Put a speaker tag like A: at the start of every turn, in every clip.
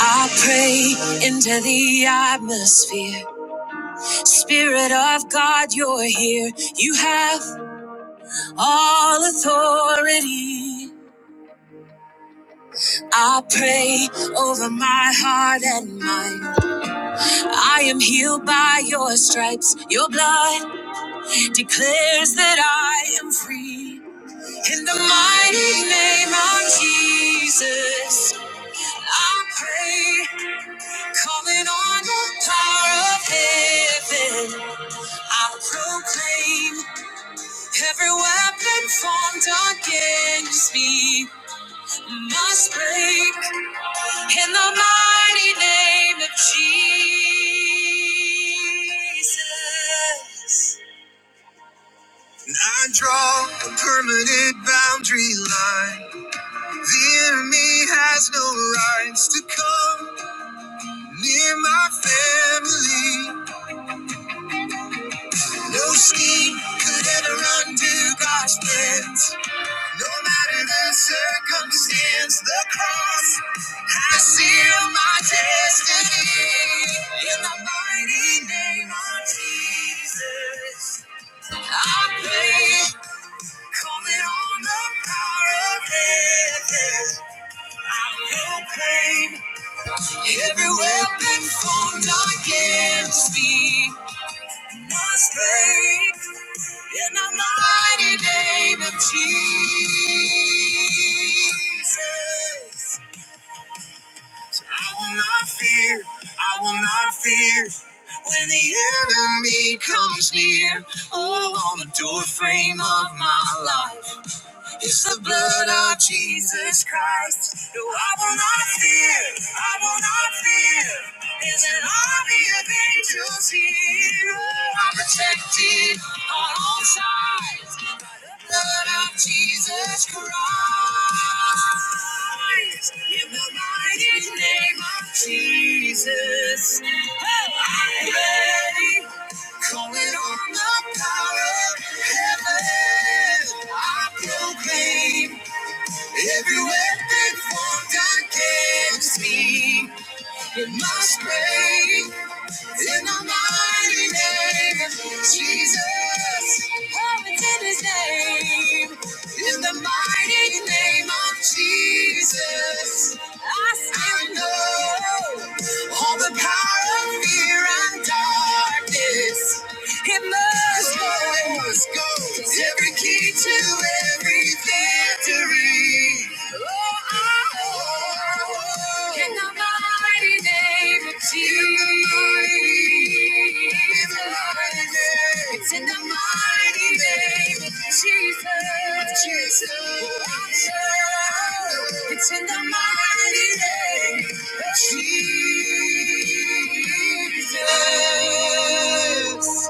A: I pray into the atmosphere. Spirit of God, you're here. You have all authority. I pray over my heart and mind. I am healed by your stripes. Your blood declares that I am free. In the mighty name of Jesus, I pray, calling on the power of heaven. I proclaim every weapon formed against me must break in the mighty name of Jesus. I draw a minute boundary line. The enemy has no rights to come near my family. No scheme could ever undo God's plans. No matter the circumstance, the cross, I seal my destiny in the mighty name of Jesus. I pray, calling on the power of heaven. I will claim every weapon formed against me must break in the mighty name of Jesus. I will not fear, I will not fear when the enemy comes near. Oh, on the doorframe of my life, it's the blood of Jesus Christ. No, I will not fear, I will not fear. There's an army of angels here. Oh, I'm protected on all sides blood of Jesus Christ. In the mighty name of Jesus. I'm ready. Calling on the power of heaven. I proclaim every weapon formed against me. It must break. In the mighty name of Jesus. Oh, it's in his name. In the mighty name of Jesus. I still know all the power of fear and darkness it must go. It must go. It's every key to every victory. Oh, oh, oh. In the mighty name of Jesus. In the mighty name. It's in the mighty name of Jesus. Jesus. Oh, It's in the mighty name of Jesus.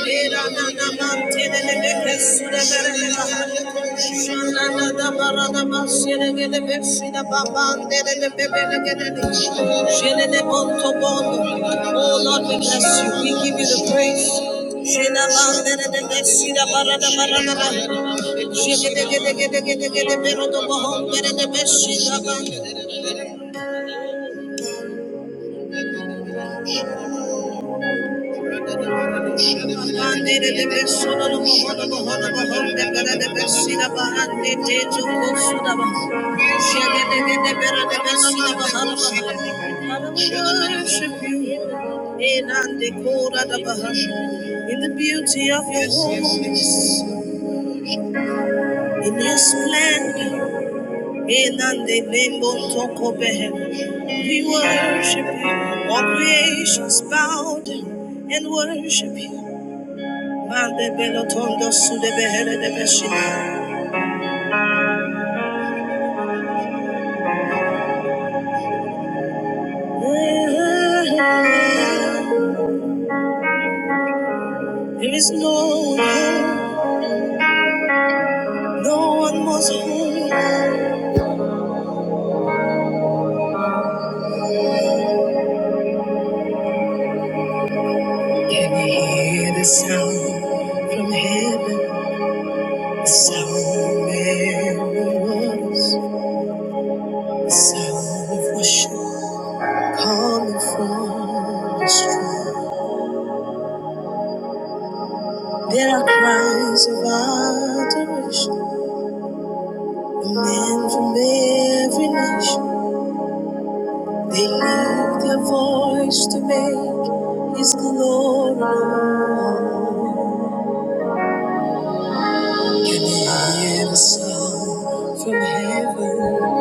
A: Oh Lord, we bless you. We give you the praise. She In the beauty of your holiness, in your splendor, in the name of Tokobehem, we worship you. All creations bow down and worship you. Mande belotondo sude behere de beshi. There is no one, home, no one was home. Can you hear the sound from heaven? The sound there was, the sound of worship coming from the throne. There are cries of adoration, the men from every nation. They lift their voice to make His glory. Can they hear the sound from heaven?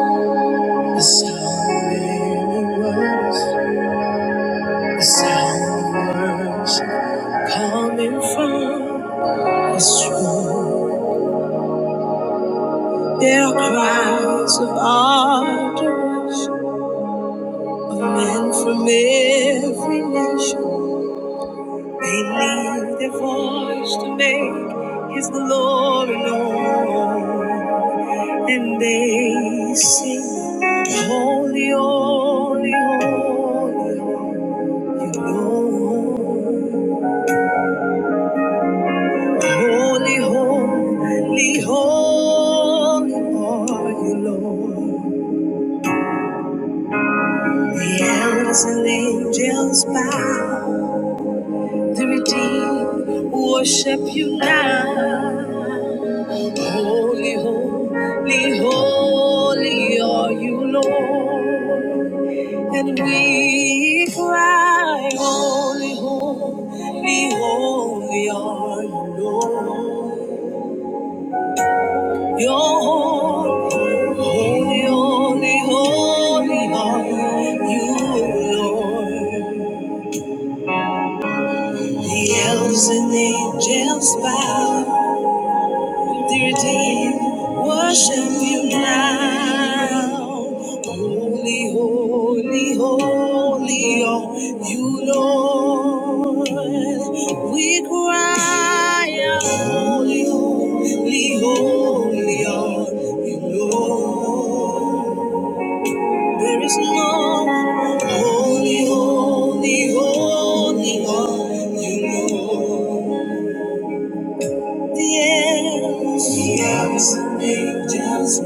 A: The sound of words, the sound of worship coming from His throne. There are cries of adoration of men from every nation. They lift their voice to make His glory known. And they sing, Holy, holy, holy, you Lord. Holy, holy, holy are you, Lord. The elders and angels bow, the redeemed worship you now. Holy, holy, holy are you, Lord. And we cry, Holy, holy, holy are you, Lord. You're holy, holy, holy are you, Lord. The elves and angels bow. Dear day, worship you now. Holy, holy, holy are you, Lord. We cry out, holy, holy, holy are you, Lord. There is no one. holy, holy, holy are you, Lord. The angels, The angels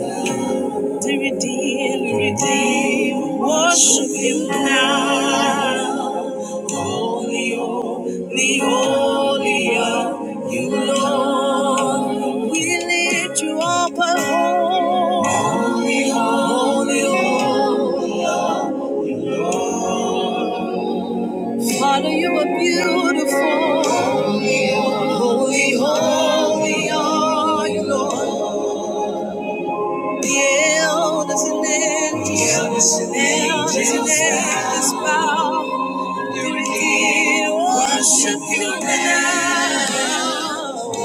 A: The redeem, redeemed, worship him now. Holy, holy, holy are you, Lord. We lift you up and holy, holy, holy. Father, you are beautiful. Holy, holy are you, Lord. The elders and angels, the elders and angels bow. We worship you now.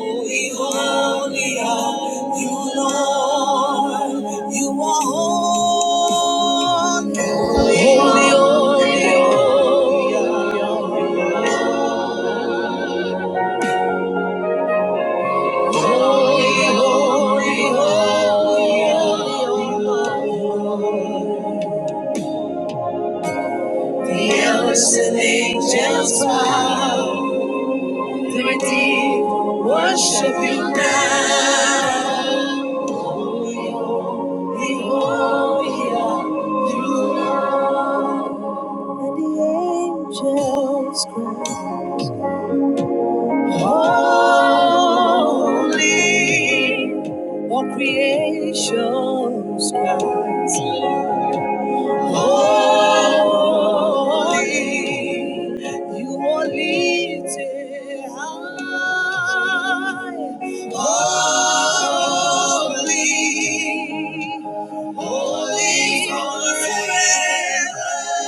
A: We holy are you, Lord. You are holy. Holy, holy. The elders and angels bow. The redeemed worship you now. We holy are you, Lord. And the angels cry. Holy, all creation's cries. Holy, you are lifted high. Holy, holy forever.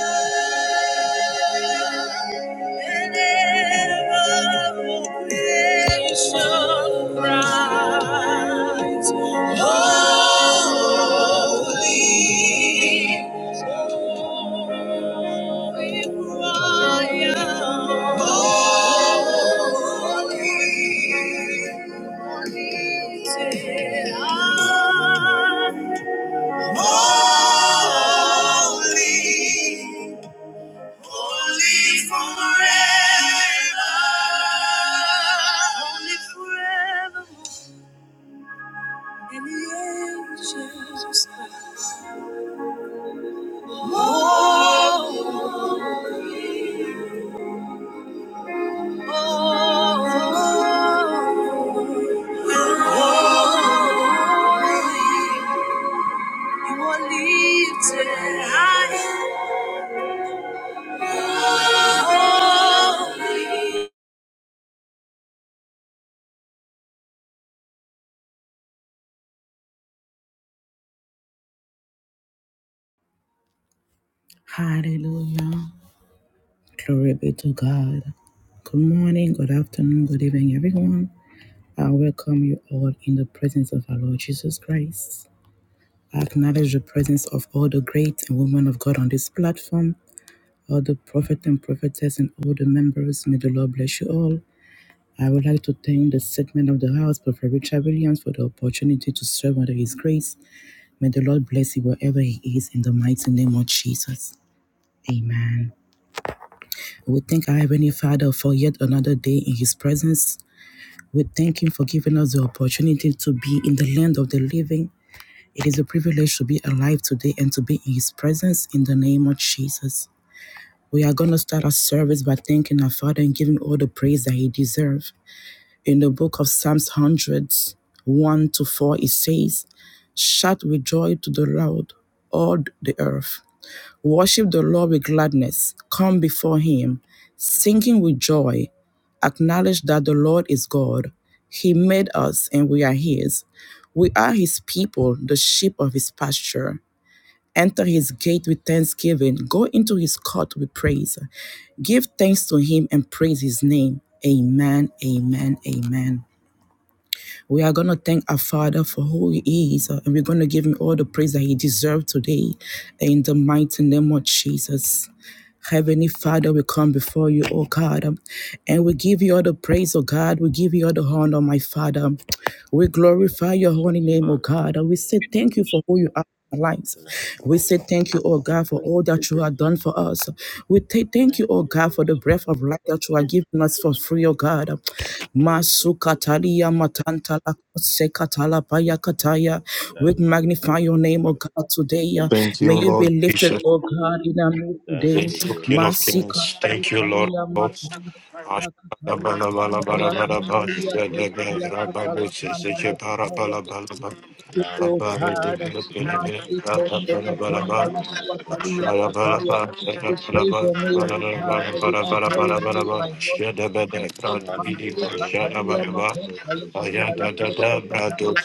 A: Holy, holy, only forever. Only forever. And the angels cry. Oh, oh, oh, oh, you are lifted high. Hallelujah. Glory be to God. Good morning, good afternoon, good evening, everyone. I welcome you all in the presence of our Lord Jesus Christ. I acknowledge the presence of all the great and women of God on this platform, all the prophet and prophetess and all the members. May the Lord bless you all. I would like to thank the statement of the house, Prophet Richard Williams, for the opportunity to serve under his grace. May the Lord bless you wherever he is in the mighty name of Jesus. Amen. We thank our Heavenly Father for yet another day in his presence. We thank him for giving us the opportunity to be in the land of the living. It is a privilege to be alive today and to be in His presence in the name of Jesus. We are going to start our service by thanking our Father and giving all the praise that He deserves. In the book of Psalms 100, 1 to 4, it says, Shout with joy to the Lord, all the earth. Worship the Lord with gladness. Come before him, singing with joy. Acknowledge that the Lord is God. He made us and we are his. We are his people, the sheep of his pasture. Enter his gate with thanksgiving. Go into his court with praise. Give thanks to him and praise his name. Amen, amen, amen. We are going to thank our Father for who he is, uh, and we're going to give him all the praise that he deserves today in the mighty name of Jesus. Heavenly Father, we come before you, oh God, um, and we give you all the praise, oh God. We give you all the honor, my Father. We
B: you,
A: glorify your
B: gracious
A: holy name, oh
B: Father.
A: God. And we say thank you for who you are. in our Lives.
B: Thank you,
A: We say
B: gracious
A: thank you, oh
B: Father.
A: God, for all that you have done for us. We say thank you,
B: Thank
A: oh
B: you,
A: God, for the breath of
B: gracious
A: life that you are giving us for free, oh God.
B: Father.
A: Masukatalia matanta la kosekatala payakataya. We
B: Thank you,
A: magnify your
B: gracious
A: name, O
B: Father.
A: God, today. uh,
C: Thank you,
A: May you
C: Lord
A: be lifted,
C: Krishna,
A: O God, in our midst
B: Thank
A: today.
B: you,
C: King of
B: gracious
A: Masika,
B: Father.
C: Kings. Thank you, Lord.
A: Italia, Matanda, Akataya,
B: Thank you, gracious Father. Thank you,
A: Rapandalia,
B: gracious
A: Ketia,
B: Father.
A: Katala, Pandala, Kataya. Thank you, O
B: Anta
A: God.
B: kanta fira shaka
A: Masiko,
B: pradira shaka
A: Tekatendala,
B: kabara bara
A: Kuatalia,
B: bara bara.
A: Kataya. We praise your name, O
B: Thank you,
A: God. We
B: gracious
A: adore your
B: Father.
A: name, my Lord. Masika kalia makonda la la kote papaya.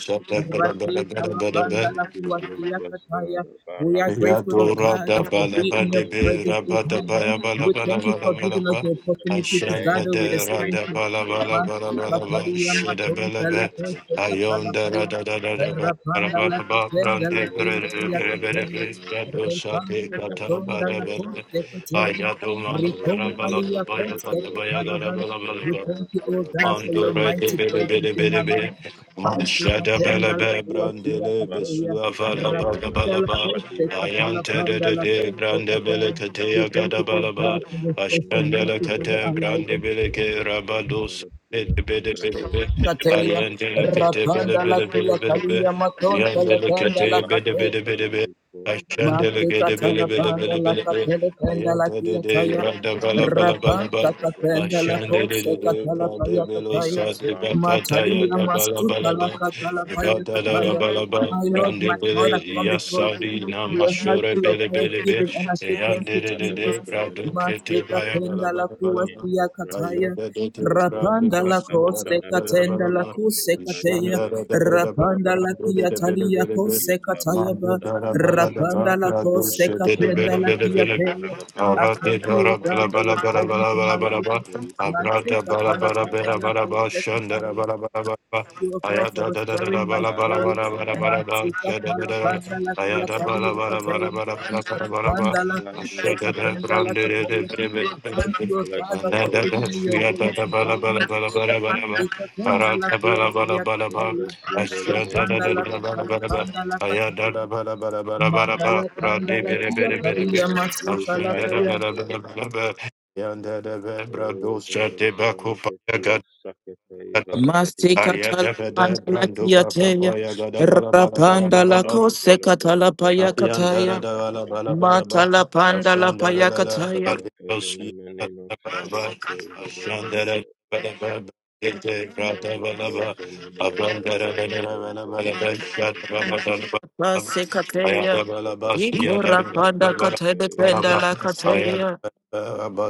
A: Rakita la
B: Thank
A: la
B: you,
A: kuasia
B: gracious
A: kataya.
B: Father.
A: We are
B: Barante
A: grateful to
B: kira
C: Yadora
A: God
C: da
B: arniro
A: for being
C: balaba
A: in
B: shaka
C: de
A: your
C: be
A: presence, O
C: raba da
A: God.
C: ba ya ba la
A: We
C: ba la
A: thank you
C: ba la
A: for
C: ba la
A: giving us
C: ba.
A: the opportunity to
C: Ashanda
B: Thank
A: gather with
B: you,
A: the
C: de ra da
A: sanctum.
C: ba
B: gracious
C: la ba la
B: Father.
C: ba la ba la ba.
B: Parante
A: Ipataria
C: Shada
A: maton
B: kente
C: ba la ba.
A: telefe
B: parasta
A: seka
B: kata
C: Ayonda ra
A: palapaya.
B: bragadashka.
C: da da da da ba. Ba
A: Errapanda
C: ba
A: la
C: ba ba.
A: kutenda la
C: Brande bre
B: Ayanta
C: bre bre
A: kuakia
C: bre bre
A: kuteya.
C: bre.
B: parameno
C: Yado sa
B: sochka ta
C: de
A: Repanse
C: ka
B: izana
C: ta ba
A: katonda
C: da
A: la
C: ba
B: bragadashka.
C: da.
A: koste kateya.
C: Ayado ma la ba ra ba la
B: Repezana
A: Rikontalia
C: ba ba ya ba
A: koste
C: da
B: bragadiro
C: ba ya ga da
A: kataraban.
B: sochka
C: ba la
B: ta
C: ba la
A: We
C: ba.
B: izana
A: thank you, O God, for
B: araniro
A: your
C: Mandura de
A: mighty
B: shakata
C: bele bele
A: presence in
C: bele
A: our
B: ibadashka.
A: life.
C: bele.
A: Basi
C: Mashada bele
A: katenda
B: Thank
A: la
B: you,
C: be
B: gracious
A: kuakia
C: brandele
B: Father.
A: kateya.
C: besua vala
B: Parate
C: bala
A: Rapanda
B: izana
C: bala
A: la
C: ba.
A: koste
B: aradiro
C: Ayante
B: shakata
C: de
A: katalapanda
C: de
A: la
C: de
A: koste
C: brande
B: ibadashka.
C: bele
A: kateya.
C: kate
A: We
C: ya
A: thank
C: gada
A: you, O
C: bala
A: God,
C: ba.
A: for your special
B: In
C: Ashandele
A: anointing over
C: kate
A: our
B: paradiro
C: brande
A: lives.
C: bele
B: sochka ta
C: ke
B: izana
C: rabados. Bele
B: aradira
C: bele bele
B: angradiro
C: be.
A: Kateya,
B: shakata
C: Ayandele kate bele
A: Rapanda la
C: bele
A: Kia
C: bele bele be.
A: Kalia
B: Thank you,
A: Maton
C: Yandele
B: gracious
A: Telependa la
C: kate bele
B: Father.
A: Kate,
C: bele bele be.
B: Bari Kobo
C: Ashandele
A: Masti
C: gede
B: Shankara
C: bele
A: Katala
C: bele
B: Diro
A: Panda
C: bele
A: la
C: bele be.
B: Sakata.
A: Katele Penda la
C: Ayada de
A: Kia
C: de
A: Taya,
C: rada
B: Mante
C: bala bala bala ba.
A: Rapanta
B: Kete
A: katenda
B: Bedia
A: la
C: Ashande de
A: kose
C: de
B: Badabado
C: de
A: katala
C: brande
A: paya
C: belo
B: Bedia
A: kataya.
C: sa de
B: Kopanta
C: bakata
B: Maniro
A: Matalia
C: yada bala
B: Sakata
A: mastuta
C: bala
A: la
C: ba.
B: Vedasia.
A: katala paya
C: Rada da
B: Thank
A: kataya.
C: bala
B: you,
C: ba.
A: My
B: gracious
A: Lord,
C: Rande
A: my God,
C: bele
B: Father.
A: I come before
B: Barante
A: thee.
C: yasadi
B: Kiro
C: na
A: We are
B: Sakata.
C: mashore
A: heartful of
C: bele bele be.
A: thanksgiving and I say
C: Ayande
A: thank you,
C: de de de
A: Jesus.
B: Talenta
C: brando
B: Meno
C: kete
B: Sakata
A: Masteka
C: baya bala
B: the
A: tenda la
C: bala bala ba.
A: kuwasia
B: Arakento Pradia.
A: kataya.
C: Ayada de de
B: Reza
C: brande
A: Rapanda la
B: Kata
C: basu bala
A: kose
C: bala
B: Zanamanino
A: katenda
C: bala
A: la
C: ba.
A: kuse
B: Soskata
A: kataya.
C: Ishanda
B: Izala
C: da da da
B: Bedia
C: da ba.
B: Kopata
A: Rapanda la
C: Brando de
A: kia
C: de
B: Kapata
C: bele
A: talia
C: bele be.
B: Father, we
A: kose kataya
B: thank
C: Mando
A: ba.
B: you.
C: bara bara da
B: Father, we
A: Rapanda
C: ba
A: la
B: thank
C: bra do
A: kose
C: she de de
A: katenda
C: bele
B: you.
A: la
C: bele
A: kia
C: bele.
A: teya. I
C: Ara de
A: thank you, O
C: bara bara
A: God, for
C: bara
A: your
C: bara
A: presence
C: bara
A: in
C: bara
A: my
C: bara
A: life.
C: ba. Abra
A: Mighty
C: da bara bara
A: Katalapanda
C: bara bara
A: Lakose
C: ba. Shanda da
A: Kataya,
C: bara bara bara ba.
A: you, O God,
C: Aya
A: for
C: da da da da da
A: restoring my
C: bara bara
A: soul.
C: bara bara bara ba.
A: Mighty
C: She de de de.
A: Katalapanda
C: Aya da bara
A: Lakatali
C: bara bara
A: Kataya,
C: bara bara bara bara ba.
A: Panda
B: Father,
A: Lakose
C: Ashe
B: we
C: de
B: thank
C: de
B: you.
A: Katenda
C: brande de de
A: Lakataya.
C: bele bele
A: I
C: bele
A: thank
B: We
A: you, O
B: bless
A: God, that
B: your
C: Anda
A: for
C: da
B: holy
C: da
A: taking
B: name,
A: me
C: shuya
B: Lord
A: away
C: da
B: of
C: da
A: from
B: the
C: bara bara
A: darkness.
B: universe.
C: bara bara bara ba.
A: Mighty Katenda
C: Ara da
A: Lakose
C: bara bara bara
B: We
C: ba.
A: Kataya,
B: bless your
C: Ashe
B: holy
C: da
B: name,
C: da
A: Rapanda
C: da
B: King
C: da
B: of
C: bara
B: Kings.
C: bara ba.
A: Lakatalapanda
C: Aya da
A: Lakataya,
C: da ba da ba da ba da ba da ba
A: Matala
C: bra
B: We
A: Panda
C: de be
B: bless
C: de be de
B: your
C: be de
B: holy
C: be
A: Lakataya,
B: name, great
C: ashen
B: I
C: da da ba
B: am,
A: Masutalapaya.
C: da ba
B: I
C: da
B: am.
C: ba da ba ya da da ba bra do
B: Oh,
C: sha de ba ko pa
B: Varashante
C: ya ga
B: Kiro Sakata
C: da da ba
B: Ivarabadiro
C: aya
A: Masikatala
C: da ba da
A: pandala
C: bra
B: Sakata,
C: do ba ka
A: kiateya,
C: pa ya ga da ba da ba da ba da ba da
A: rapandala
C: ba
B: Yatangala
A: kosekatala
B: Branca
C: bala
B: Tabadia
A: payakataya,
C: bala bala
B: Patabadaba
C: bala ba.
A: matala pandala
C: Ashandara da la
B: Rebosa
C: ba
A: payakataya,
C: de
B: Patabana
C: boshi da
B: Maneno
C: da ba ba.
B: Saskata is the
C: Ashandara
B: Brigada
C: bala ba ba de de bra da bala
B: Levata
C: ba.
B: Zonamaranta
C: Abandara da
B: Galata
C: da la
B: is
C: bala bala
B: the
C: ba shat ba
B: Saskata
C: ba da ba.
A: pasikateya,
C: Ayada bala
B: Rebosa
C: ba
B: Kata
C: siya da da
A: ikora
B: Satam
A: panda
C: bala
A: katele
C: bala bala ba. ba. ba.
A: pendala
B: Pekata
C: ba.
A: kateya,
C: ba. Ayantaradabalabalabalaba. Ashandaradabalaba. Ashandaradabalaba. Ashandaradabalaba. Ashandaradabalaba. Abandaradabalabalabalaba.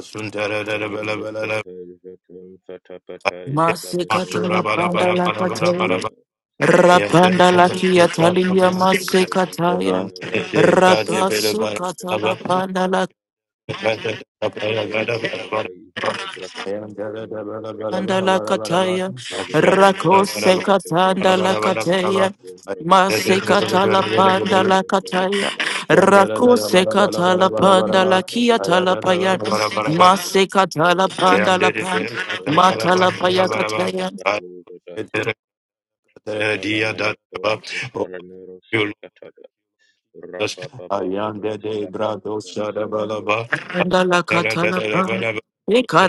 C: Shandaradabalaba. Ayadabalabalaba. bala bala bala
B: Rambekata Zatam Fatapata is Adabata in
A: masikatala
B: Batapata
A: pandala
C: Masurabalabalabalabalaba.
A: kateya,
B: Badayabata
C: Dia
B: Rabba
A: rapandala
B: Baba
A: kiatalia
B: Santa Patam
A: masikataya,
B: Ramba Ramba Ragata
A: rapasu
B: is
A: katala
B: a
A: panda
B: Zele brankata izada brakata, zanta brakata,
A: Andala kataya,
B: zele brankata,
A: rakose
B: sete
A: katanda
B: branta
A: la
B: branta
A: kataya,
B: kutum brakata,
A: mase katala panda la
B: zele
A: kataya,
B: brankata, sada bada bada
A: rakose
B: bada
A: katala
B: banta
A: panda la kia
B: periya kata,
A: talapaya, mase
B: zele
A: katala panda la
B: brankata,
A: pam,
B: satan param
A: matala paya
B: periya
A: kataya,
B: parakatu zadaska, avala manikon tu paranero shakatada, rabba baba baba
C: Ayanda de brado
B: shakatada,
C: shada balaba.
A: Andala
B: shakatada
C: Ayanda da da da
A: katalapa.
C: balaba.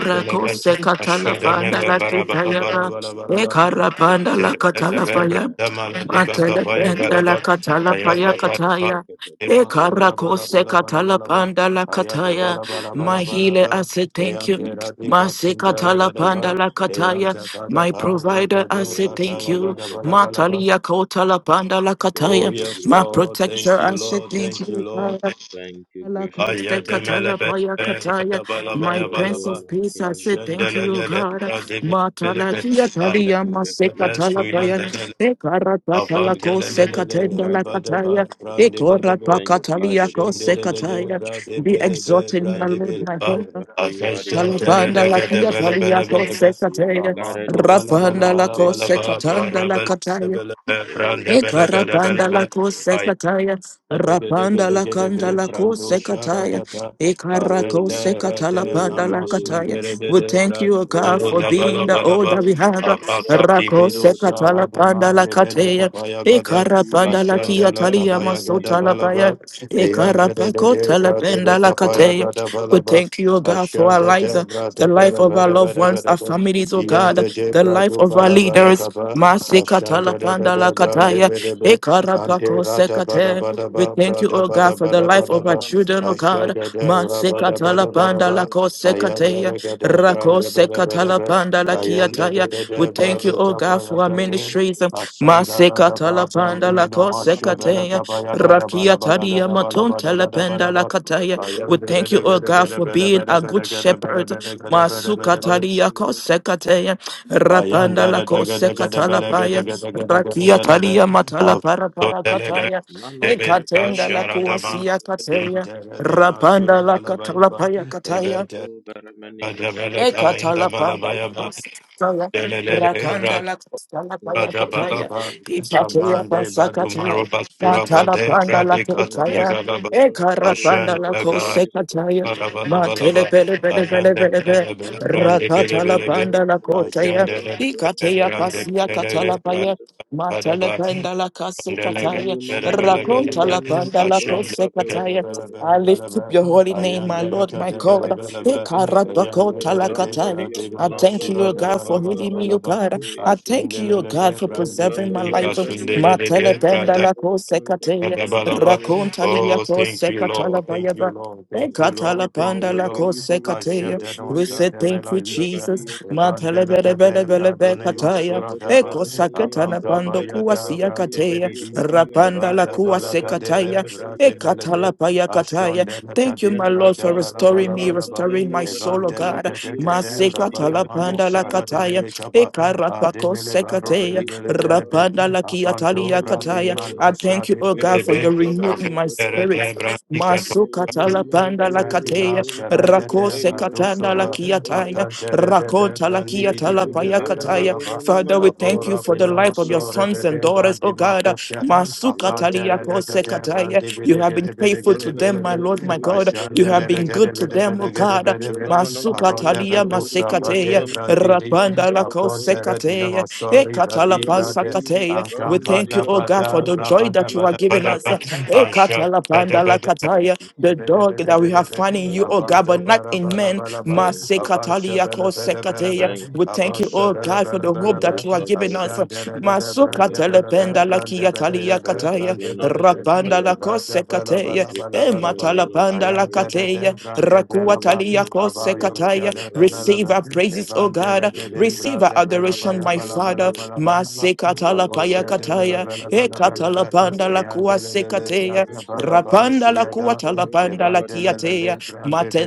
B: Ele
A: kose
B: brakete senem
C: Ashada
A: katalapa
C: mele
A: andala
B: brakete
C: baraba
B: izele
C: baraba
A: kitayaba.
B: brakete
C: baraba.
A: Ekara panda la
C: Ayanda da
B: rata
C: da be
A: katalapa ya.
C: brada
B: sakata
C: maladi
A: Matele
B: sente
C: bakabaya
A: penda la
C: garaba.
B: brakete
A: katalapa ya
C: Ayanda
B: rumbo
C: balaba.
A: kataya.
B: sekete
A: Ekara
C: Emasura
B: sekata
C: bala
A: kose
B: veriye
C: bala bala bala
A: katalapa
C: ba.
B: brakete.
A: andala
C: Ayanda
B: Thank
C: bala
A: kataya.
B: you,
C: bala bala
A: My
B: gracious
C: bala
A: healer, I
B: Father.
C: da.
A: say thank you.
C: Ayanda radi
A: Masi
C: basundara da
B: Thank you,
A: katalapa
C: ba.
A: andala
B: gracious Father.
A: kataya.
C: Ayanda bada
A: My
C: ba.
A: provider,
C: Rede
A: I
C: de
A: say
B: Thank you,
A: thank
C: kataya
A: you.
C: gada
B: gracious
C: bala bala
B: Father.
C: ba.
A: Matalia katalapa andala
C: Oh
B: Thank
A: kataya.
B: you,
C: yes,
A: My
B: gracious
C: Lord.
B: Father.
C: Thank
A: protector,
C: you,
A: I say
C: Lord.
A: thank
C: Thank you, Lord.
A: you.
B: Thank you, gracious Father.
A: Sekatala
C: Ayademelebe,
A: Paya Kataya,
C: radabalaba,
A: my
B: For
A: Prince
B: alone
C: yabalaba,
A: of
B: of
A: Peace, I
B: King,
A: say
B: you say
A: thank you, O
B: thank
C: ashendelelele,
B: you.
A: God.
C: radebelebe,
A: Matalakia
B: Thank
A: Talia
B: you, the
C: ayadebe,
A: Masekatala
B: Creator.
A: Payan,
C: suyandelele,
A: Ekaratala
B: Thank
A: Ko
B: you, the
C: avantelelele,
A: Sekatenda La
B: Provider.
C: rabadaba,
A: Kataya,
C: brandelelebe,
B: Thank you,
A: Ekorapakatalia
B: the
A: Ko
C: ashendelelele,
B: Peace.
A: Sekataya, be
C: radebelebe,
A: exalted, my
B: Thank
A: Lord,
B: you,
A: my
C: radebeleba,
A: God.
B: Father, for you are the air we
A: Talapanda
B: breathe.
A: la kia talia ko
C: ashentelelekedebelebelebelebe,
B: We are
A: sekataya,
B: gathered this afternoon
A: rapanda
B: to
A: la
B: say
A: ko
C: amantobalabalabalabalaba,
B: thank you.
A: sekatanda la
C: barabelebelebe,
B: Oh, thank you,
A: Ekarapanda
C: brandebelegedebelebe,
A: la
B: gracious God.
A: kosekataya, rapanda
B: Thank
A: la
B: you,
A: kanda la
B: gracious
C: Brando
B: God.
A: kosekataya,
C: Sharadata
A: ekarako
B: Holy,
C: Aventera
A: sekatala
C: de
A: panda
B: holy,
A: la
B: holy,
A: kataya.
C: Namasundere
A: We
C: de
A: thank
C: Brad
A: you, O God,
C: Ando
A: for
B: holy,
C: la bala
A: being the
B: holy,
C: bala
A: all
C: ba
A: that we
B: holy
A: have.
B: are you,
C: abaka
B: Lord
C: di
A: Rako
C: bedo
B: God
C: sara
A: sekatala
B: Almighty,
C: de
A: panda
C: man
A: la
C: de bele
A: kataya,
C: kabaya gada
A: ekarapanda la
B: creator of
C: ashanda
A: kia
B: the
C: la
A: talia
B: heavens
C: kabaya
B: and
C: gada
B: the
A: masota
B: earth.
A: la
C: bala
A: baya,
C: ba eyanda de de
A: ekarapako
C: de
B: Oh,
C: bra de
B: thank
C: be
A: talapenda
B: you,
A: la
C: kabaya
A: kataya.
B: gracious
C: gada
B: Father.
A: We
C: bala ba
A: thank you, O God out for our
C: ashanda
A: lives,
C: de
A: uh,
C: bra
A: the
C: de
A: life
C: bele
A: of our
C: bele
A: loved
C: bele
A: ones,
C: bele
A: our
C: bele
B: Thank you,
A: families, oh God,
C: iyanda
B: gracious
C: de
B: Father.
A: the
C: bra
A: life
C: do
A: of our
C: bara bala
A: leaders.
C: kaba
A: Masikatala
C: ashanda de de
A: pandala
C: de
B: Thank
C: bra
B: you,
C: de
A: kataya,
C: be de be
B: gracious Father.
C: Ande
A: ekarabako
C: da ba da ba
A: sekate.
C: brada
A: We
C: ba,
A: thank
C: bra
A: you,
C: da
A: oh
C: ba da
A: God, for
C: ba
A: the
C: da ba
A: life
C: da
A: of
B: Jehovah
A: our
C: ba,
B: Lamb,
A: children, oh
C: asha
B: Pranino,
A: God.
C: da da
B: Shoko,
C: ra ba da ba
A: Masikatala
B: Palibo,
C: da ba
B: Rabba,
C: da
A: pandala
C: ba,
B: Rabba, Rabba,
C: ayan
B: Rabba, Rabba,
A: kosekateya, rako
C: ba da da
A: sekatala pandala
B: Thank you,
C: da da
A: kiataya.
C: da
B: gracious
A: We
C: da bra
A: thank
B: Lord.
A: you,
C: do
A: oh
C: ka ba
A: God,
B: Thank
C: ya
B: you,
A: for our
C: ka te,
B: gracious
A: ministries.
B: Lord.
C: asan da ra da
A: Masikatala
C: ba bra
A: talapanda
C: di
B: There is
A: la
C: mi no ma
B: one
C: ba
B: money
C: ra
B: no
A: kosekateya.
C: ya ga
B: shortcut.
C: da ba
A: Rakia
C: la ba da ga
A: tadia
C: da ba la
A: maton
C: ba da ga da ba
A: telependa
C: da
A: la
C: ba,
A: kataya.
B: Probodo,
A: We
C: ayan da da
A: thank you,
C: da
A: oh
C: ga da
B: the
C: ba
A: God,
C: da
A: for
C: ba da
A: being
C: ba da
A: a
C: ba da
A: good
C: ga da ba da
A: shepherd.
C: ba da
A: Masuka tadia
B: company of the
A: kosekateya. Rapanda la
B: Yolabani money money
A: kosekatalapaya.
B: no
A: Rakia
B: shortcut.
A: tadia matala para para
C: ba,
A: kataya.
B: None of
C: Debeka
A: Ekatenda
B: Shekam,
A: la
C: Sharadama,
B: Barabadi,
A: kuasia kataya.
C: Intera de
A: Rapanda
C: Masura
A: la
C: Balabayaba,
A: katalapaya kataya.
C: Eventer
B: Inoko, Baramani Roshakata.
C: Adabalakai,
A: Ekatala pandala la
C: Dabalabayaba,
A: kusala.
C: Delele
A: Rakanda la kusala paya
B: Shakata,
A: pataya.
C: Radabalaba,
B: the Kimani
A: Itatia
C: Amande
B: Roshakata.
C: Badumaro
A: pasakataya.
C: Basura
A: Natala
C: Bade,
A: panda la
B: None
C: Radikata
B: of
A: kutaya.
B: Bondo,
C: Yagalaba,
B: Baro,
A: Ekara
B: Bari,
C: Ashan
A: panda la
C: Daga,
B: Barabadi,
A: kosekataya.
B: Zabadi,
A: Matele
C: Rabalabalaba,
A: pele pele pele
C: Ayanda
A: pele pele.
C: Belebe, Rande
B: Rabadi,
A: Rakatala
C: Belebelebe,
A: panda
B: Zabadi,
A: la
C: Ashan
A: kotaya.
B: Baramani
C: Delebe,
A: Ikatia
C: Brande
A: pasia katala
C: Belele,
B: Roshakata.
A: paya. Matele pandala la kasekataya.
B: Yo money, yo yo yo
A: Rakonta la
B: money, yo
A: panda
B: ko
A: la
B: banka
A: kose
B: pa yo
A: kataya.
B: taba.
A: I lift up your holy
B: Yo
A: name, my
B: de de
A: Lord,
B: de
A: my
B: de de de
A: God.
B: de de de de de de de de yo
A: Ekarabakota
B: da
A: la
B: dan
A: kataya.
B: di yo ko
A: I thank
B: banka
A: you,
B: pa
A: O
B: yo ko
A: God, for
B: banka
A: healing
B: pa
A: me,
B: yo
A: O
B: taba
A: God.
B: di.
A: I thank you, O God, for
B: Rumba
A: preserving
B: pa
A: my life.
B: rumba di yo ko
A: Matele
B: tumba
A: penda
C: Ashundele
B: mani
A: la
B: ko to
A: kose
B: bande ki
A: kataya.
B: kumba ni yo ko
A: Rakonta
B: tayda.
C: Oh,
A: liya
C: thank
A: kose
C: you,
A: katala
C: Lord. Thank you,
A: bayaba.
C: Lord. Thank you,
B: Marom
A: Ekatala
C: Lord. Thank
B: pere
A: panda
C: you,
B: pe
A: la
B: te
C: Lord.
B: jelo bande
A: kosekateya.
C: Ashada no
A: We
B: bindus
A: say
C: shada
A: thank
C: mela
A: you,
B: kanta braga
C: isha.
B: di
A: Jesus.
B: yo.
A: Matale
C: Evangela
A: bele bele
C: gade
A: bele be
C: bradone
B: Jelo pe te
A: kataya.
B: pe
C: masura
B: te pe
C: daba.
A: Eko
B: te pe ni yo ko
A: saketana
C: Abanka
B: tumba
A: pando
B: te pe te
C: bayada
B: pe
A: kuwasia
B: di yo
C: brade
B: pe
A: kateya.
B: di yo
C: bedebi.
B: pe di yo pe di
A: Rapanda
B: yo
A: la
B: pe
C: Evada
B: te pe
C: balaka
B: yo te
A: kuwasekataya.
B: pe yo te
C: de
A: Ekatala paya kataya.
C: Ashondela
A: Thank you, my
B: Renoko
C: Kadibra
A: Lord,
C: de
A: for
B: pampa
A: restoring me,
B: paranta
C: Balabalabalaba,
A: restoring
B: pedia
A: my
B: gada
A: soul, O
C: Evandela
B: pedia
A: God.
B: pedia pedia
C: Kadekate,
B: pedia
A: Masekatala
B: pedia
C: Rabadamano
A: panda la
B: pedia
C: Sara de
A: kataya.
C: Melekaba,
A: Ekarapako
C: Ademele Baro
B: na
C: Bele
A: sekateya.
C: Bele
B: ikuba
C: Bele Be,
A: Rapanda la
C: Abanto
A: kiatalia
B: yemenada
A: kataya.
C: Bradima
A: I
C: Nosa
A: thank you,
C: de
A: O God, for
C: Bedebe,
A: your
B: kilabanta
A: renewal in my
B: maniataba
C: Avera de
A: spirit.
C: Bradicato.
A: Masukata la
B: yemenino
A: panda
B: mante
A: la
B: menino
C: Evadina
A: kateya,
C: Sara
B: kumpara
C: de
B: gada
A: rakose
C: Debra
B: idada
A: katanda la
B: pedia
C: Dosora,
B: kopaya
A: kiataya,
C: Akante de Debra,
A: rakonta la
C: Brandi
A: kiata
C: Bibi
A: la
B: yetada
A: paya
B: bedembe
C: Radamalaba,
B: linini
A: Father, we
B: mana
A: thank you
C: Abora
A: for the
C: vinama
B: kumpanta
A: life of your
B: pedia
C: sore
A: sons and
B: kopaya
C: vedebra
A: daughters,
C: di
A: oh God.
C: matosha.
B: yena
A: Masukata
B: beda
C: Akantere de
B: beda beda
A: liyakose
B: beda
C: catebra
B: beda
A: kataya.
C: di
A: You
C: vede
A: have been
C: gede vede
A: faithful to
C: gede
B: rambada
A: them,
C: vele
A: my
C: ve.
B: beda
A: Lord,
B: beda
A: my
B: beda
A: God.
B: beda
A: You
B: pedia
A: have
C: Ashandere de
B: beda
A: been
C: gede
B: beda
A: good to
B: beda
C: vede
A: them, oh
C: vede gede
A: God.
C: vede ve.
B: ramanam
A: Masukata
C: Arode
A: liya
C: vedusa
B: paniatadadadadia
A: masekateya,
B: dadam
C: vadebra di di.
B: paradiro
A: rapanda la kose
B: Sakotoba
C: Apontere dinama
A: kateya,
C: sori
A: ekata
B: Thank
A: la
C: vadibra
B: you, Father.
A: pansa
C: de.
A: kateya. We
C: Ankam
A: thank you,
C: pada
A: oh God, for
C: pada
A: the joy
C: rabada
A: that you are
C: bada
A: giving
C: bada
A: us.
C: bada.
A: Eh, katalapanda la
C: Ashad.
A: kataya, The dog that we have found in you, oh
B: Thank you,
A: God,
C: Abanto
A: but
B: Father.
A: not
C: para
A: in
C: para
A: men.
C: para para
B: Thank you,
C: Abansha
B: Father.
A: Masekatalia
C: bela bela bela
A: kosekateya.
C: bela
B: Thank
A: We
B: you,
A: thank you,
B: Father.
C: Abansha
A: oh
C: bela
A: God, for
C: bela
A: the
C: bela
A: hope
C: be.
A: that you are giving
B: Mayeshatoba,
A: us.
C: Ashan de de de de brande bela be.
A: Masukatelependa la
B: Mekotobada,
C: brande bela
A: kiatalia
C: bela be.
A: kataya.
C: brande bela bela
A: Rapanda la
B: Kikofinashkimpayada,
C: Evada bela
A: kosekateya.
C: bela bela
A: Eh,
C: bela ba.
A: matalapanda la
C: Ayan de
B: Zikofemenenoskataiba,
C: de de
A: kateya.
C: brande bela ba.
A: Rakuatalia
C: Aba
B: Yemeninashkataiba
C: yoshya
A: kosekataya.
C: de de bela
B: Rabadaya,
A: Receive
C: bela
A: our praises, oh
C: Evan de de
A: God.
C: de de
A: Receive our
C: brande bela ba
A: adoration,
C: ya
A: my
C: bela bela
A: Father.
B: Yenemenekosanamaniataba,
C: bela bela ba.
A: Masekatala
C: Alosha de Bella Bella Bella
A: payakataya
C: Bella Bella,
A: talapanda
B: Yenemeninokontabadiadabaya,
A: la kuwa
C: Eandela
A: sekateya,
C: Bella Bella Bella
A: rapanda la kuwa
C: Siada,
A: talapanda la
B: Yesasemeninokusansaminanabadiadabaya,
C: Evandela
A: kiateya,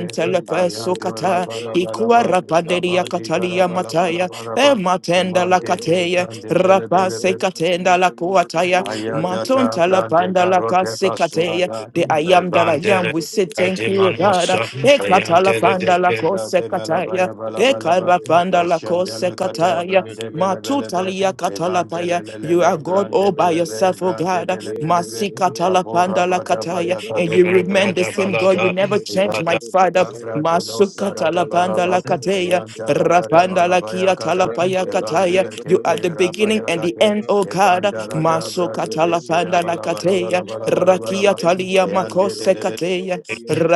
B: Thank you.
A: le peso
C: Ayandora
A: kata,
C: Bella Bella
A: ikuwa
C: Bella,
A: rapanderia
C: Abadi Bella
A: katalia
C: Bella Bella
A: mataya,
C: Bella
A: e
C: Bella,
A: matenda la
C: Mande de
A: kateya,
C: Brande Bella
A: rapa
C: Bella Bella,
A: sekatenda la kuwa taya,
C: Ayadada
A: matonta la
C: brande
A: panda la
C: barobe
A: kasekateya,
C: basurada
A: the I am that I am,
C: evandere
A: we say thank you, O
C: Adiman
A: God,
C: Mossa,
A: e katala
C: Ayantele
A: panda
C: de
A: la
C: Pedra de Melabaya
A: kosekataya,
C: Balabalaba,
A: Ekarapanda la
C: Ashandela Cate,
A: kosekataya,
C: Brande Belebelebe,
A: matutalia
C: Evan
A: katalapaya. You are
C: Belele,
A: God
C: Brande
A: all by
C: Belebe,
B: Deliveragada,
A: yourself, oh
C: Brande
A: God.
C: Belebelebe,
B: Emperabada,
C: Avora
A: Masikatalapanda la kataya,
C: Badabaya,
A: and you
C: Badebe,
B: Rambakadabada,
A: remain the
C: Brada
A: same God. You
C: Balada,
A: never
B: Rubikata
A: change,
B: is
C: Ivada.
A: my
B: at the
A: Father.
B: Bragada,
C: Brado Sarada
A: Masukatalapanda
C: Balaba,
B: Deliveragada
A: la
B: is
A: kataya,
C: Yantara
B: at
C: Dada
B: the
A: rapanda la
C: Malabaya
A: kia
C: Kata,
B: Shanta
A: talapaya kataya.
C: Evangele
A: You are
C: Kete
A: the beginning and the
C: Rabaya
A: end, oh God.
C: Devandara Dabra Devishira
A: Masukatalapanda la
C: Bala Bala Bala
A: kataya,
C: Bala Bala Bala
A: rakia
C: Bala
A: talia
C: Yande de de de
A: makosekataya,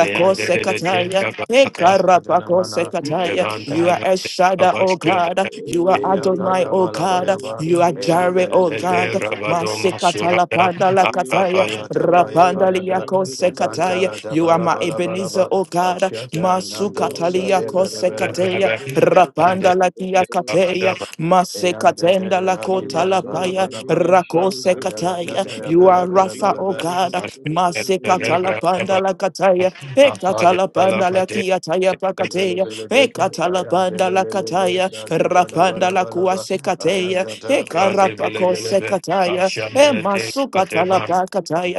C: Yande de de de Dabaka Yadanamana
A: Ekarapako you are
C: Devantara
A: El Shaddai, oh
C: Abashka
A: God. You are Adonai,
C: Yakata
A: oh
C: Bala baya
A: God.
C: ba
A: You are Jireh,
C: Yande de
A: oh
C: de
A: God.
C: de Rabadoma
A: Masekatala
C: Surada
A: pandala kataya.
C: Akapaya Tapaya
A: Rapandalia
C: Payada
A: kosekataya.
C: Devantara
A: You are
C: Dabala
A: my
C: Bala Bala Bala
A: Ebenezer,
C: ba
A: oh God.
C: Ashata Nando
A: Masukatalia
C: Sahebe Bere Bere Bere
A: kosekataya.
C: Bere
A: Rapandala
C: ayande
A: kiakateya.
C: Eyanda de
A: Masekatenda la
C: Rati
B: Mama
C: Mala Bala
B: Santa,
A: kotalapaya.
C: Bala Ba,
B: Mama Santa,
C: Ashanda
B: the
C: La
A: Rakosekataya.
C: Chataya
B: Santa,
A: You
C: Bala
B: Vida
A: are
C: Bala
A: Rafa,
B: Badia,
C: Bala
A: oh
C: Ba,
B: Bada
A: God.
B: Bada Bada Bada
C: Ashanda de
B: Badia,
A: Masekatala
C: Bra
B: Bada
C: Bala
A: pandala
C: Ba,
A: kataya.
C: Apaya
B: Rasakata,
A: Pekatalapanda la
C: Bala
A: kia
C: I am
A: kateya, e
B: Rasakata, Bada
C: the
A: katalabanda la kataya,
B: Rasakata, Bada
A: rapanda
B: Bada
A: la kuase
B: Bada
A: kateya, e
B: Rasakata, Bada Badia.
A: karapako se kataya, e masuka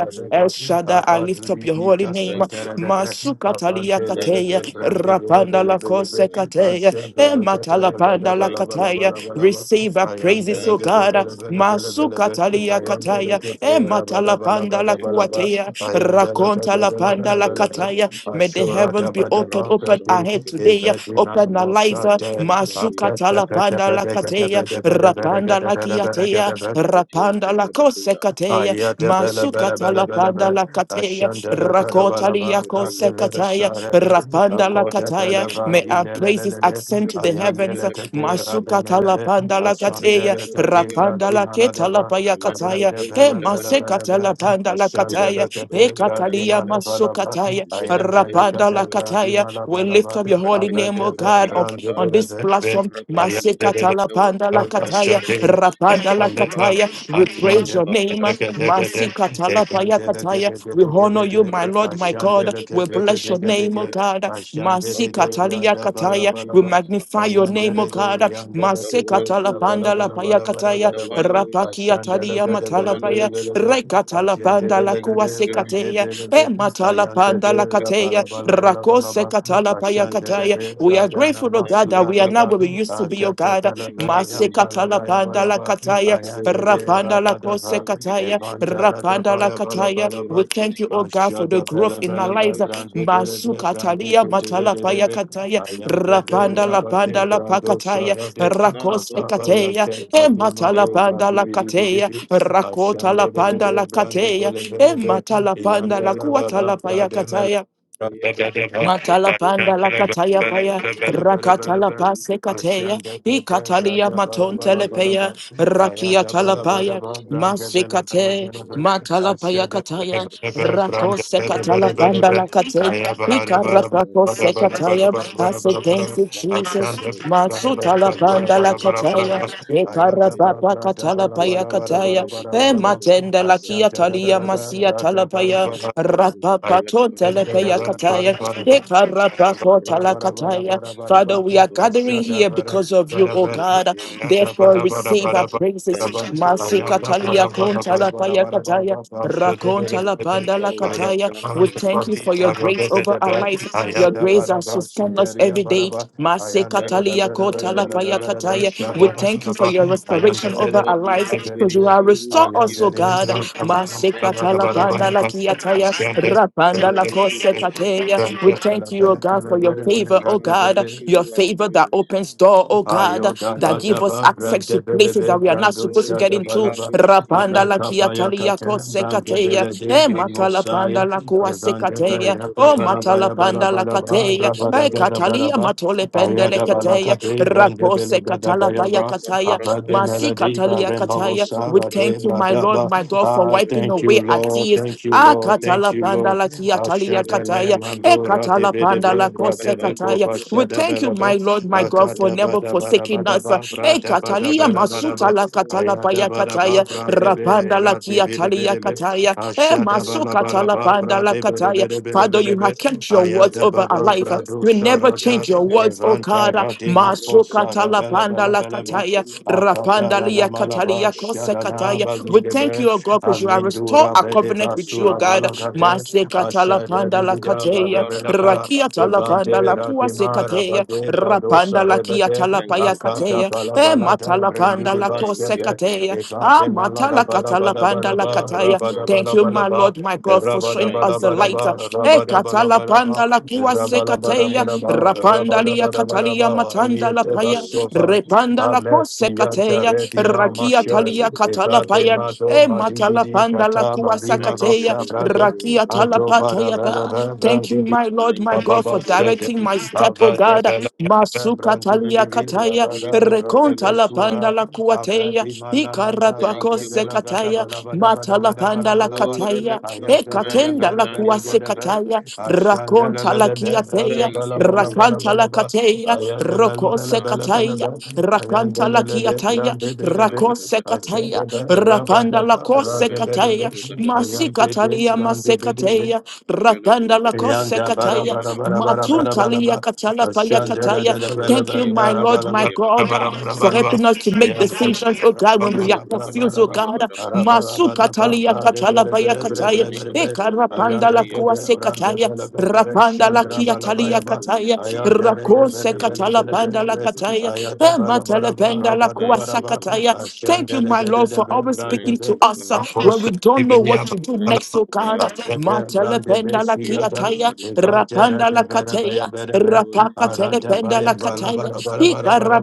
B: Thank
A: El
B: you, Father.
A: Shaddai, I lift up your holy name,
B: Thank you, Father.
A: masuka talia
B: Thank
A: kateya,
B: you, Father.
A: rapanda la ko
B: Thank you,
A: sekateya, kateya,
B: Father.
A: e matalapanda la
B: Thank you, Father. Thank you,
A: kataya,
B: Father.
A: receive our praises, O
B: Thank you,
A: God,
B: Father.
A: masuka
C: I
A: talia
C: am
A: kataya,
B: Makopatiaba,
A: e matalapanda la
C: the
A: kuatea,
B: Jitabadaba,
C: Ayandela
A: rakonta la
C: Gadabela
A: panda la
B: Gabadoza
C: Gadabela
A: kataya,
B: Dabash,
A: may the
C: Ashura
A: heavens be
C: Daba
A: open
C: Daba
A: open open our
C: Gadi
B: Rabasanta
A: head today,
B: Kepeta,
A: uh,
C: Ivadina
A: open our lives, uh,
C: Nosate
B: Shikapanta
A: Masuka
B: Priya
C: Akete Pete
A: talapanda la
C: Pete Gadabela
B: Zedabadagabada,
A: rapanda la
C: Gadabela Gadabela
B: Yipetim
A: rapanda la
B: Parabadaya,
C: Ayada bela
A: Masuka
C: bela
B: Zeketem
C: bela bela
A: talapanda
C: bela.
B: Padakataya,
A: la kateya,
C: Ashanda da kada
B: Yipetim
A: rakota
C: bela ba.
A: liyako
C: Brante
B: Parabataya,
C: mele sare de.
A: rapanda
B: Zekotom
A: la
C: Akote bela
B: Patapatia
A: May
C: vali
B: Pataya,
A: our
C: mele
A: praises
C: lele le le.
A: ascend to the
B: Rabataya
C: Ayande
A: heavens,
C: le
A: uh,
C: kade
B: Zedabatabataya,
C: rade
A: Masuka
C: mele be.
A: talapanda la
B: Rakataya
C: Ashande le kade
B: Badabadia
A: rapanda
C: bradi
A: la
B: Patapa,
C: malada ba.
A: ketalapaya kataya,
C: Abede
B: Manokotom
A: e
C: bela bela
B: Badakataba,
A: maseka
C: bela bela.
A: talapanda la
C: Ashande
A: kataya,
C: le
A: e
C: kade bradi
A: katalia
B: Zelebedabadagabadagabadash,
C: malabala ba.
A: masukataya,
C: Ayande le
B: Zedabataya
A: rapanda
C: kade
A: la
B: Zedabadash,
C: bradi
A: Masekataya. We
C: malabala
A: lift
C: ba.
A: up your holy
B: Rabataya
A: name,
C: Abede
A: O
C: be
A: God,
B: Zedabadia
A: on,
C: brande
B: Pata,
A: on
C: bele
A: this platform.
B: Rabataya
C: be.
A: Masekatala
B: Zedabadawa
A: Pandala
B: Zedabataya
A: Kataya,
B: Zedabash,
A: Rapandala Kataya.
B: Kakam
A: We praise your
B: Bakapa
A: name.
B: Tatapatia.
A: Masikatala Paya Kataya. We honor you, my Lord, my
B: Repetition
A: God.
B: of The
A: We
B: data
A: bless your
B: of the
A: name, O
B: day,
A: God.
B: the founding
A: Masikatalia
B: of the
A: Kataya.
B: feminine
A: We magnify
B: something
A: your
B: of the
A: name, O
B: destiny.
A: God.
B: The one who
A: Masekatala
B: was,
A: Pandala Paya
C: Ashanda
A: Kataya,
B: the one who is,
A: Rapakia
C: Ashandela
A: Talia
C: gada
B: the
C: bela
A: Matala
B: one who
C: bela
A: Paya,
B: is to
C: bela bela.
B: come.
A: Rekatala
C: Ashandela
A: Pandala
C: le le
B: Thank you,
C: de from de
B: gracious
A: Kuasekateya,
C: bela
B: Father.
C: bela.
A: Ematala
C: Ayanta
B: Thank you,
A: Pandala
C: de
B: gracious
A: Kateya.
C: rabala
B: Father.
C: bala bala bala bala
A: Rakose
C: bala.
A: katala
B: Thank you,
A: paya
B: gracious
A: kataya.
C: de
B: Father.
A: We
C: da
A: are
C: da na
A: grateful, oh God,
B: Thank
A: that
B: you,
C: masuya
A: we are
C: da
A: not
C: ba.
A: where
B: gracious
A: we
B: Father.
A: used to be, oh
C: Akete
A: God.
B: Thank you,
A: Mase
B: gracious
A: katala
B: Father.
C: baya
A: panda
C: bala
A: la
B: Thank
A: kataya.
B: you, Holy
C: Ayanda
B: God.
C: de ra
A: Rapanda la kose
B: Thank you,
A: kataya.
B: gracious
C: Evanta ra
B: Father.
A: Rapanda la
C: bala
B: Thank
A: kataya.
C: bala
B: you,
A: We
B: righteous
A: thank you, oh
B: King.
A: God, for the
C: Ashada
A: growth
C: bela
A: in
B: Thank
A: our
C: bela
B: you,
C: bela
A: lives.
B: gracious
C: brande
B: Father.
C: bela
A: Masu
C: bela
B: For
C: brande
B: there
A: katalia
B: is
C: ketere
A: matala
B: none
C: bela
B: like,
A: paya
C: bela
A: kataya.
C: ayam tede
B: none
A: Rapanda la panda
C: rabade
B: righteous
A: la
B: as you.
C: brando
A: pakataya.
C: sharade
B: None
A: Rakose
C: akaba
B: compares
C: yam
B: to you.
A: kateya.
C: te
A: E
C: batuma
A: matala
C: do
B: Thank you,
A: panda
C: bradi
A: la
C: bidi
B: gracious
C: bidi
A: kateya.
B: God.
C: bidi
B: Eh,
A: Rakota la
C: ashande
B: Father,
C: bela
A: panda
C: bela
A: la
B: Bada,
C: brande
B: Bada,
A: kateya.
C: bela
B: Bada,
A: E
C: bela bela
A: matala
C: ayam
A: panda
B: Ile,
C: da
A: la
C: da
B: Bada,
C: da da
B: Bada,
A: kuatala
B: Bada,
A: paya
C: brade mela
A: kataya.
B: Eh,
C: brade
B: Pe, Pe, Pe, Pe, Pe, Pe,
A: Matalapanda
B: Pe,
A: la kataya
B: Eh, Mele,
A: paya,
B: Pe,
C: da
B: Pe, Pe, Pe,
A: rakata
C: da
B: Pe,
A: la
B: Pe,
C: da
B: Pe,
A: pase
B: Pe, Pe,
A: kateya,
C: ashande bela bela bela bela bela bela ashande da da brade
A: ikatalia
B: Eh,
C: bela
A: matonte
B: Shele,
C: bela
B: Pe, Pe,
C: bela
A: matontelepeya,
B: Pe,
C: bela
A: rakia
C: ayada bela
B: Mele,
C: bela
B: No,
A: talapaya,
C: bela
B: Shata,
C: brande
B: Kata,
C: bela bela
A: masikate,
B: Rakata, Ba,
C: bela
A: matala
C: bela
A: paya
B: Sokoto,
A: kataya,
B: Rakata,
C: Ashanda
B: Ba,
A: rakose
B: Zela, Ba, Mani,
A: katalapanda
B: No,
A: la kate,
B: Shkete, Zela, Ba, Ni, Kom, Para,
A: ikarapako
B: Dira, Ba,
A: sekataya. I say thank
B: Eko,
A: you,
B: Fang, Te,
A: Jesus.
B: Kata, Ibe,
A: Masuta la
B: Eh, Yom,
A: banda la
B: Kono, Kopere,
A: kataya,
B: Geskem,
A: ekara
B: Kata, Ibe,
A: papa katala
B: Zede,
A: paya
B: Bede,
A: kataya,
B: Zede,
A: e
B: Bede, Zada,
A: matenda
B: Bada,
A: la
B: Bo,
A: kia
B: Raka,
A: talia
B: Ibe,
A: masia talapaya,
B: Manaka Pam Papa
C: I am
A: rapapa
B: Yataka
A: totele
B: Teki Kete
A: paya
B: Isete
A: kataya,
C: the
B: Petebe
A: ekara pakota la
B: Rapa Papa Pa,
A: kataya.
B: Seko
A: Father, we are
B: Papa
A: gathering
B: Papa
A: here
B: Yapa
A: because of you, O
B: Repete
A: God.
B: Isete
A: Therefore,
B: Kata Petebe.
A: receive our praises.
B: Thank you for all
A: Masika
B: you've done
A: talia
B: for us.
A: konta la paya kataya, rakonta
B: Thank
A: la
B: you for
A: banda la
B: all what you've
A: kataya.
B: done
A: We
B: for us.
A: thank you for your grace over our
B: Thank
A: lives.
B: you for
A: Your
B: all what
A: grace
B: you've
A: has
B: done
A: sustained
B: for us.
A: us every day. Mase
B: Thank you
A: katalia
B: for
A: kota
B: all
A: la
B: what you've
A: paya
B: done for
A: kataya.
B: us, O
A: We
B: God.
A: thank you for your restoration
B: All
A: over
B: what
A: our
B: we
A: lives
B: have, it
A: because
B: is
A: you are
B: you who
A: restore
B: has
A: us, O
B: given us.
A: God. Mase
B: Thank you,
A: katala
C: I
A: panda
B: gracious
A: la
B: Father.
A: kiataya.
C: am the
A: Rapanda
C: Thank
A: la
B: Thank you,
A: kose
B: gracious
A: kateya.
B: Father.
A: We thank you, O God, for your
B: All what
A: favor,
B: we
A: O
B: have, it is
A: God.
C: you.
B: you
A: Your
B: who has
A: favor
B: given
A: that
B: us.
A: opens door, O God,
B: Thank you,
C: Ayoda
A: that give
B: gracious
A: us
C: Badaba
B: Father.
A: access
C: Brande
A: to places
C: Belebe
A: that we are not
C: Brando
B: Oh,
A: supposed to
B: what
A: get
C: Shada
B: we
A: into.
B: have,
C: Balaba
B: it is you
A: Rapanda
B: who has
A: la
C: Abeka
B: given us.
A: kiatalia
C: Bayakate
A: kose
C: Brando
A: kateya.
B: Thank you,
C: Belede
A: Eh,
C: and
B: gracious
A: matala
B: Father.
C: Mosaya
A: panda la
C: Evande
A: kose kateya,
B: Mekoto
C: Berada
A: o
B: bragadia,
A: matala
C: Balabaya
A: panda la
B: zele
C: Balabalaba
A: kateya,
B: bragodo
A: e
C: Rabada Gada
B: bragadia,
A: katalia
C: Balaba
A: matole pende
B: zele
C: Ayada
B: bragodo
A: kateya,
C: Balakate
B: bragadia,
C: Brande
A: rapose
C: Belegada
A: katala
B: zele
A: paya
C: Bayaba
B: brangada
A: kataya,
C: Abade
B: bragadaya,
A: masi
C: Melody
A: katalia
C: Baremalo
B: mino
A: kataya. We
B: jodo
C: Sara De
A: thank
B: bragada
A: you, my
B: bedaba,
A: Lord,
C: Bradaba
A: my God, for
C: Ah
A: wiping
C: thank
B: rebede
C: you
A: away our
B: bedebe
C: Lord
A: tears.
B: shiki
C: thank you
A: Ah,
B: bomba
C: Lord thank
A: katala
C: you
B: diataba,
A: panda
C: Lord
A: la kia talia
B: rebede
A: kataya,
C: Ashadane
A: e
C: Mandora
B: imperiabata,
C: De
A: katala panda la
C: Bedebe
A: kose
C: Bradebe
B: ragatam
A: kataya.
C: Kova
A: We
B: padiabata,
A: thank you,
C: Shada
A: my Lord, my God, for
C: Akada
B: rebetam
A: never
C: bada bada
B: padiabata,
A: forsaking
C: bada
A: us.
C: ba,
A: E
C: brada bada
A: katalia
C: bada
B: rebetam
C: bada ba,
A: masuta la katala
C: ayada
A: paya
C: bada ba,
A: kataya,
C: brande be,
B: padiabata,
A: rapanda la
B: Oh,
C: radi
A: kia
C: be de be
A: talia
C: de be,
A: kataya. E
C: ashada bala
A: masuka
C: bala ba, brade be de be de be de
A: Father,
C: be
A: you
C: de be,
A: have kept your words
C: ayada ba
A: over our
C: ba,
A: life.
C: brado
A: You never
C: sharada,
A: change your words, oh
C: evanta
A: God.
C: radi ma kosa,
A: Masukatala
C: rebele bela bela ba,
A: Pandalakataya.
C: akada da da
A: Rapandalia
C: mala ba,
A: Katalia
C: shada na
A: Kosekataya.
C: bali
A: We
C: de
A: thank
C: be,
A: you, oh God, because you have restored
C: amendura
A: our
C: be de
A: covenant with you, oh
C: vasura
A: God.
C: balagade,
A: Masekatala
C: ashada mi da ba,
A: Pandalakataya.
C: rebele
B: Barashaka
A: Rakia
B: Sandra
A: Talapandala
C: Evantera
B: Katezu
C: di
B: Brakata.
A: Kuasekateya.
C: Marabade, Bradosa
A: Rapandalakia
C: Rebede,
B: Thank
A: Talapaya
B: you,
C: Akanta
B: Father.
A: Kateya. Eh,
C: Balabalada, Brendudi
A: Matalapandala
B: Thank you,
C: Bastiade,
A: Kosekateya.
B: Father.
A: Ah,
C: Evante Malada
A: Matala Katala Pandala
B: Thank
C: Balabalabalaba,
B: you,
A: Kataya.
C: Rabada
B: Father.
A: Thank you, my
C: Balabalaba,
A: Lord, my God, for
C: Rabada
A: showing
B: Thank
A: us
B: you,
A: the light.
B: Father.
C: Balabalaba,
A: Eh,
C: Rabada
A: katala
C: Balabalaba,
A: panda la kua
C: Rabada
A: sekateya,
B: Thank you,
C: Balabalaba,
B: Father.
A: rapanda
C: Rabada
A: liya katalia
C: Balabalaba,
A: matanda la
B: Thank
A: paya,
B: you, Lord
C: Yetebasofa,
B: Jesus.
A: repanda la ko
C: Amesianta
A: sekateya,
C: Redina
B: Thank
A: rakia
B: you,
C: Masha,
B: Holy
A: talia
B: Spirit
A: katala
B: of
C: Evade
B: God.
A: paya,
C: Mado
A: eh, matala
C: Madibidi,
A: panda la kua
C: Kataba Dima
B: Thank you,
A: sekateya,
C: Rosa
B: Holy
C: Brade,
B: Spirit
A: rakia
B: of
C: Anto
B: God.
A: talapataya
C: Barabala,
A: pa. Thank you,
C: Brandi
A: my Lord,
B: Thank
A: my
B: you,
A: God, for
C: Baba
B: Spirit
C: Shade,
B: of
A: directing my
B: truth.
A: step, oh
C: Ava de
A: God.
C: Bella,
A: Masuka
C: Brandi
A: talia
B: Thank
C: Bibi,
B: you,
A: kataya,
B: Spirit of
C: Rabada, Rabada
A: rekonta la
B: revelation.
A: panda
C: Suha,
A: la
C: Ava
A: kuateya,
C: de Manamanda,
B: Thank
A: ikarapako
B: you,
C: Bagabella,
B: Most High
A: sekataya,
B: God.
C: Gadabala, Badabada,
A: matala panda
C: Gadabala,
A: la
B: Oh,
C: Balaba,
B: the
A: kataya,
B: lift of
C: Ayata Bada,
B: man,
A: ekatenda
B: you've
C: Bada,
A: la
B: done
C: Bada,
B: it
A: kuase
B: once
C: Gadaba,
B: again.
A: kataya,
C: Ashandela,
A: rakonta la
C: Bada, Bada,
A: kiateya,
B: Thank
C: Bala,
B: you,
C: Bala,
B: great
C: Bala,
A: rakanta
B: God.
C: Bala,
A: la
C: Bala,
A: kateya,
C: Ayada, Bala, Bala,
A: rokose
B: Mana
C: Bala, Bala,
B: sata
A: kataya,
C: Bala,
B: bada bada.
A: rakanta
C: Ayandela,
A: la kiataya,
C: Brandi
B: Kata
C: Bibi,
B: bada
A: rakose
B: bada bada bada.
A: kataya,
C: Ashade, Rabada,
A: rapanda la kose
C: Rabada,
B: Jumene koto
A: kataya,
C: Bada,
B: brakata badiya bada.
C: Ayante,
A: masikatalia
C: Brandi Bibi,
A: masekateya,
B: Shele bro
A: rapanda la
B: koto
A: kose
C: Yanda
B: brakata
C: bara
B: badiya
A: kataya,
C: bara
B: bada
C: bara
B: bada.
C: bara bara bara
A: matuntalia
C: bara.
A: katala paya
C: Ashanda
B: Jumene
C: da
A: kataya.
C: da
B: koto
C: da bara
A: Thank
C: bara
A: you,
B: brakatiya
A: my
C: yara
B: brakata
A: Lord,
C: bara
A: my
C: bara
B: badiya bada bada.
A: God.
C: bara bara
A: So
C: bara bara.
A: helping us to make
C: Yanda
A: decisions, oh God, when we
B: Shele
A: are
C: bara bara bara
B: brakata
A: confused,
C: bara
A: oh
C: bara.
B: badiya
A: God.
B: bada bada
C: Ara
B: bada.
C: bara
A: Masu
C: bara bara
A: katalia
C: bara de
A: katala
C: bele
A: baya
C: bele
B: Shele
C: bele
A: kataya.
C: bele
B: mene
C: bele bele.
A: Eka
B: koto mbara
A: rapanda
C: Ayanda
A: la
B: badiya
C: de
A: kua
C: de
A: se
B: kapaya.
C: bara de
A: kataya.
C: bele bele bele.
A: Rapanda la
C: Shandra
A: kia
C: bara
A: talia
C: bara
B: Menupatem
C: bara.
A: kataya.
B: perepedia
C: Ayanda de
B: param
A: Rako
C: de
A: se
C: bele bele
B: pepedia
A: katala
C: bele
A: panda
C: bele
A: la
C: bele.
B: porukutum
A: kataya.
B: brakatabedebe.
C: Ayanda
A: Ema
C: bara bara
A: telependa
C: bara
A: la
C: bara
A: kua
B: Thank
C: bara
B: you,
C: bara.
B: Father.
A: sakataya. Thank
C: Ashanda
A: you,
C: de
A: my
C: de de
A: Lord,
C: de
A: for
C: bele
A: always
C: bele
A: speaking
B: Thank
C: bele.
A: to
B: you,
A: us uh,
B: Father.
A: when
C: Apostle
A: we don't know
C: Ibn
A: what to do
C: Yaba.
B: Thank
A: next, oh
B: you,
C: I am the
A: God.
B: Father.
A: Matelependa la kia
B: Great
A: taya.
B: God, we thank you.
A: Rapanda la kataya.
B: Holy
A: Rapaka
B: Father, we
A: telependa la
B: thank you.
A: kataya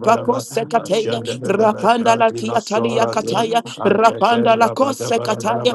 B: There is none
A: kosekataya,
B: like you,
A: rapanda la kiatalia
B: none
A: kataya,
B: rapturous with
A: rapanda
B: you,
A: la kosekataya,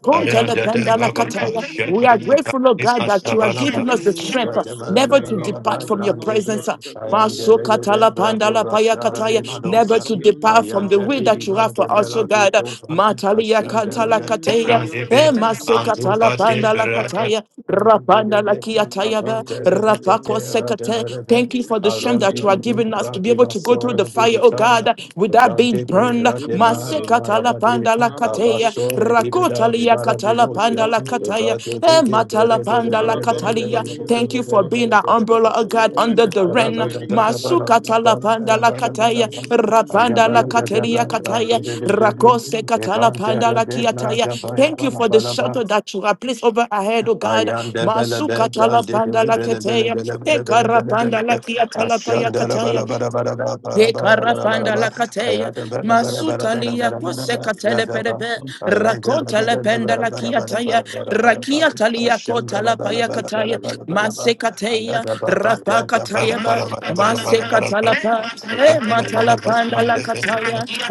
B: none
A: le
B: compares
A: la
B: to you,
A: kataya.
B: Lord. You are-
A: We are grateful, oh God, that you are giving us the
B: Oh,
A: strength uh, never to
B: Barasondegia
A: depart from your
B: Kumanono
A: presence. uh,
B: Santa
A: Maso
B: Kabayada,
A: katala panda la paya kataya,
B: Ribomelina
A: never to
B: Fayana
A: depart from the
C: Ayanda
A: will
C: baby
A: that you have
B: Akumayanta
C: mother
A: for us, oh
C: mela
A: God. uh,
B: Kumayada,
C: gupo
A: Matalia
C: ashanda
A: kantala
C: lagad
A: kataya,
B: Imelibili
C: brande be
B: Abadon
A: Ema se
C: bantu
B: Coronino
C: bate
A: panda
B: Santa
A: la
C: berada
A: kataya,
C: brande be de
A: rapanda la
C: de
A: kiataya ba,
C: abante de de te te
A: rapako
B: Nelejendegebaya,
C: rada
A: sekate.
C: rada
A: Thank you for the strength
C: aron
A: that
C: di
A: you
C: di
A: are
C: di
B: Ratimaya,
A: giving us to be
C: brati
A: able able to go through the
C: masoro di
A: fire, oh
C: vitana
B: Ratimaya,
A: God, without
C: Dante
A: being
C: de
A: burned.
C: rade
B: Ratimaya,
C: mare
A: Masekatala
C: marabade
A: pandala kateya,
C: abasore di
B: Andakumayade,
C: vida di
A: rakotalia katala
C: maravillosa
A: pandala
B: Aibayada,
A: kataya,
C: Dante
A: eh,
C: bege
A: matala
C: bere bere
A: pandala
C: bere bere bere
B: Malabanta
A: katalia.
C: bere bere bere
A: Thank you for
B: Mialala,
A: being
C: bere
A: our
C: bere
A: umbrella, oh
C: bere
A: God, under
C: bere
A: the
B: Imeletum
A: rain.
C: arabada gada bala bala
B: Meniataba,
A: Masukatala pandala
C: bala bala
A: kataya,
C: bala
B: Menomanomana meni Menomanaman many
C: Ayabala
A: rapandala
B: many
C: Gabra,
A: katelia
C: Brande
A: kataya,
C: Bede
B: dumbaratiros,
C: Bede,
A: rakose katala
C: Evantera
A: pandala
C: Debra,
A: kiataya.
C: Dabaya
A: Thank you
C: Bala
A: for the
C: Bala Bala,
A: shelter that you have placed over our head, oh God.
C: Ayanda bele be
A: Masukatala
C: brande bele
A: pandala
C: bele bele
A: kateya,
C: bele bele
B: Rabasha,
C: bele bele bele be.
A: ekarapandala kiatala
C: Ashanda la
A: payakataya.
C: bala bala bala bala bala
B: Rabadabadabadaba,
C: bala bala bala
A: Ekarapanda
C: ba.
A: la
B: shakataba,
A: kateya,
C: Ayanda bala bala bala
A: masuta
C: bala
A: liya
C: bala bala
A: kose
C: ba.
B: rabakapampapaya,
A: katele
C: Yada ba.
A: perebe,
C: Ayanda la
B: rabakampapaya,
A: rakota le
C: bala
A: penda
C: la bala
A: la
C: bala bala
A: kiataya,
C: bala
B: rabakampapaya,
C: bala bala ba.
A: rakia talia kota
C: Ashanda la
A: la
C: bala
A: paya
B: rabakombarakapaya,
C: bala bala
A: kataya,
C: bala bala ba.
B: rabakompapaya,
A: masekateya,
C: Ayada ba ba
A: rapa
C: branda bala
A: kataya
C: bala
A: ba,
B: rabakompapaya,
C: bala bala bala bala
A: masekatala
C: ba.
A: pa,
B: rabakombarakapaya,
A: e
C: Ayanda la bala
A: matala
C: ba
A: panda la
C: brande
B: lekobankapaya
C: bele
B: kapaya, rabakompapaya,
A: kataya,
C: bele.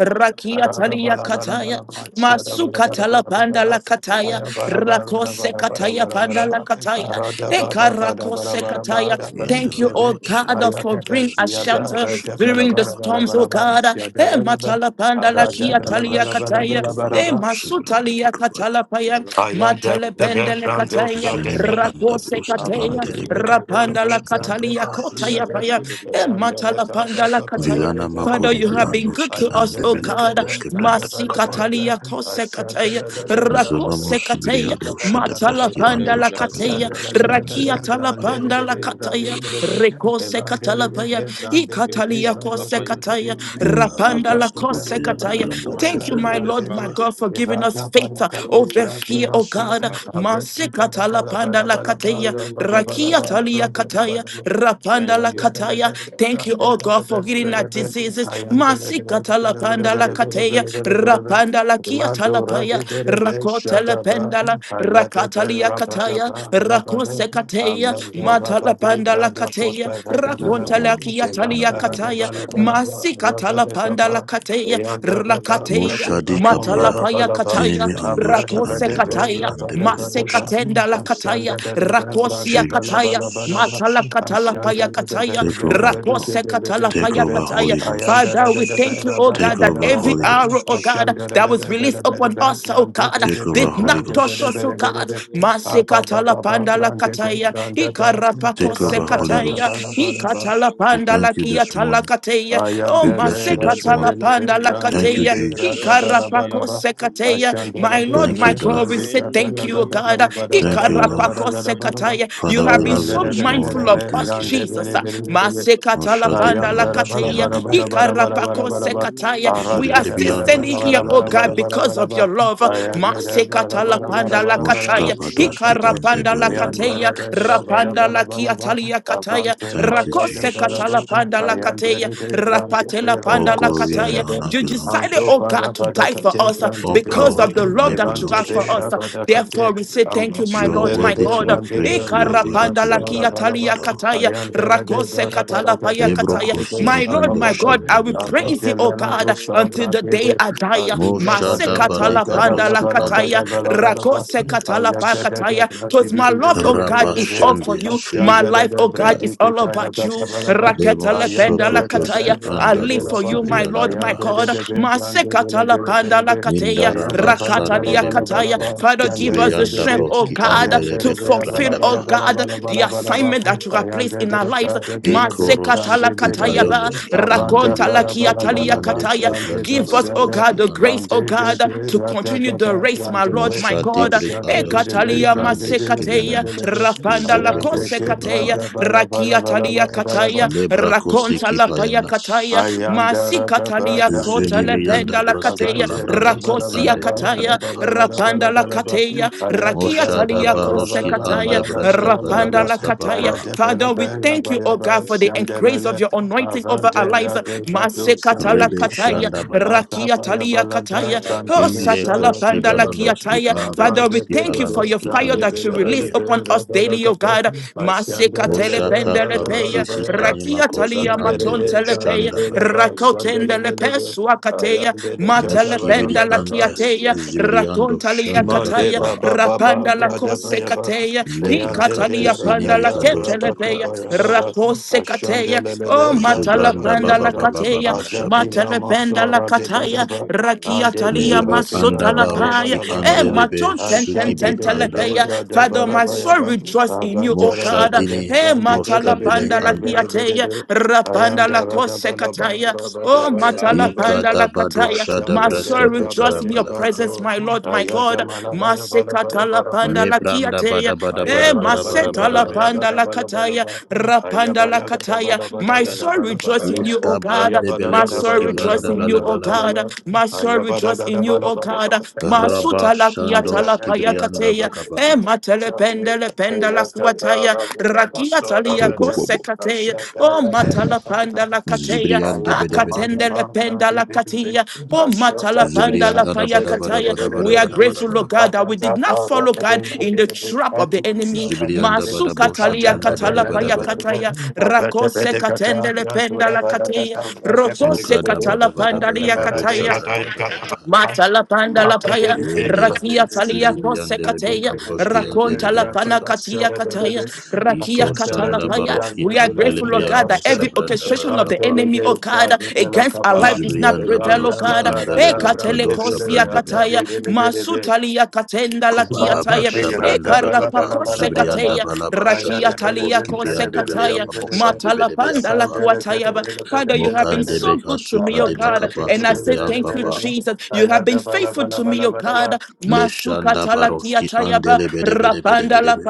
B: yekompapaya,
C: Ayada
A: talia
C: bala bala
A: kataya,
C: bala ba.
B: rabakompapaya,
C: Ashanda bala bala
A: masukata la
C: bala bala
A: panda
C: ba.
A: la
C: I
A: kataya,
C: am
D: Shut up,
A: rakose
D: Skibidi and
C: the
A: kataya
D: the
A: panda
D: Bishop.
A: la kataya,
B: rabakompapaya, yabakompapaya,
A: ekarakose kataya. Thank you, oh
B: rabakompapaya,
A: God,
D: Indarabasukut,
A: for bringing us
D: Skibidi and the
B: Raboshan
A: shelter
B: take up
D: Shabada.
B: on
A: during the storms, oh
B: Kapayada,
A: God. Eh, matalapanda lakia
B: Ribos
A: talia
B: Sakata
D: Zindabas, the
A: kataya.
B: Bragada
D: Bika
B: Badia
A: Eh,
D: Bando,
B: Bada Bada Bada,
D: Shibranda
A: masutalia
D: Bukapaya.
A: katalapaya.
B: Rabos Sakata Badia
A: Matelepende
B: Bada
A: le
C: brand
B: Bada
C: of
A: kataya.
B: Bada,
D: Zunimi
C: Sunday.
D: and the
A: Rakose
B: Rabada
D: Bruski
B: Badia
D: and
A: kataya.
D: the
C: Avante
B: Badia
D: Rebeka
C: bele
B: Badia Bada,
C: bele
D: Bando,
A: Rapanda la
C: bele
D: Shibranda
C: brande
A: katalia
C: da
D: Bahayas.
A: kotaya
B: Rabada
C: sigada.
A: paya.
B: Badia Badia
A: Eh,
B: Bada
C: Eyande
B: Bada
C: le tara
A: matalapanda la
C: baba la
A: kataya.
B: Bada,
D: Vilana
C: veja la
D: Mako
B: Rabos
A: Father,
D: de
A: you
C: baba
A: have
C: ba.
B: Sakata,
A: been good
D: Biandoski
A: to
D: and
A: us,
C: Ayande
D: the
A: oh
C: le
A: God.
D: Belekaboske Branda
A: Masi
D: Kapaya.
A: katalia
B: Antikapa,
A: kose kataya.
B: Rabada
D: Zonomo
A: Rakose
B: Shadash,
A: kataya.
D: Sibriado, Shadabraski and
B: Rabada
A: Matalapanda la
D: Doski
B: Isada Bada
A: kataya.
B: Bada
C: le
D: Badandaski
C: le
B: Bosta,
D: and the
A: Rakia
C: le
D: Rebeka
C: brande
D: Paya.
A: talapanda la
B: Rabada
C: bele
B: Isada
A: kataya.
B: Bragada,
C: bele
A: Rekose
C: brande
A: katalapaya,
B: Rabasan take up
C: bele.
A: ikatalia
B: on
A: kose
B: Kapayada
A: kataya,
B: Ba,
A: rapanda la
C: Aşande
A: kose
C: le le
D: Indarabasukotoya
C: le
A: kataya.
C: le
D: Kabrando,
A: Thank you,
B: Menosante
A: my
C: baba
A: Lord, my
D: Shibranda
C: baba.
B: Pelebrate
A: God,
B: Ba.
A: for giving us
C: Evada
A: faith
C: bala
A: uh,
C: kade
A: over
B: Oh,
C: bradi
A: fear,
B: thank
A: oh
C: masu.
B: you,
A: God.
B: Father.
C: Aveti bala
A: Masikata la
C: bala
A: panda
C: bala
A: la
C: bala
A: kataya,
C: bara
B: Oh,
C: bada
B: thank
C: bala
B: you,
A: rakia
B: Father.
A: talia
C: bara bada
A: kataya,
C: bada
A: rapanda
B: Thank
A: la
B: you, Father.
A: kataya. Thank you, oh God, for healing our
B: Thank you, Father.
A: diseases. Masikata la panda la
B: Mati
A: kataya,
B: basha kempe
C: bada.
A: rapanda la
B: rebede
A: kia
B: beshe
C: Madura
A: talapaya,
C: de
B: tekeibe.
C: Berede
A: rakota la
C: Shadaba,
A: pendala,
C: Ayadebe
A: rakatalia
B: Oba
A: kataya,
B: yime
C: Rabadaba
B: ni asho
A: rakose
C: Rabade,
A: kataya,
B: shakaibe
C: Amendo
B: rebede she.
C: Rabade
A: matala la
C: Grada
A: kateya,
C: Kota
A: rakonta
C: Rabadaba,
B: Lada
A: la
D: Adobaranski
B: bade
D: and
A: kiatalia
B: shaka
C: Evantara de
A: kataya,
D: Debroski
B: panta ba.
C: Balabala
D: and
A: masikata la
C: Rabade
A: panda la
C: Kaba, Ashanda
A: kateya,
B: Imanon
A: rakateya,
B: temeni
D: Moshadi
B: yata
A: matala
D: Kabaya,
B: panta
A: paya
B: peni yata
A: kataya,
D: Zemi
B: paya.
D: Andoski and
A: rakose
D: Debroski
A: kataya,
B: Yena
D: and
B: meni no
D: Debelebosha.
A: masekatenda
B: sasha
A: la
B: bege
A: kataya,
B: sampranina.
A: rakosia kataya. Matala
D: Jesus,
A: katala paya
B: Iteyan tata
A: kataya,
D: take
B: tata
D: over, Lord.
B: tanga
A: rakose
B: baya
A: katala
D: take
A: paya
D: over,
A: kataya.
D: Holy Ghost,
A: Father, we thank you, oh God,
D: take
A: that
D: over,
B: Yemene
A: every
B: me
D: Holy
A: arrow, oh
D: Ghost,
A: God, that
B: bayanga
A: was
B: baya
A: released upon
B: tata.
A: us, oh God,
D: take over,
A: did
B: Many,
D: Holy
A: not touch
D: Ghost,
B: many,
A: us,
B: no,
A: oh God. Masi Masikatala pandala kataya, Arapako
D: take over, Holy Ghost.
A: sekataya, Ikatala
D: We
A: panda
D: thank you
A: kataya,
D: this morning.
A: ikatalapanda Oh,
D: We
C: Ayanda de
D: bless you
C: ra
D: this
C: de
A: masekatala
D: morning.
C: bele de
A: panda
C: brande
D: Thank
C: le
D: you,
A: lakateya.
C: de ra da ba ra
D: Jesus.
C: ba ra ba.
A: Ikarapakose kateya.
C: Ashanda ra
A: My
C: de de
A: Lord,
D: Thank
A: my
D: you,
C: ve
D: love.
A: God, we
C: brande
A: say
C: kata
A: thank
C: ya
A: you,
C: ga
A: O
C: da ba
A: God.
C: ra ba ra ba
D: Thank
C: ra
D: you,
C: ba ra ba
D: love.
C: ra ga da
A: Ikarapakose
C: ba ra ba.
A: kataya. You
D: Father,
A: have
D: we
A: been
D: love you
C: Ayanda
A: so
C: re de
D: this
C: de de de
A: mindful
D: morning. We
A: of
C: ve
A: us,
D: thank you.
C: brande
A: Jesus.
C: bele bele bele.
A: Masekatala
D: Moshadi
A: panda
C: Ayandara bara
D: Baranoski
A: lakateya,
D: and
C: bara
D: Debe,
C: bara bara bara bara bara
A: ikarapakose
B: no,
C: bara.
B: no, no,
A: kataya.
B: no,
A: We are
B: sort
C: Aradara
B: of
D: Zuribidibi
B: a
A: still
C: bara bara
B: dear,
A: standing
D: Andoski
C: bara
A: here, O
C: bara
A: God,
C: bara
D: Brandebe,
B: but
C: bara
A: because
C: bara
A: of your
C: bara.
A: love.
B: Eadom
C: Ayadara bara
A: Masekatala
C: bara bara
A: panda
B: Paramanino
A: la
C: bara bara
D: Moshka
C: bara.
B: Santamino
D: Badoski
C: Shapate.
D: and
A: Ikarapanda lakateya
B: Santahigo
D: Debele
A: kateya
C: Ayandara bara
D: Abahatas.
C: bara
B: Satamanamino
A: rapanda
C: bara
A: lakia
C: bara
A: kia
C: bara.
A: talia kataya
C: Avante
D: Thank you,
C: rabate
A: rakose
B: Jelabadam
C: bara
D: Jesus.
A: katala
C: bara.
A: panda la
B: Vedapatim
A: kateya
C: Ayandara de
B: Puranamion
C: branco
A: rapatela
C: pero
B: Sutum
D: All
C: da
A: panda la
D: glory
B: Tobadia
D: and
A: kataya
C: vasete be.
D: honor
A: you
D: belongs to
A: decided
C: Anto
D: you.
A: oh
C: para
A: God to
C: para
A: die for
C: kate
A: us uh,
B: Rabababa
D: All
C: branco de
B: Kim
C: de
A: because
D: power
C: be.
A: of the
D: and
A: love
B: Pekatu
D: might
A: that you
C: Evante
D: belongs
A: have
D: to
C: be
A: for
D: you.
B: Rababako
A: us uh. therefore
C: rabada
A: we
B: Pamanakatu
A: say thank you my
D: You are
A: Lord
C: Amashundere
A: my
D: worthy
C: de
D: to
A: God
D: be
C: grande de
D: praised.
B: Nagaramanino
D: You are
C: yeti
D: worthy
A: ikarapanda
D: to
B: Sanda
A: la
D: be
C: bashara
B: King
A: kia
D: honored and
C: balaba.
A: talia
B: Rochkan
D: adored.
A: kataya
B: Kapo
C: Ayandere de
A: rakose
B: Valagobato
A: katala
C: garabalaga
A: paya
C: de
D: Libro
A: kataya
C: grande de
D: Kosini
A: my
C: la
A: Lord
D: Ando
A: my
C: babaga.
A: God I will
D: Shendebe
C: Afa
D: Kapa.
A: praise
C: de
A: you
B: Jelabadamanakapo
A: oh
C: mela
A: God
C: dosa
B: Vamayakon
A: until the
C: grande
A: day
C: de.
A: I
B: Saminani
A: die
B: Kom
C: Akiya pa de
D: Moshada
B: Samanikakam
A: Masekatala
D: Balika
C: grande la
A: panda
C: la
A: la
D: Broski and
C: balaba
A: kataya
C: de
D: Debele Adoski
C: balabalaba.
A: rakose
D: and
A: katala
B: Yedabedabedabedabed
D: Debele.
C: Ayandere de
A: pakataya
C: grande de
A: because my
C: de de
A: love, oh
C: de
A: God,
C: de
D: Rabba
C: de
A: is
C: de.
A: all for
D: Shande
A: you. My
D: Siribi
C: Ashandere
A: life,
C: de
A: oh God, is
C: bredi de
A: all about you.
C: taya
A: Raketa
D: Lemo
A: la penda
C: Ayanda
A: la
C: da da be
D: Sokotoski
A: kataya. I
C: brande
D: anda
A: live
C: bela
A: for
D: broski
C: ba.
A: you, my
D: brianda
A: Lord, my
C: Ayanda da
A: God.
D: bahas.
C: da be
A: Ma
C: brande bela
A: sekata la
C: bela
A: panda
C: bela
A: la
C: be.
A: kataya.
C: Ayanda
D: Indaraba
C: bala
A: Rakata
C: bala
A: lia
D: sandele
C: bala bala
A: kataya.
C: ba.
D: bekapa
A: Father, give
C: Ayanda da
A: us the
C: da da
D: zibeyanda
C: be.
A: strength, oh
D: boski
A: God,
D: andele
C: Ayanda
A: to
C: da be
A: fulfill,
C: bala
D: bekapranda
A: oh
C: bala
D: bahaya.
C: bala
A: God,
C: bala
A: the
C: bala bala ba.
A: assignment that you have placed
C: Ayanda
A: in our
C: da
A: lives.
C: brande
A: Ma
C: bela
A: sekata
D: Ekoros
A: la
C: brande bela
A: kataya ba.
C: be.
D: kitayonoski
C: Avanta
D: andeli
A: Rakonta la
C: bala bala
A: kiata lia
C: bala ba
D: askobinanandes
A: kataya.
C: brande
D: kebranda
C: da
A: Give us, oh
C: sada.
D: balaroski
A: God, the
D: anda
A: grace, oh
C: Ande de
A: God,
D: baradosi.
C: de
A: to
C: rata
A: continue
C: da
A: the
C: ba
A: race, my
C: brande be.
A: Lord, my
D: Mosha
A: God.
D: dibri
C: Ashanda da da
D: adoski
B: Shala
C: be
D: bri
A: Ekatalia
B: Prade
C: brande
D: andes
C: bela bela
A: masekateya,
C: bela
D: kimenantas
C: be.
A: rapanda
B: and
A: la
C: Ayanda
D: zebrekoshka
C: de
A: kosekateya,
B: Prakateva,
D: babaya.
C: rata bala bala
A: rakia
C: bala
A: talia
C: bala bala ba.
A: kataya,
B: Semena
D: Lebrakosi
A: rakonta la paya
B: Potuza.
D: kipayanas.
A: kataya,
C: Ayandara daba
A: masikatalia
C: brande
B: Beyond
A: kota
C: belebe.
D: Zunibiyanda
A: lependa la
B: Sokomenino
D: braski
A: kateya,
C: Avantera
B: Shashkadai,
C: daba
D: palabrandoski
C: la ba
A: rakosia
C: la
D: andele
C: ba.
D: be
A: kataya,
C: Raba
D: adabahaya.
C: la
B: Rondo
C: ba la ba la
A: rapanda la
C: ba
B: Roja
C: la ba.
A: kateya,
B: Javradiro
C: Ayada
A: rakia
C: ba la
B: Shakata
C: ba
D: Moshada
A: talia
C: la ba
B: Brakata,
C: la ba la
D: Baroski
C: ba la ba
A: kosekataya,
D: anda
C: la ba la ba
D: Braska
C: la ba la
A: rapanda
C: ba.
A: la
D: Palabasta
A: kataya.
D: Papa
C: Arada
B: Kaskata,
C: ba la
A: Father,
C: ba
A: we
C: ya
A: thank you,
C: ba ya
B: Kaskata,
A: oh
C: ba.
A: God, for the
B: Kaskata,
A: increase of
C: Shandelele.
A: your anointing over
B: Jara
A: our lives.
C: Avantera
B: Baram
C: deba dosa
A: Masekatala
B: Piperibadi,
D: Rebe
B: Jada
C: bikata.
A: kataya,
D: Shandabaya
B: Brakatashka,
A: rakia
C: Akaba ya ba
A: talia
C: la da.
A: kataya, oh
C: Brande
D: Ile
C: dosa
B: Akabaya,
A: satala
C: ya de
D: Koski
A: panda la
C: belebe.
B: Santa
A: kiataya
D: Bananoski
A: fire.
D: anda
B: Promenashka.
A: Father, we
C: Amande
D: Braski
A: thank you for
C: belebe.
A: your
D: Palanoski
A: fire
C: Brande
B: Thank
D: Ante
A: that you
B: you,
A: release
D: Paradia
C: belebelebe.
B: gracious
A: upon
B: Father.
A: us
C: Raba la
A: daily,
C: ka
A: oh
C: ba.
A: God. Masika
C: Ashandelele.
D: Moshaka
C: Rada
B: Thank
C: ba la
B: you,
A: telependelepeya,
C: ba
D: Paratisi
C: ya
B: gracious
C: ba.
D: Anima
B: Father.
A: ratia
D: Koski
A: talia
C: Evandere
A: maton
C: be
D: Andebe
C: brande
A: telepeya,
C: be
D: Shandabaya
C: raba
B: Thank you,
C: shandele lele
B: gracious
C: be
B: Father.
A: rakotendelepesuakateya,
C: ayande
D: Moski Vidi
A: matelependa
B: Thank
C: Sunday,
B: you,
D: Antes
A: lakiateya,
B: gracious Father.
A: raton
D: Izibiriando
A: talia
C: Mande
A: kataya,
C: ba
D: Shandabakapa
C: ba ba ba
A: rapanda la
B: Kapapayam
C: bra da ba
B: Bedaya
C: ya ba
B: Bedabada,
A: kosekateya,
D: Lebra
C: yande de
A: ikatalia
D: Katusi
C: ra da
A: panda la
C: da ra
D: Nimikadoski
C: ba ka
B: Nagadabada
A: ketelepeya,
C: ba ya da
D: Payantas
C: ba
B: Bedabada Bedabada.
C: ashande
A: rakosekateya,
C: le le
A: oh
C: le bra da ba
D: Zubranda
C: ke
A: matalapanda
C: ya
D: Baba
A: la
B: Thank
C: da
B: you,
D: Baba
A: kateya,
D: Baba
B: Father.
C: ada
D: Shababa
C: bina ma
A: matelependa
C: so
A: la
C: ra de ba da
A: kataya,
B: Thank
C: ba
B: you, Father.
A: rakia
C: ande be ra
D: Zube
C: de ba da
A: talia
C: ma la ba
A: paya.
D: andabaroški baroski
C: la ba
B: Thank
C: da
B: you,
A: Eh,
C: ba
D: andelebe
B: Father.
A: maton ten ten
D: sukibi
C: ashande
A: ten
C: de de de de
A: telepeya.
D: andabaya.
C: bra da ba
A: Father,
C: ra
B: Thank
A: my
C: ba
B: you,
C: ya
A: soul
C: ba
B: Father.
A: rejoice in you,
C: agan ja
A: O
C: ra de
A: God.
C: de de
D: Moshadini
A: Eh,
C: bra de ba de
A: matala
B: You are
C: be de
D: moskabini
B: good.
A: panda
C: ge
A: la
C: de be de
D: anda.
C: be de
A: kiateya.
C: be
B: You are
A: Rapanda
C: ayanda
A: la
C: ra
B: kind.
C: da ba la ba
A: kosekataya.
C: ra ba da
A: Oh,
B: You are
C: ba ya da
A: matala
C: da
B: loving.
C: ba la
A: panda
C: ba
D: Ikada
A: la
D: bado
A: kataya.
D: da
A: My
B: You
C: Ashanda
B: are
A: soul
D: breska
C: de
A: rejoice
D: pekara
A: in
B: magnificent.
C: Rabade
A: your
D: balaba.
A: presence,
C: Banto,
A: my Lord, my
B: Thank
C: Ayada
A: God.
B: you, Father.
C: Malabaya Balabaya
A: Masekata la panda
C: Barabaya
D: Le
A: la
D: branda
A: kiateya.
D: bada bada
A: Eh,
D: bada
C: Ayabaya
D: bada bada
B: Thank
A: maseta
C: Badagada
D: bada
B: you,
A: la
D: bada.
A: panda
B: Father.
C: Bayagada
A: la kataya.
C: Balabalaba,
A: Rapanda la
C: Ayabaya Gada
A: kataya.
C: Balabada
A: My
C: Gada
B: Thank
A: soul
B: you,
A: rejoice in
B: Father.
C: Balabalaba,
A: you, O
D: Leska
A: God.
D: brande
C: Ayabada
A: My
C: Gada
A: soul
D: belekoski
C: Bayagada
A: rejoice
D: branda
A: in you,
D: bala
A: O
C: Balagada
D: bala bala.
A: God.
C: Balaba,
A: My soul
C: Ayabada
A: rejoice in
C: Gada
A: in you, O
C: Balabada
A: God.
C: Balaba,
D: Rabba
A: Masuta la kiata la
C: Ayada
D: shandoski
C: de
D: brianda
A: payakateya. E
D: bakabaha.
A: matele
C: Jade,
A: pendele pendala
C: Ayata
A: kuataya.
C: Rabina
A: Rakia
C: Masora
A: talia
D: Koba
C: Vete,
D: baba.
A: kosekateya. Oh matala pandala
C: Ashanda
A: kateya.
C: Thank
D: Zibriande bede bede bede.
A: Akatendele pendala katia. Oh matala pandala
D: Zibrianda da bada bada
A: payakataya.
D: bada bada
A: We are
D: bada bada
A: grateful, O
D: bada.
A: God, that we did not follow God in the trap of the enemy.
D: Zibriyanda
A: Masuka
D: badabo shabranda
A: katala
D: badabada badaba.
A: payakataya. Rakose pendala kateya. Rokose
D: Mukada
A: katala
D: badabada baya
A: pandalia
D: babo
A: kataya.
D: shabranda badabaha.
A: Matala panda la paya, rakia
D: Yendelebe
C: you.
A: talia
D: sudibi
C: Avante,
A: kose
D: andelebe
A: kataya,
D: kabroski
A: rakonta la
D: andelebe
A: pana
D: yabaha.
A: katia kataya,
D: Iko
A: rakia katala
D: sanda
A: paya.
D: baroski
A: We are grateful,
D: andelebe
A: Lord God, that
D: yando
A: every
D: shabranda
A: orchestration of the
D: bayakapa.
A: enemy, oh God, against our life does not
D: Zibriyanda
A: prevail, oh
D: baroski
A: God. E
D: andelebe
A: katele
D: yapado
A: kosia
D: shabranda
A: kataya,
D: bayabaha.
A: masutalia katenda la
D: Kobababa
A: kiataya, e
D: Shabranda
A: karapa
D: Bekapa
A: kose
D: Zibrianda
A: kataya,
D: Balaba
A: rakia
D: Shabreka
A: talia
D: Boski
A: kose
D: Briande
A: kataya,
D: Beleyama Mosham
A: matala
D: Bebede
A: panda la
D: Beyababa
A: kuataya. Father, you have been
D: Mokande
A: so
D: beka
A: good to
D: suka
A: me, oh
D: de
A: God,
D: bakapa
A: and I say say
D: skubrian
A: thank you,
D: papa.
A: Jesus. You have been faithful to me, O God.
D: Le shanda
A: Masukatalakia
D: baroski
A: tayaba,
D: andele bede bede bede
A: rapanda
D: bede
A: la
D: bede.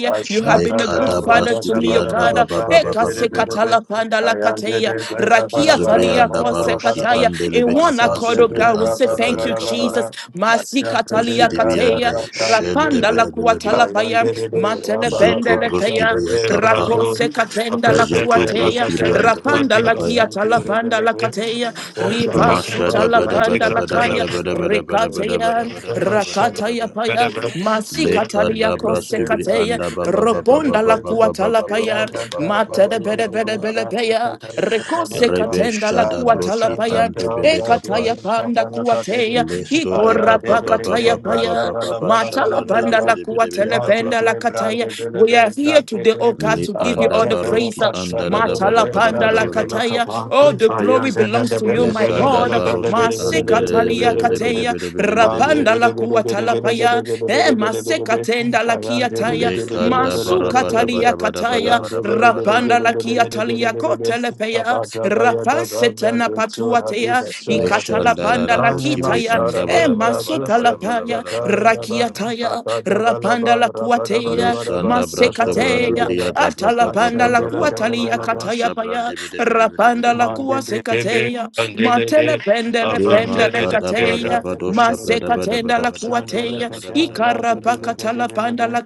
C: da da da da da da da
A: You have
D: Le
A: been a
C: da
A: good
D: kada
C: ba
A: father
C: ba
D: braski
A: to
C: da
A: me,
C: ba
A: O
C: da
D: brianda
A: God.
C: ba
D: baba
C: ba, de
D: baba
C: be de
D: baba
C: be de
D: baba
C: be.
D: baba.
A: Ekasekatala panda la
C: Ayan de
A: kataya,
C: de ba da ba da
A: rakia
C: ba
A: talia
D: Zubrianda
C: da ba da ba da ba da
D: baroski
C: ba.
A: kosekataya.
D: andele
A: In
D: beka
A: one
D: pa
C: Asan
A: accord,
C: de
A: O
D: subri
C: de
A: God, we
C: da
A: say
C: ba da
A: thank
C: ba
D: antepele
A: you,
C: da ba da
D: kapa.
A: Jesus.
C: ba Asan de
A: Masikatalia
C: de da ba.
D: Zidibiande
A: kataya,
C: da ba de be
D: shende
C: de
A: rapanda
C: be.
A: la
D: bele bele be.
C: Ayan
A: kuatalapaya,
C: de de de da ba da
A: matelepende
D: Zoko
C: ba sha
D: broski
C: de
A: lepeya,
C: de
D: briata pa.
C: brando.
A: rakose katenda
C: Apa
A: la
C: de
D: Zoko
C: be da
A: kuateya,
C: ba
D: broski
C: da
D: brianda
C: ba. de ba be
A: rapanda
C: be
D: beka
A: la
D: baya.
A: kia
C: be be be.
A: talapanda
C: be
A: la
C: be be.
A: Lakaya,
C: Ayan
D: Masha
A: Ripasuta
D: da bada
A: Lapanda
D: bada bada
A: Lakaya,
D: bada bada bada bada bada bada
A: Rekataya,
D: bada bada bada bada.
A: Rakataya
D: bada.
A: Paya, Masikatalia
D: Lekanda braskibri
A: Kosekataya,
D: anda ba ba ba ba ba
A: Roponda
D: ba ba ba
A: Lakuata
D: ba ba ba ba
A: Lapaya,
D: ba ba ba ba
A: Mata de
D: ba
A: Bede
D: ba ba
A: Bede
D: ba.
A: Bele Paya, Rekose
D: Rebe
A: Katenda
D: shada
A: Lakuata
D: broski
A: Lapaya,
D: ande belega
A: Ekataya
D: paya.
A: panda kuateya,
D: Leso da ba
A: ikora
C: de
D: ba
C: de
D: ba
C: de
D: ba ba
A: pakataya
C: de
D: ba
C: bra
D: ba
C: da
A: paya,
D: ba
C: ba
D: ba
C: la
D: ba
C: ba la ba
A: matala
C: la ba
D: shabrande
C: la
D: de
A: panda
D: be
C: ba
A: la
D: de be de be ya
A: kuatele
D: ba
C: Mante
D: ba.
A: penda la
C: te
A: kataya.
C: brande bele
A: We are
C: be
A: here
C: brande
A: today, oh
C: be
A: God,
D: Le
A: to give you
D: anda
A: all
C: afate
A: the
C: fero
A: praise.
D: baroski
C: kasha
D: anda da
C: da
D: da ba
C: dolo
D: da
A: Matala
C: be
D: ba da ba
A: panda
D: da
A: la
C: brande
D: ba da
C: bele
D: ba.
A: kataya.
C: kapa
A: All the glory
C: ayanda da
A: belongs
C: da
A: to you,
C: bele
D: Le
A: my
C: bele
D: sanda
A: God.
C: bele da da
D: baroski
C: bele bele
D: ande
C: bele
D: de
C: bele
D: be
A: Masekatalia
D: de
C: bele
D: be de
C: bele
D: be de
C: be
A: kataya,
D: be de be de be de be
C: mante
D: de
A: rapanda
D: be.
C: bele
A: la
C: bele bele
A: kuatala
C: bele
A: paya,
C: bele
A: eh
C: bele bele bele bele be
A: masekatenda la
C: ayanda bele
A: kiataya,
D: Le
C: bele bele
D: kanda
C: bele
D: bara
C: bele
D: ba da
C: bele
D: ba
C: be
A: masukatalia
D: da ba da ba da
A: kataya,
D: ba da ba da ba da ba.
A: rapanda la kiatalia kotele paya, rapasetana patuatea ya ikatala
D: Leshanda da
A: panda
D: da
A: la
D: broski
A: kita
D: bri
A: ya
D: anda ba
A: e
D: da ba da ba da
A: masuta
D: ba
A: la
D: da ba da ba
A: paya
D: da ba da ba da ba da ba.
A: rakiata ya rapanda la kuate ya
D: Leshanda braska
A: masekate
D: brandi bri ada ba
A: atala
D: ba ba
A: panda
D: ba
A: la
D: ba
C: Ashandela
D: ba ba ba
A: kuatali
D: ba
C: Gadabella,
D: ba
A: kataya
D: sha
A: paya
D: brandi bi di bi di bi di bi di
A: rapanda
D: bi
A: la
D: di bi.
C: Mandebe,
A: kuasekate
C: Andele
A: matele
C: de
A: pende le
D: Le ma
A: pende
C: Avante
A: le
C: de
D: ka
C: de
D: da
C: de
D: ba
A: kate
D: da
C: Bra
A: ya
D: ba
C: de
D: do
C: Bele
D: sha bra
C: Bele
D: da ba
C: Be
D: da ba
A: masekatenda
D: da
A: la
D: ba da ba da ba
A: kuate
C: Ashandele
D: da
A: ya
D: ba da
C: Tete
D: ba da ba
C: Bra
D: da
C: de
D: ba da ba
C: Bele
D: da ba.
A: ikarapakata
C: Bele Bele Be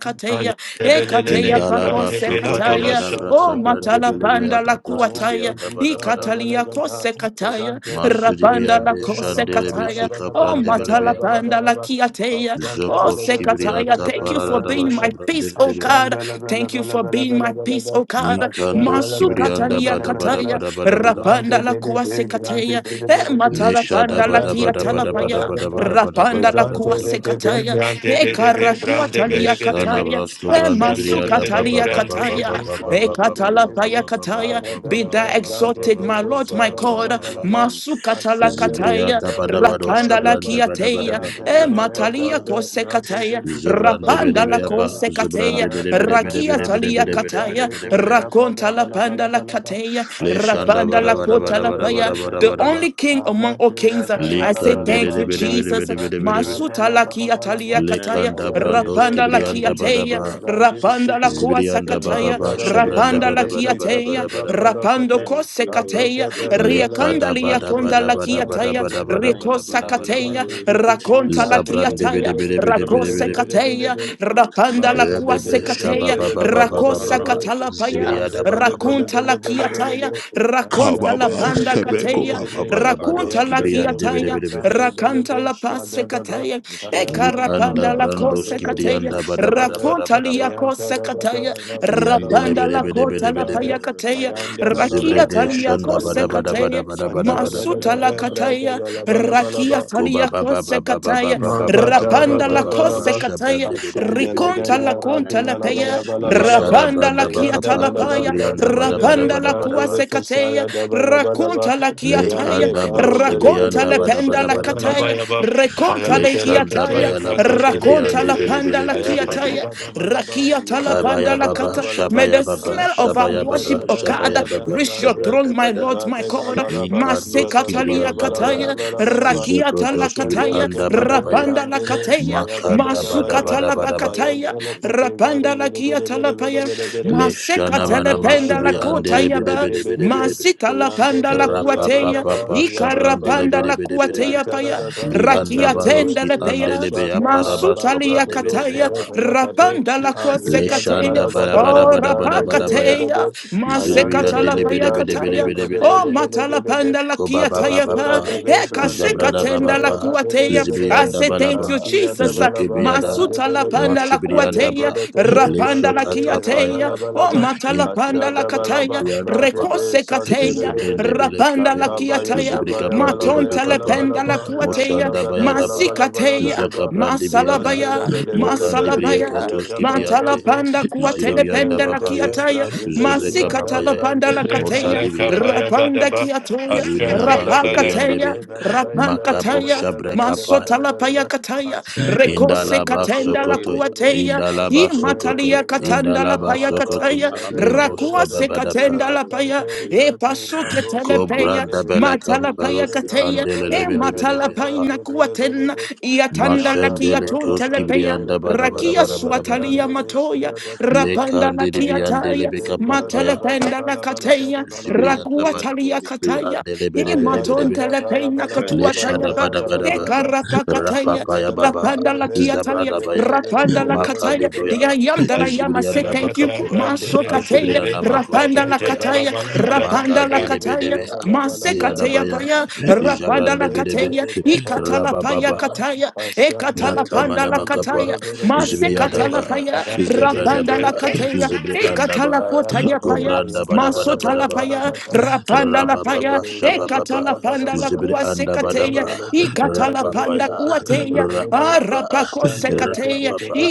A: e
C: Ayandele
A: kate
C: de
D: Inda
C: Bra
A: pako
D: ba
C: de Bela
D: sokoto
C: da
D: ya
A: sekataya
D: da
C: Basha de
A: o
D: brasa
C: Bele
D: brandi
C: Bele
A: matala
D: bri
C: Bele Be
D: bri
A: panda
D: ada
A: la
D: broski bri
A: kuataya
C: Ayandele
D: anda ba
C: de
D: da ba da
C: Bara
D: ba.
C: Bele
A: ikatalia
C: Gada
A: kose kataya
C: Evantele Tete
D: Masudi bi
C: de
A: Irapanda la
D: ande
C: Lama Lama
D: shandele bi
C: Lama
A: kosekataya.
C: Lama Lama
D: suka
A: Oh,
D: brandi
C: Lama
D: bri bri ya
C: Lama Lama
A: matalapanda
D: ba.
A: la
C: Lama Lama
A: kiateya.
C: Ashandele
A: Oh,
C: de
D: Jokoski
A: sekataya.
D: Brianta
A: Thank
C: Bele Bele Bele
A: you for
C: Bele
D: Paradaba
C: Bele
A: being my
C: Bele Be
A: peace,
D: Shabrande
A: oh
D: Debia
C: Ashkan
A: God.
C: Bele Bele
A: Thank you
C: Bele
A: for
C: Bele
A: being
C: Bele
A: my
C: Bele
A: peace,
C: Be
A: oh God.
C: Ashkan Bele
D: Nikandoski
C: Bele Bele
D: Brianda
A: Masukatalia
C: Bele
D: Bada
C: Bele
D: Bada
C: Be
A: kataya.
D: Bada Bada Bada Bada
C: Imande
A: Rapanda la
C: bebe bebe brande
A: kuasekataya.
C: bebe
A: Eh,
C: bebe bebe.
D: Lesha da
A: matalapanda la
D: Bada
C: Ayande
D: Bada
C: de
D: Bada Bada
A: kiatalapaya.
D: Bada
C: rabadaba.
D: Bada Bada
A: Rapanda
D: Bada
A: la
D: Bada
C: Evante
D: Bada
C: de de
D: Bada
C: be
A: kuasekataya.
C: brande
A: Eh,
C: de
B: Thank
C: de
B: you,
C: be brande
B: Jesus.
C: bebe
A: karakuatalia
C: bebe
D: Leshana
C: be.
A: kataya.
D: Brasco
A: Eh,
D: Brandi
C: Ashande de
D: Briada
C: de be
D: Baba
A: masukatalia
C: brande
D: Baba Baba
C: de
A: kataya.
C: de
D: Baba
A: Eh,
C: brande
B: Thank
D: Baba Baba
B: you,
C: bebe bebe
D: Baba Baba
B: Jesus.
A: katalapaya
C: be.
A: kataya.
D: Baba Baba
A: Be
C: Arabella
A: thou
C: be
D: Baba
C: brande
A: exalted,
C: de
A: my
D: Baba
A: Lord, my
D: Baba
C: bosara
B: Thank
C: bala
A: God
D: Baba
B: you,
C: bala
D: Baba
C: ba.
B: Jesus.
A: katala
C: Ashande de
A: kataya
D: Zibrianda
C: tata
D: Bada
C: yanta
D: Bado
C: bala
A: rapanda la
C: bala
D: Shabranda
C: ba.
D: Bada
B: Thank
D: Bada
A: kiateya
B: you,
C: Ayande
D: Bada
A: e
C: de de
D: Braka
B: Jesus.
C: bela
A: matalia
C: bela
D: Baba
C: be.
A: kose
C: Nade
A: kataya
C: de tikara
D: Zobrande
C: bala
D: Bede
A: rapanda
C: bala
A: la
C: bala
D: Beaba
C: ba.
B: Thank
A: kose
B: you,
A: kataya
D: Zobrande
B: Jesus.
D: Bede
C: Arabella
D: Bede
C: be
D: Bede
A: rakia
D: Bede Bede
C: brande
A: talia
C: de
D: Bede
A: kataya
D: Bede
C: brande be
D: Bede Bede
C: rabada
A: rakonta la
B: Jesus.
C: bala bala
A: panda la
C: bala ba.
A: kataya
D: Le
C: Asyada
D: shanda
A: rapanda
D: bara
A: la
C: bala
D: bara
C: bala
A: kota
D: bara
A: la
C: bela
D: bara
A: paya
B: Yes.
D: bara
C: bela
D: bara
C: bela
A: the
D: bara
C: bela.
D: ba.
A: only king among
C: Avante
A: all kings uh,
C: rada
D: Le
A: I
B: Thank
C: bala
A: say
B: you,
C: bala
D: kandele
B: Lord
A: thank
D: le
A: you
C: bela
D: bere
B: Jesus.
D: bere
C: brande
A: Jesus
D: bere bere bere
C: batira
D: bere.
A: masuta
C: bala
A: la
C: bala bala
A: kiatalia
C: bela.
D: Le
B: Thank
A: kataya
D: kanda
B: you, Lord
C: Ayande
D: brandos
C: de
A: rapanda
B: Jesus.
A: la
C: brande
D: kibrianda
C: bela
D: bara
A: kiateya
C: bela
D: ba.
C: brande
A: rapanda la
C: bekete.
A: koasa
D: Zibrianda
B: Thank
D: baba
A: kataya
B: you,
D: ba
B: Lord
C: Evantara de
D: shabranda
B: Jesus.
A: rapanda
D: bara
A: la
C: brande
D: bara
C: de
D: bara
A: kiateya
D: bara
C: batura
D: bara bara.
C: bela
A: rapando
C: kate.
B: Thank
A: kose
B: you, Holy
A: kataya
C: Avante bela
B: Spirit of
D: Le
C: bela
B: God.
C: bela
A: riakanda
D: kada bara
C: brande
A: liatonda Randa
D: bara
A: la
D: bara bara
C: bekasa
A: kiataya,
C: vada
D: bara bara
C: bela bela.
D: bara
B: Thank
A: Rikosa
B: you,
D: bara bara
B: sweet
D: bara.
A: kateya,
C: Asyande
B: Spirit of God.
C: bekete
A: Rakonta la
C: brande
D: Zabrande
C: bela
D: bere
A: kiataya,
C: bela
D: bere
C: bela
D: bere
B: Shall
D: bere
B: I
A: Rakose
D: bere bere
B: come from a
A: kateya,
B: Kataiba?
A: Rapanda la kuase
D: Rebebe
C: bela
D: shaba
A: kateya,
D: ba
C: bela
D: ba ba ba
C: bela
D: ba
C: bela
D: ba
A: Rakosa
D: ba.
C: bela.
B: Menabarambe de
C: I
A: katalapaya,
D: Zibrianda ba ba ba ba.
A: Rakonta la kiataya, Rakonta la
D: Kababa
A: panda
D: shebeko
A: kateya,
D: ba ba ba ya
B: Rabashakata
D: bados
A: Rakonta la
D: kibrianda bere
A: kiataya,
D: bere
B: Berepetabe.
D: be.
A: Rakanta la pase kateya,
D: Li
B: Nijalaba
D: anda
A: Ekarapanda la
B: Melepoto
D: brandos
A: kose kateya,
D: kibrianda
B: Berepeteja
D: bada
B: de
D: bada bada
B: Bedebes.
A: Rakonta
D: bada ba.
A: liya kose kateya,
D: Diandele
A: Rapanda
D: bede
A: la
D: bede
B: Kayamanoska
A: kota
D: bede
A: la
D: bede
B: Time
D: be.
A: paya kateya,
B: Berepeteja la
D: Zebre
A: Rakia
D: de
B: Bragadeska.
A: talia
D: shanda
A: kose
D: bada bada
A: kateya,
D: bada bada bada bada bada
A: la
D: bada
B: Elevenimos
D: ba.
A: kataya,
B: Saskateja la
C: am
A: rakia
D: Koba
A: falia
B: Bragadeska.
D: ba ba ba
A: kose
D: ba ba ba ba
A: kataya,
D: ba ba
C: Manda
D: ba
B: Thank
D: ba
B: you,
D: ba
C: tara
A: rapanda
D: ba
B: Lord
A: la
C: da
D: ba ba
B: Jesus.
D: ba
A: kose
C: balaba,
A: kataya,
D: shabrande bede bede
C: ashanda la
D: bede
C: la
D: bede
A: rikonta
D: be.
A: la
C: la,
A: konta
B: Thank
A: la
C: radima la
B: you,
C: ba
B: Lord
A: peya,
C: ya
D: Le
C: balaba
B: Jesus.
C: la
D: shada
C: ba,
A: rapanda la
D: branda
A: kia
C: yanda
D: bakapa
C: la la la,
A: talapaya,
D: zibrianda
C: brada
D: bada
C: bele
B: Thank
D: bada
C: be,
B: you,
A: rapanda
D: bada
A: la
B: Lord
C: brande
D: bada ba.
C: le
A: kuase
B: Jesus.
A: kataya,
C: kesaya da balaba la ba,
A: rakonta la
B: O
D: Le
A: kia taya,
C: yante
D: kanda
B: vadim
C: baro
D: broski
C: bele bele
B: menino
A: rakonta
D: brianda
A: la
C: be,
D: bada
A: penda
D: bada
A: la
C: shada
D: bada ba.
B: shashkataiba,
A: kataya,
C: balaba ya ba,
A: rekonta
D: Le
A: la
C: ayante le
A: kia
D: shanda
A: taya,
C: kete,
D: bayala
C: brande
D: broski
C: bele
B: meno
A: rakonta
C: bele
D: briande
A: la
C: be,
D: bele
A: panda
D: bele
A: la
D: bele
A: kia
D: bele be.
C: ayaka
A: taya,
C: da
B: shakatabadabadabada,
C: da balaba,
A: rakia
C: ya ba ya ba
A: talapanda
D: Kabaya
C: ya
A: la
D: Baba,
A: kata.
C: balaba la
A: May
C: ba,
D: Shabaya
A: the
D: Baba,
A: smell
B: manoko
A: of our
C: ashante
B: to
D: Shabaya
C: ra
A: worship,
D: Baba,
C: da
A: O
B: salem
C: bele be
A: God,
D: Shabaya
C: ya ba,
D: Baba,
B: plekataiba,
A: reach your
C: brande,
D: Shabranda
A: throne, my
D: Bada,
A: Lord, my
C: ibade balaba, siya
D: Inkandos
C: da
A: God.
C: la
B: to
A: Atalia
D: Kibrianda
C: la ba
D: Baya,
C: la
A: Kataya,
C: ba la ba la ba
A: Rakia
B: shakabadabadabadabada,
D: Zekodos
A: Talakataya,
C: Ashandela
D: Kibrianda Bada
C: Gadebe,
D: Baya,
A: Rapanda
C: Brandele,
A: Lakataya,
C: Sayada
D: Makanda Bada
A: Masukata
C: Gadabayaba,
B: matam
D: Bada Bada Ba,
A: Labakataya,
C: Ayandela
B: petabadabadabada.
C: Kateva,
A: Rapanda
C: Ribele,
A: Lakia
C: Bele, Bele, Bele,
A: Talapaya,
C: Bele, Bele, Bele,
A: Maseka
D: Leshana
B: Thank
D: Mana
B: you,
C: Manto
B: Lord
A: Telependa
C: Bala
D: Masubri
B: Jesus.
D: and
C: Balaba,
A: Lakotaya,
D: Delebede
A: Ba,
C: Brande
D: Bede Bede Bede
C: Belebe,
D: Bede,
A: Masita Lapanda
C: Yandebe,
B: Thank
D: Rapa
B: you,
D: Papa
A: Lakuateya,
C: Yabadaba,
B: Holy
D: Papa,
B: Spirit.
D: Shabrandele
A: Ikarapanda
C: Yabalabalaba,
D: Bede Bede Bede Bede,
A: Lakuateya
C: Yantara
A: Paya,
C: Dada, Brande
D: Lianda
A: Rakia
B: Thank you,
C: Belebe,
A: Tenda
D: Baroski
B: Spirit
D: and
B: of
A: Lepaya,
B: Truth.
D: Delebea
C: Ashataba,
D: Parabas
A: Masutalia
D: Cobrande
C: Bazebelo,
D: Bede
A: Kataya,
D: Bede Ba,
C: Sarabella Kate,
B: Thank
A: Rapanda
B: you, Spirit
C: Anila
B: of Truth.
A: Lakuasekataya,
D: Leshanda
C: Dabala
D: Bada Bada
A: Oh
C: Gadaba,
D: Bada Bada
C: Brande
D: Bada
C: Bele
D: Baya,
A: Rapakateya,
C: Gadebe,
B: Thank
A: Masekata
B: you,
D: Zibriandele
C: Ayandede,
A: Lapaya
B: Spirit
C: Brande
B: of
C: Bele
A: Kataya,
B: Truth.
A: Oh
C: Gadebele, Bele
A: matala
C: Gadebe,
D: Koba
A: panda
D: Baba
C: Avasura
A: tayapa.
D: Papa
C: debe
B: Thank you,
A: Eka
C: brandele
A: seka
B: Spirit
D: Zabrada
B: of
D: Baba
A: tenda
B: Truth.
A: la
C: kataya
D: Pa
C: gadebele
A: kuateya. I
C: belebe.
D: Zibrianda
A: say thank you,
D: Balaba
C: Achia
A: Jesus.
C: dabalaba
B: Thank
D: Zokibiada
B: you,
C: brande
A: Masuta la
B: Spirit
C: belebe.
A: panda
B: of
A: la
D: Mashibrianda
A: kuateya.
D: Ba
C: Ayandele
B: Truth.
C: kete
A: Rapanda la
C: brandebe
D: Lesokatapaya
A: kiateya. O
C: rabalabalaba.
B: Jakaparan
A: mata la
D: Indala
C: Asha
A: panda la
B: Jakapralarosa,
D: Badoski
A: kataya.
C: dabalaba
D: Briantapa,
C: brandebe
A: Rekose kateya.
D: Zebrende
C: sandelelebe.
A: Rapanda la
D: Belekepe,
C: Akabaya
A: kiataya.
D: Zibrika
B: Jelubradadija
C: dabaya
D: Bandele
C: balabaya
A: Matonta la
B: Labradisa
D: Bekapa,
B: de
A: panda la
C: balabalaba.
B: Bedabus,
A: kuateya.
D: Moshanda
C: Rabalaga
D: Bayadaba,
C: dabalabalabalaga
A: Masikateya.
D: Zaka
C: daba.
D: Brandi Biada,
C: Evantele
A: Masalabaya.
C: bele
B: Jelubanamanino
C: bele
D: Mokandi
C: bele be.
B: Soska
A: Masalabaya.
B: Tadija
D: Briakatoski
B: de
C: Yadaba
A: Matala
B: Brigadas.
D: Briante,
C: brado
A: panda kuatele
D: Ziribianda
A: panda
C: Ayotera
A: la
C: de
D: Babaye,
A: kiataya.
C: Bebra de
B: Thank you, Lord
D: Zebreka
C: Besia
A: Masikata la
B: Jesus.
D: Babaye,
A: panda
C: Brande
A: la
C: de
A: kateya.
D: Moshadi
C: Maleta
D: Briada,
C: Paya
A: Rapanda
C: Gadaba,
A: kiatoya.
D: Zibrinama
C: Ashandala
B: Deliverante
C: de
B: Piros
A: Rapakateya,
C: Brate
D: Subriandebe,
B: Secata
C: Melabaya
B: Brigadas,
C: Bella
D: Makabo
C: Bella
A: Rapankateya,
C: Bella
D: Shabreka
C: Bella Bella
D: Paya,
C: Bella
A: Masotalapaya
C: Bella
A: Kataya,
C: Ashandala
B: Jete
C: de
A: Rekose
B: Branta
D: Indalaba
C: Brate
A: Katenda la
C: Bella
D: Sokotoya,
B: Peraniros
C: Bella Bella
B: Secata
A: Kuateya,
D: Indalaba
B: Bedabra,
C: Ayade Bella
A: Imatalia
D: Sokotoya,
C: Bella de
A: Katanda la
C: Bella
D: Indalaba
A: Paya
C: Malaba,
A: Kataya,
D: Sokotoya,
C: Shade Bella Bella
D: Lebroska
B: Malabrankete
C: Bella
A: Rakuase
D: Babadapa.
B: Brogatoja
A: Katenda la
B: de
C: Ayatante
A: Paya,
B: Brigadira,
C: Yati
A: Epasuke
C: Mado
D: Ko
C: Shade
A: Telepeya,
C: Bella
D: branda
C: Bella
D: bela
B: Nos
C: Ivan
A: Matalapaya
C: de
D: kamparoski
B: Secata
A: Kateya,
D: andele
B: Bragataija
C: Zakapaya
A: E
D: lebe lebe
B: de
D: lebe
C: Gadaba,
B: Brigadaja de
D: yapa.
A: Matalapaina
C: Brande Bella
A: Kuatena,
C: Bella
B: Brigadas,
A: Iatanda la
C: Yampa
D: Mashandele
C: baba
A: Kiatun
D: koski
C: baba de
A: Telepeya.
D: brianda
C: bele
D: bada
C: bele
D: bada
B: Totopranero
C: bele
A: Rakia
D: bada
C: de
D: bada
C: be
D: bada ba.
A: swatalia
C: brande
B: Saskataija
C: de
B: de
A: matoya,
C: siya da
B: Brigadas.
C: bala
D: Le
C: ba
A: rapanda la
D: kandili
C: hayanda
D: biandele
C: de
A: kiataya,
C: de
D: beka
B: Thank you,
C: brada
B: Lord.
D: papaya.
C: bala
A: matalapenda la
C: bala bala
A: kateya,
C: bala bala ba
B: Thank
D: Zibrianda
B: you, Lord
D: bada bada.
A: rakuatalia
B: Holy
D: Zibri
B: Spirit.
A: kataya, e maton
D: andele
C: Ayatata para
B: We
A: telepena
C: bala
B: bless
C: bala
B: your
C: bala
A: katuataya
C: gada
B: holy
A: ba,
B: name.
C: bala
A: de
C: bala
D: Leshadabadabadaba,
C: ba.
A: karapa kataya,
C: Ashantala kata
D: Rapapayababa,
A: rapanda
C: bele
A: la
C: be,
A: kiataya,
C: brande
D: Zabradabaya,
C: bele bele
A: rapanda
C: bele
A: la
B: Oh,
C: bele
B: thank
C: bele
A: kataya,
B: you.
C: bele
A: the
D: Makadibroya,
C: be.
A: ayam yam da la yama say
D: Izbrianda
C: Ashantala
A: thank you,
C: kata
D: Bakapura,
C: brande
A: maso
C: bele bele
A: kataya,
C: be.
D: Ashibrianda Makoski
A: rapanda la
C: Avate
D: Bibaya,
C: bara
A: kataya,
C: bala bala ba,
A: rapanda la
C: brande para
D: Makadelebedebea,
A: kataya,
C: bala bala bala
A: Masekateya
C: bala ba.
D: Yadabaya,
A: paya,
C: Ayante
A: rapada
C: de
A: la
C: de
D: Jabrandebedebe,
C: brande
A: kateya,
C: papa ya
A: ikatala
C: gada
A: paya
C: bala
D: Rabababa,
C: ba.
A: kataya,
C: Ashante
A: ekatala
C: de de
A: panda
D: Natamana
A: la
C: brande
A: kataya,
C: bele
D: Makapa,
C: bele bele bele be.
A: masekatala
D: Zibriadaba,
A: paya,
C: Ayante de de
A: rapanda la
C: be brande
D: Zebrandaba,
A: kateya,
C: bele bele be.
A: ekatala
D: Zebriandaba,
A: kotaya paya,
C: Ayakabaya yataba ya
A: masotala
D: Kobrandabadabadabadaba,
A: paya,
C: bala
A: rapanda la
C: Thank
A: paya,
D: Rababa
A: ekatala
D: Shababa
A: panda la
D: Zibri
A: kuwa sekateya,
D: Andabadaba
A: ikatala panda
D: Rapapaya
A: kuateya,
D: Rababa
A: arapako sekateya,
D: Rababa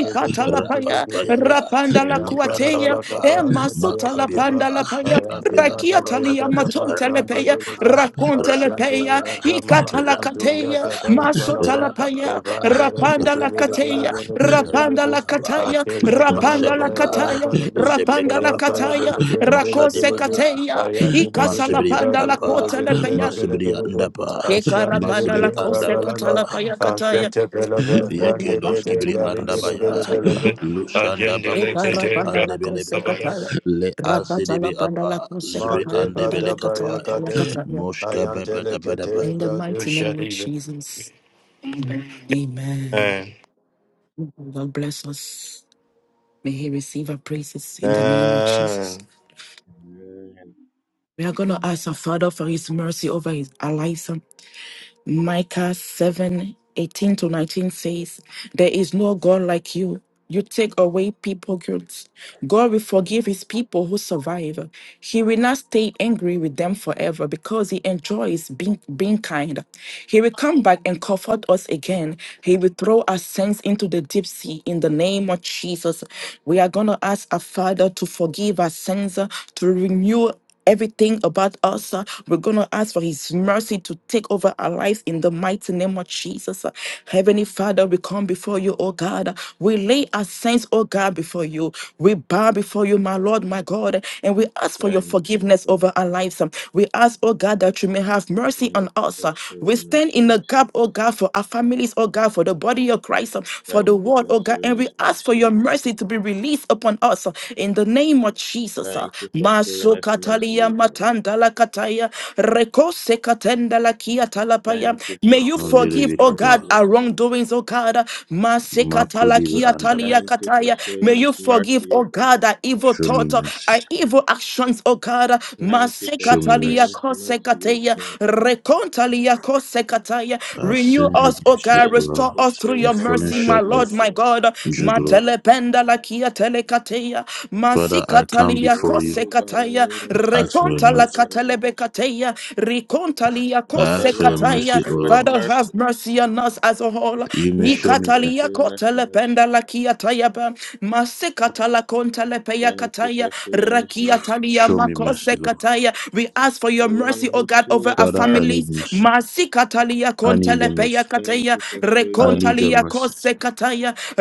A: lapaya,
D: Rapapayada
A: rapanda la
D: Libra
A: kuateya,
D: Kababa
A: e masuta la panda
D: Makabinaba
A: lapaya, rakia
D: Abilababa
A: talia matonte lepeya,
D: Rabababa
A: rakonte lepeya,
D: Rabababa
A: ikata la kateya,
D: Rabababa
A: masuta lapaya,
D: Rabababa
A: rapanda la
D: Rabababa
A: kateya, rapanda la
D: Rabataba
A: kataya, rapanda la
D: Masebraba
A: kataya, rapanda la
D: Zebrekababa
A: kataya, rakose
C: you.
D: Moshadibaya
A: kateya,
C: Amen.
A: ikasa la
D: Masibiri
A: panda la
D: andapa,
A: kote lepeya,
D: masibiri andapa,
A: Ikarapanda
D: masibiri
A: la kose
D: andabapa,
A: katala paya kataya.
D: yekedoski biri
A: Ikorapakatala
D: andabaya, lushanda bakoski
A: Ekara
D: biri
A: pandala
D: andebelebe,
A: kosekataya.
D: le
A: Rakatala
D: asidibi
A: pandala
D: apa, zibiri
A: kosekatala
D: andebele
A: pandala katala
D: kapai,
A: pandala kataya.
D: moshka bebe debe debe,
A: In the mighty name of Jesus. Amen. God bless us. May he receive our praises in the name of Jesus.
C: Amen.
B: Amen.
A: We are going to ask our Father for his mercy over his, our lives. Micah seven eighteen to 19 says, There is no God like you. You take away people guilt. God will forgive his people who survive. He will not stay angry with them forever because he enjoys being, being kind. He will come back and comfort us again. He will throw our sins into the deep sea in the name of Jesus. We are going to ask our Father to forgive our sins, to renew everything about us. uh, We're going to ask for His mercy to take over our lives in the mighty name of Jesus. uh. Heavenly Father, we come before you, oh God. uh, We lay our sins, oh God, before you. We bow before you, my Lord, my God, and we ask for your
B: Thank you,
A: forgiveness over
B: Father.
A: our lives. um. We ask, oh God, that you may have mercy on
B: Thank you
A: us.
B: for
A: uh. We
B: showing
A: stand
B: us
A: in the
B: mercy.
A: gap, oh God, for our families, oh God, for the body of Christ, um, for the
B: Thank you
A: world,
B: for
A: oh God,
B: showing
A: and we
B: us
A: ask for
B: mercy,
A: your
B: O God.
A: mercy to be released upon us uh, in the name of Jesus. Jesus. ah.
B: Thank you for showing
A: Maso
B: us mercy,
A: katalia
B: O God.
A: matanda la kataya. Rekose katenda la kia talapaya.
B: Thank you
A: May
B: for
A: you
B: showing us
A: forgive,
D: kandelebi
A: oh God,
B: mercy,
D: kapa,
B: O
A: our
B: God.
A: wrongdoings, oh God. ah. Mase katala
D: makudibi
A: kia talia
D: andabaya.
B: Thank you for
A: kataya. May
B: showing
A: you
B: us
A: forgive,
B: mercy,
A: oh
B: O God.
A: God, our evil
D: Show me
A: thoughts, ah,
D: mercy,
A: our evil actions, oh God. ah.
B: Thank you
A: Mase
B: for
D: show me
B: showing
A: katalia
D: mercy.
B: us
A: kose
B: mercy, O
A: kataya.
B: God.
A: Rekontalia kose kataya.
D: I have
A: Renew
D: sinned
A: us, oh
D: against you,
A: God.
D: O
B: Thank you
A: Restore
D: Lord,
B: for
A: us through your
D: and
B: showing us
D: fallen
A: mercy, my
D: short
B: mercy,
D: of
B: O
A: Lord, my
B: God.
A: God.
D: your glory.
A: Matelependa la kia telekateya,
D: Father, I come
A: masikatalia
D: before you.
B: Oh,
A: kosekataya,
B: Baronero
D: Ask for your
A: rekonta la
B: Sakatai
D: mercy.
A: katalebekateya, rikontalia
D: I
B: The
D: ask for your
B: one who
A: kosekataya.
D: mercy, O
B: showeth
D: Lord.
A: Father, have
B: mercy.
A: mercy on us as a whole.
D: You may
B: Thank
D: show
B: you
D: me
B: for
A: Ikatalia
D: mercy.
B: showing us mercy.
A: kotelependa la kiatayaba, masikatala kontelepeya
B: Thank you
A: kataya,
B: for showing us mercy.
A: rakiatalia
D: Show me mercy, Lord.
A: makosekataya. We ask for
B: The
A: your
B: one
A: mercy, O
B: who
A: God, over
B: showeth
A: our
D: Father, I
B: mercy.
D: need
A: families.
D: mercy.
A: Masikatalia
D: I need your
A: kontelepeya
D: mercy.
B: Thank
A: kataya,
B: you for
D: I
B: showing us
D: need your
A: rekontalia
B: mercy.
D: mercy.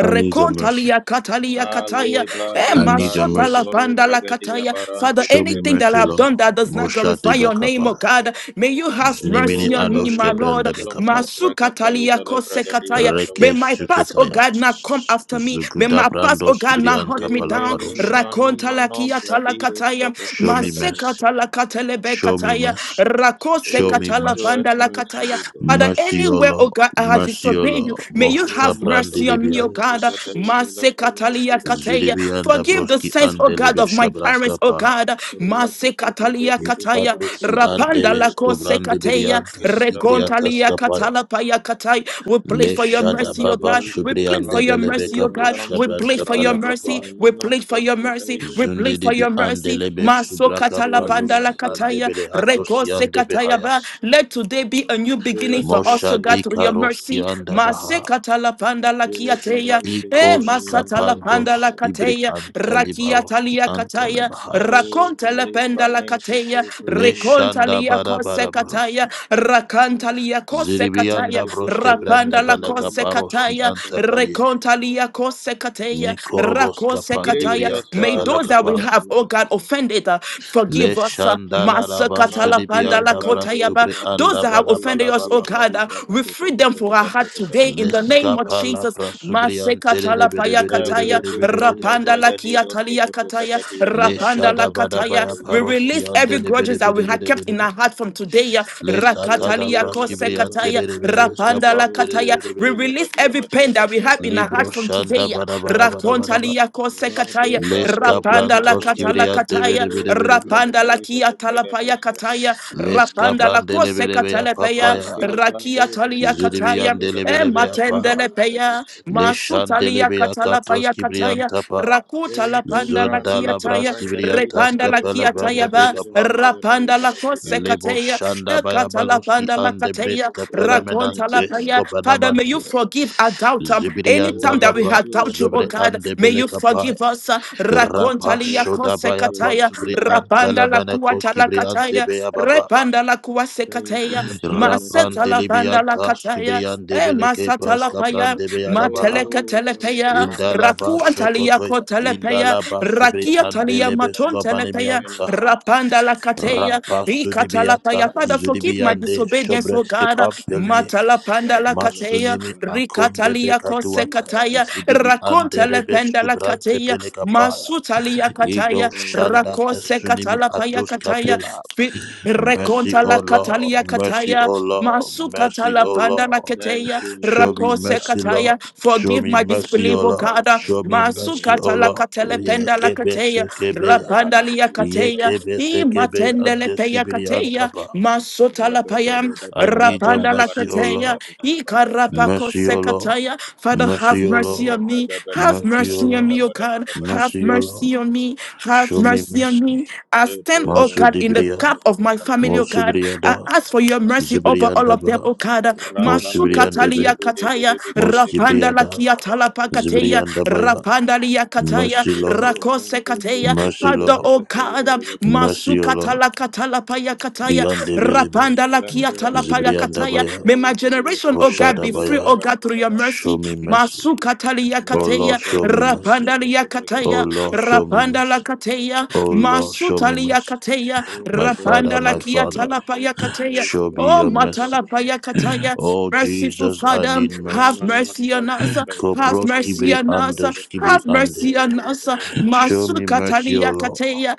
D: I need your mercy.
A: Kontalia Katalia Kataya.
B: Ale ba
A: Eh,
D: I
B: de
D: need
B: ba
D: your
A: Masota
B: do
A: la
D: mercy.
B: zolo
A: Panda la
B: bragadia
A: Kataya.
B: barante
A: Father,
B: ke
D: Show
B: ke
D: me
B: ba
A: anything
B: de
A: that
D: mercy,
B: ba
A: I've
D: Lord.
B: ba.
A: done that does not
D: Moshati
A: glorify your name, oh
D: bakapai.
A: God, may you have
D: Zinimini
A: mercy
B: O
A: on
B: va
A: me,
D: adoske
A: my
B: meno
A: Lord.
D: brande bakapai.
B: soto
A: Masu
B: bragata
A: Katalia
B: izole
A: Kose
B: bragadia
A: Kataya.
B: bado
A: May
D: Reke
A: my
B: sakashi.
A: past, oh
D: sukataya.
A: God, not come after me. May
D: Zuguda
A: my past, oh
D: brandos
A: God, not hunt
D: kibrianta
A: me
B: Ye me
A: down.
B: ni
D: palabarosia.
B: ma ni
A: Rakonta
B: ma
A: la
B: no
A: Kiata la
B: bradido
A: Kataya.
B: sokoto
D: Show me
B: bragatoshka.
D: mercy.
A: Masekata la Katelebe
D: Show me
A: Kataya.
D: mercy.
A: Rakose
D: Show
B: Oh,
D: me
A: Katala
B: show
D: mercy.
B: us
A: Panda la
B: mercy, O
A: Kataya.
B: God.
A: Father,
D: Mercy, O
A: anywhere, oh
D: Lord.
A: God, I have
D: Mercy, O
A: disobeyed you.
D: Lord.
A: may May you
D: Moshka
A: have mercy on me, O
B: Ramasakoto
A: God.
D: brandelebiantas.
B: Regadai de la Granta
A: Masekatalia
B: Tira
A: kataya.
B: Fadosa
D: Zulibianda
A: Forgive
B: Skatas
A: the
D: broski
A: sins, O
D: ande
A: God,
D: andelebe
A: of my parents,
D: shabraska
A: O
D: pa.
A: God.
B: Rababa
A: Masekatalia
B: Debe Debe
A: kataya.
B: Debe
D: Yukadosi
B: Debe Debe
A: Rapanda la
B: Dia
D: andeves
B: Badia Badia
A: kosekataya.
B: Badia
D: brandebiliantas
B: Bada Bada Bada
D: ibriatas
A: Rekontalia
B: Ba
D: kapaya.
A: katala paya katai. We plead for your
D: Leshada
B: Ramba
A: mercy, O
D: baba
A: God.
B: Deja
A: We
B: de
A: plead for
D: subriande
A: your
B: Grante
D: belebe
B: que
A: mercy, O
D: kapo
A: God. We
B: Payampa
A: plead
D: shabranta
A: for your
B: Parampe de
A: mercy.
D: palakapa.
A: We
B: Menino
A: plead for your mercy.
B: Saskadai
A: We
D: Zundi
A: plead for
D: dibi
A: your mercy.
D: andelebe subraka
A: Masokatala
B: Show us
A: panda la
D: paluski
B: mercy O God
A: kataya.
D: andebele hatosi
A: Rekosekataya ba.
D: andebehayas.
A: Let today be a new
B: Show
A: beginning
B: us
A: for us, O
D: Mosha
A: God.
B: mercy O
A: God, through your
B: God
D: dikaroski
A: mercy.
D: andabaha.
A: Masekata la panda la kiateya.
B: Deliverante que
A: Eh,
D: Ikos
B: Menino
A: masata la
D: kapandos
A: panda la
B: Saskadai
D: ibri
A: kateya.
D: anteli
A: Rakiata
D: baroski
A: lia
D: antele
A: kataya.
B: O
D: bahayas.
A: Rakonta la
B: Zale
A: penda la
B: Branenko
A: kateya.
B: to Brenino
A: Rekonta
D: Leşanda
B: Sakata
A: lia
D: bara
A: kose
D: bara
B: Brigades.
A: kataya.
D: baroski.
A: Rakanta lia kose kataya.
D: Ziribiyanda
B: Gracious
D: broske
A: Rapanda
D: brende
A: la
D: bele
A: kose
D: kaparoski
A: kataya.
D: antepeliye.
A: Rekonta lia kose kataya.
D: Mikorobos
A: Rakose
D: kapandi
A: kataya.
D: biri
A: May
D: antepele
B: Father,
A: those that we
B: show
D: kapay.
B: us
A: have, oh
B: mercy.
A: God, offended, uh, forgive us. uh,
D: Leşanda la raba
A: Masakata la
B: Man
A: panda
B: te
A: la
D: sudibiyanda
B: ta to
A: kotayaba.
D: braskubri
B: pa te
A: Those
D: anda
A: that
B: pa
A: have
B: te
D: bala
B: pa
A: offended
D: bala
A: us,
B: te
D: baba
A: oh
B: pa
D: baba
A: God,
B: to
A: uh,
D: baba.
A: we
B: prakate
A: free
B: koto
A: them from our
B: prakata
A: heart
B: prakata
A: today in
B: prakoto
A: the name
B: prakata
A: of
B: prakata.
D: Leskapala
A: Jesus.
D: prasubri
A: Maseka
D: antele bede
A: talapaya
D: bede
B: Na
D: bede bede
A: kataya,
D: bede
B: koto
D: bede
B: brono
D: bede
A: rapanda
D: bede bede.
B: prakati
A: lakia
B: doso
A: talia
B: koto
A: kataya,
B: prakati ya
D: Le
B: prakato
A: rapanda la
D: shada
B: usada
D: bada
A: kataya.
B: prakata
D: baya
A: We
B: usada
D: paroski
A: release
B: prakata
A: every
B: usada.
D: andele bede
A: grudges that we
D: bede
A: had
D: bede
A: kept
D: bede
A: in
D: be.
A: our heart from today. uh,
D: Le
B: Te
D: sata da
A: Rakatalia
B: to
D: braski
B: ba
A: kose
B: di ba
D: briante
A: kataya,
D: de
B: da
D: bede
B: ba
D: bede
B: do
A: rapanda
D: skapam
A: la
B: prokoto
D: pere de
A: kataya.
B: prakati
D: bede
A: We
D: bede
B: pati
D: be.
B: ya
A: release
B: pati ya
A: every
B: pati ya
A: pain that
B: pati
A: we
B: ya
A: have
B: pati
A: in our
B: ya
D: Libro
A: heart
B: pati.
A: from
D: shanda
A: today. uh,
D: bada bada bada bada ba.
A: Rakontalia kose kataya,
D: Le
B: Radeba do do
A: rapanda
B: do
A: la
D: skaprantoski
B: brega
A: katala
B: deba
D: briante
B: di go
D: bede
A: kataya,
B: do
D: bede
B: so
D: bede
B: do
D: bede
B: brega
D: be.
A: rapanda lakia
B: da
A: talapaya
B: so.
A: kataya kataya
D: Le
A: rapanda la
D: skabrandele
A: kose
D: bede be ya
A: katalepeya
D: papaya.
A: rakia talia kataya
D: Zudibiyandele
A: e
D: bede be ya pa.
A: matendelepeya
D: Le shandele
A: masutalia
D: be ya
A: katalapaya
D: katoski
A: kataya
D: brianta pa.
A: rakuta la
B: Lonto
A: panda la
D: Zonda la
B: pranito
A: kiataya
D: braski brianta
B: prangatiro
A: repanda la
D: skapela
B: sokoto
D: brande
A: kiataya ba
B: bragadesha
D: breka
B: da
A: rapanda
B: bragadesha
A: la kose
D: Lebo
A: kataya
D: Shanda
A: e
D: Bayabaloski
A: katalapanda la
D: and the
A: kataya
D: Breska
B: Oh, thank
A: rakonta
B: you,
A: la
D: Pelaminante
A: paya
B: Father.
A: Father, may you
D: Scopanamandia
A: forgive our doubt. um,
B: The
D: Zibrianda
A: Anytime
B: one
A: that
B: who
A: we
D: Baba
A: have
B: shows
A: doubt
B: us
A: you, oh
D: Zubre
B: mercy.
A: God,
D: and the
A: may you
D: Belekapaya
A: forgive us. uh,
D: Rapa
A: Rakontalia
B: Thank you
D: Shoda
B: for showing
D: Bayapa
B: us mercy.
D: Subri
A: kosekataya,
D: and
A: panda la kuwa
D: Telemanekoski
A: tala
D: Briante
A: kataya,
D: Beababa
A: repanda la kuwa
B: Thank you
A: sekataya,
B: for showing us
D: Rapan
A: maseta la
B: mercy.
A: panda la
D: Delibianta
A: kataya,
D: Skibrian de
A: e masata
D: Belekapos
A: la
D: Capran
A: paya,
D: de Beadabaha
A: mateleka
B: Oh, the Lord
A: telepeya,
B: granted
D: Indalaba
A: rakua
B: you
A: talia
D: Shokotoya
A: ko telepeya,
D: Indalaba Subri
A: rakia
D: and
A: talia maton
B: Thank
D: Delebesko
B: you for
A: telepeya,
B: showing us
D: Banimiantaha
B: mercy.
A: rapanda la kateya,
D: Rapa
A: ikata la
D: Sudibiata
A: paya.
B: Thank
A: Father,
B: you,
A: forgive my
B: merciful
D: Zudibiande
B: Father.
A: disobedience, O
D: Shobreske
A: God,
D: Pampelie
A: matala panda
B: Thank
A: la
B: you,
A: kateya,
B: merciful
D: Masunimi
B: Father.
D: akonde
A: rikatalia ko
D: bekaduata
A: sekataya,
D: zibidi
A: rakonta le
D: anderebes
A: panda la
D: kubrante
A: kateya,
D: pelekapaya
A: Masuta
D: ido
A: kataya,
B: Thank you,
D: shanda
B: merciful
A: rakose
B: Father.
D: esunimi
A: katala paya
D: atus
A: kataya,
D: kapela
A: fit
B: Thank
D: mercy
A: Rekonta
B: you,
D: o
A: la
B: merciful
D: Lord
A: katalia
B: Father.
D: mercy
A: kataya,
D: o Lord
A: masu
D: mercy
A: katala
D: o
A: panda la
D: Lord
B: Thank
A: keteya,
B: you,
D: show me
B: merciful
A: rakose
B: Father.
D: mercy Lord
A: kataya.
D: show
A: Forgive
D: me
A: my
D: mercy
A: disbelief,
D: o
A: O
D: Lord
A: God.
B: Shaka
D: show me
B: braka
A: Masu
B: daba
D: mercy
B: daba.
D: o
A: katala
D: Lord
A: katele penda la
D: yekebe
A: kateya,
B: Zele
D: sekebeya
B: braka
A: rapanda
B: daba
A: lia
B: dia braka
A: kateya,
B: daba
D: yekebe
B: daba daba.
D: sekebe
A: imatende le
D: ande
A: peya
D: sibiri
A: kateya,
D: antaba
A: masu
B: Raba
A: talapaya,
B: daba daba
D: I
B: dega
D: need your
B: bada
A: rapanda la
B: daba
D: mercy
B: dega
D: o
A: kateya,
D: Lord
B: daba daba daba daba.
A: ikarapako
D: Mercy, O Lord.
A: sekataya. Father, have
D: Mercy, O
A: mercy
D: Lord.
A: on
B: Raba
A: me.
B: daba daba
A: Have
D: Mercy,
B: daba daba
D: O
A: mercy on me on
D: Lord.
A: me, O
B: daba daba
A: God.
B: daba daba.
A: Have
D: Mercy, O Lord.
A: mercy on me. Have
D: Show me
A: mercy on me.
D: mercy.
A: I
B: Jeto
A: stand, O
D: Masu
B: brada
A: God, in the
B: bade
D: dibria.
A: cup
B: bada
A: of my
B: bada bada
A: family, O
B: bada
D: Mosu
A: God.
B: bada bada
A: I
D: briada.
B: bada
A: ask
B: bada
A: for
B: bada
A: your
B: bada.
A: mercy over all of them, O
D: Zibriandaba.
A: God.
B: Raba
D: Mosu
B: debe
A: Masukatalia
D: briandebe.
B: debe debe
A: kataya,
B: debe debe
D: Moski
B: debe
A: rapanda
B: debe debe
D: briada.
A: lakia
B: bada bada bada bada.
A: talapakateya,
D: Zibriandabaya.
A: rapanda lia kataya,
D: Mercy, Lord.
B: Meko
A: rakose
B: pante ke
A: kateya.
D: Mercy,
B: poko to
A: Father,
D: Lord.
A: O
B: prakata
A: God,
B: ibari
D: Mercy, O Lord.
A: masukatala katalapaya kataya,
D: Yandebelebe.
A: rapanda lakia
B: Lembe rebe
A: talapaya
B: debe diye
A: kataya.
D: Zibriandabaya.
A: May
B: bariye
A: my
B: bariye
A: generation, O
B: bariye
A: God, be
B: bariye
A: free,
B: bada
A: O
D: Koshadabaya.
B: bada
A: God, through
B: bada
A: your
B: ba.
D: Show
A: mercy
D: me mercy.
A: katalia
D: O
B: Mleko
A: kateya
D: Lord,
B: por
D: show me
B: nomo
D: mercy.
B: soko
A: rapandalia
B: to bregete
D: O
A: kateya
D: Lord,
B: izole
D: show me
A: rapanda
B: bregedeste.
A: la
D: mercy.
A: kateya
D: Oh Lord, show me
A: masutalia
D: mercy.
A: kateya
D: My
B: Rumbo do
D: Father,
A: rapanda la
D: my
B: izole
D: Father,
B: brediya
A: kiatalapaya
B: saska ka
A: kateya
D: show
B: izole
D: me
A: Oh,
D: your
B: bredeste.
D: mercy.
A: Matalapaya Kataya,
D: Oh
A: merciful
D: Jesus, I
A: Father,
D: need
A: have
D: mercy.
B: Ramano
A: mercy on
B: saska
A: us,
B: ka
A: have
B: izole
D: Kobros
A: mercy
D: kibri
B: brenino
A: on us,
B: saska
D: andos
B: ka
D: kibri
A: have
B: izole
D: ande.
A: mercy on
B: bregediya
A: us.
B: bada bada
D: Show
B: boska
D: me
B: teste.
D: mercy, O
A: Masukatalia
D: Lord.
A: Kateya,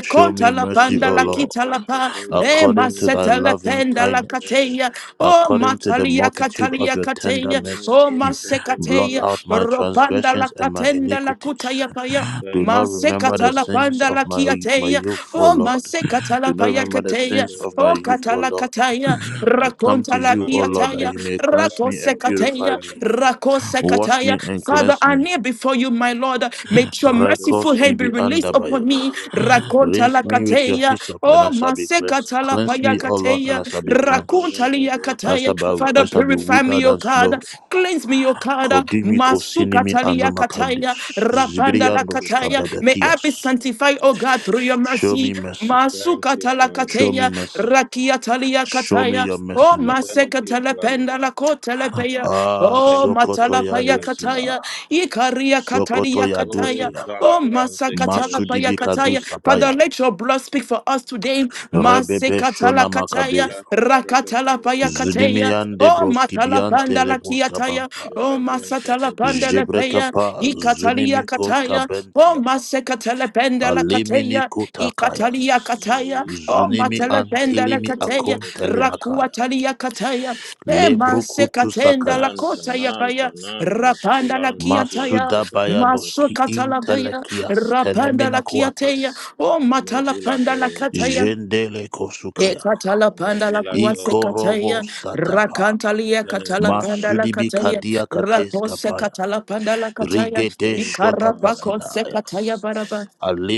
D: Show me
A: la
D: mercy,
A: Panda
D: O
A: la
B: Parodira
D: Lord,
B: saska
A: Kitalapa,
B: ka
A: Eh,
B: izole
D: according to thy
B: brenino
A: Maseta la
D: loving
A: Penda
B: saprediya
A: la
B: kapara.
D: kindness.
A: Kateya, Oh,
D: According to the
A: Matalia
D: multitude of
A: Katalia
D: your
A: Kateya.
D: tender
A: Masekate,
B: Mano
D: mercy,
A: O
B: strength of
D: blot
A: Masekate,
B: feminino
D: out my
B: saska kabe.
A: Ropanda la
D: transgressions and my
A: Catenda la
D: iniquities.
A: Kutaya Paya.
D: Do
B: Thank you
D: not
B: for
D: remember
B: showing
D: the
A: Masekata la
B: us
D: sins
B: mercy.
A: panda la
D: of my my
A: kiateya,
D: youth, O
A: o
D: Lord.
A: masekata
D: Do
A: la
D: not
B: Thank
D: remember
B: you
D: the
B: for
A: payakateya,
D: sins
B: showing
D: of
B: us
D: my
A: o
B: mercy.
D: youth, O
A: katala
D: Lord.
A: kataya,
D: I come
A: rakonta
D: to
A: la
D: you, O
B: Male bade
D: Lord, that
A: kiataya,
B: braga
D: you
B: de
D: may
B: braga
D: cleanse
B: de
D: me and
B: braga de
D: purify
A: rakosekateya,
B: braga.
D: me.
B: da.
D: Wash
A: rakosekataya.
D: me and
A: Father,
D: cleanse
A: I
D: me.
A: kneel before you, my Lord. May your
B: Sir
A: merciful
B: de
D: Rekoski
A: hand be
D: bi
B: braga
A: released
D: andabaya.
B: badia
A: upon me.
B: badia badia
A: Rakonta
B: badia
A: la
D: Rinse me
B: bada
D: with
B: bada
D: your
A: kateya,
B: bada.
D: hyssop, and
A: o
D: I shall be cleansed.
A: masekata la
D: Cleanse me, O Lord, and
A: payakateya,
D: I shall be
B: Ele bada
D: cleansed.
B: bada
A: rakonta
D: I
A: Messiah.
D: shall
B: jodo
D: be,
B: braga
D: I
A: Father,
B: de
D: shall be
B: badia
A: purify
B: bada
A: me,
D: withered
A: O
B: bada
D: as
B: bada
D: snow.
A: God.
B: bada.
A: Cleanse me, O God.
D: Kodimi kosinimi
A: Masukatalia kataya.
D: anumakandis.
A: Rabanda
B: Thank you,
D: Zibriandos
A: kataya.
B: Father.
A: May I be
D: kabadatias.
A: sanctified, O God, through your
D: Show
A: mercy.
D: me mercy.
B: Thank you,
A: Masukatala
B: Father.
D: Show me
A: kataya.
D: mercy.
A: Rakiatalia
D: Show me
A: kataya.
D: your mercy,
A: Oh,
D: Lord.
B: Thank you,
A: masekatala
B: Father.
A: pendala kotelepeya.
D: Ah,
A: Oh,
B: Thank you for
D: Sokoto
B: showing
A: matalapaya
B: us
D: Yadusia.
B: mercy.
A: kataya. Ikaria
D: Sokoto
A: kataria kataya.
B: Oh,
D: Yadusia.
A: Oh,
B: Zala Brante Kiro
A: masakatalapaya
D: Masudibi
B: Sakata
D: Kadu
A: kataya. Father,
D: Sapaya.
B: Bragadeska.
A: let your blood speak for us today.
D: Rebebe
A: Masekatala
D: Shona
A: Kataya,
D: Makabeya.
B: Lata Bragata
A: Rakatalapaya
B: Brankata
A: kateya,
B: Bada Bada
D: Zunimian
B: Bada.
A: O
D: Debroski
A: Matala
D: Biante
A: panda la
D: Lebroska
A: Lakiataya,
D: Bampa.
A: O
B: Zala
A: Masatala
B: Brankata
A: panda
B: Bragata
A: Masatalapanda
B: Bada Bada.
A: Lepeya,
D: Jebrekapa
A: Ikatalia
D: Zunimikos
A: Kataya, O
D: Kabentia.
A: Masekatala panda Masekatelependa
D: Alimini
A: Lakataya, Ikatalia
D: Kutakayas.
A: Kataya,
B: Mai
A: O
D: Zunimi
B: Kovanino
A: Matala panda Matelependa
D: Antilimi
B: Saskata
A: kateya,
D: Akon
B: Ibarabadeska.
D: Telemakaya.
A: Rakuatalia Kataya, E
D: Lebrukutu
A: Masekatenda la
B: Nanta,
D: Sakayas.
A: Lakotaya
B: nanta,
A: Paya,
B: nanta,
A: Rapanda
B: squillante, kilo
A: Lakiataya,
D: Masuda
B: secata
D: Bayanoski
B: brigadesta,
A: Masokatalapaya,
D: Intelekias
A: Rapanda
D: Kelemina
A: Lakiataya,
D: Kuates
A: O
B: me
A: Matala
B: villa
A: panda la
B: doja,
A: Lakataya.
D: Jendele Kosukaya
A: Ekatala
B: me
A: panda la
B: villa
A: kuwase
B: doja.
D: Ikorobo
A: kataya,
D: Satapa
A: rakantalia
B: Thank
A: katala
B: you,
A: panda
B: Father.
A: la
D: Masudibi
A: kataya,
D: Kadia Kates
A: rakose
D: Kapaya
A: katala panda la kataya,
D: Rigede
B: Thank you, Father.
A: ikarabakose kataya
D: Shodapasinayas
A: baraba.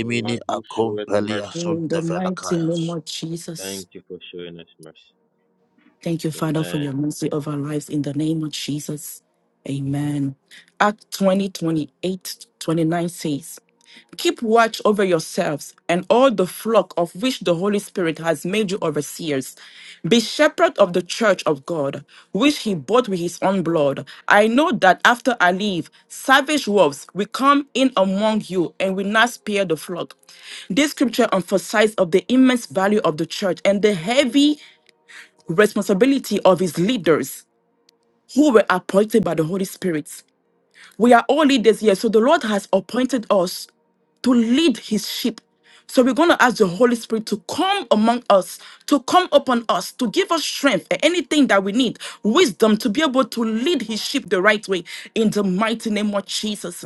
B: The one who showeth
D: Akompelia
B: mercy.
A: Oh, In the mighty name
D: Suntevelakayas
A: of Jesus.
B: Thank you for showing us mercy.
A: Thank you, Father, for your
B: Amen.
A: mercy of our lives. In the name of Jesus. Amen. Act 20, 28, 29 says. Keep watch over yourselves and all the flock of which the Holy Spirit has made you overseers. Be shepherd of the church of God, which he bought with his own blood. I know that after I leave, savage wolves will come in among you and will not spare the flock. This scripture emphasizes of the immense value of the church and the heavy responsibility of his lead pointed us to his So we're going to ask the Holy Spirit to come among us, to come upon us, to give us strength, and anything that we need, wisdom to be able to lead His sheep the right way in the mighty name of Jesus.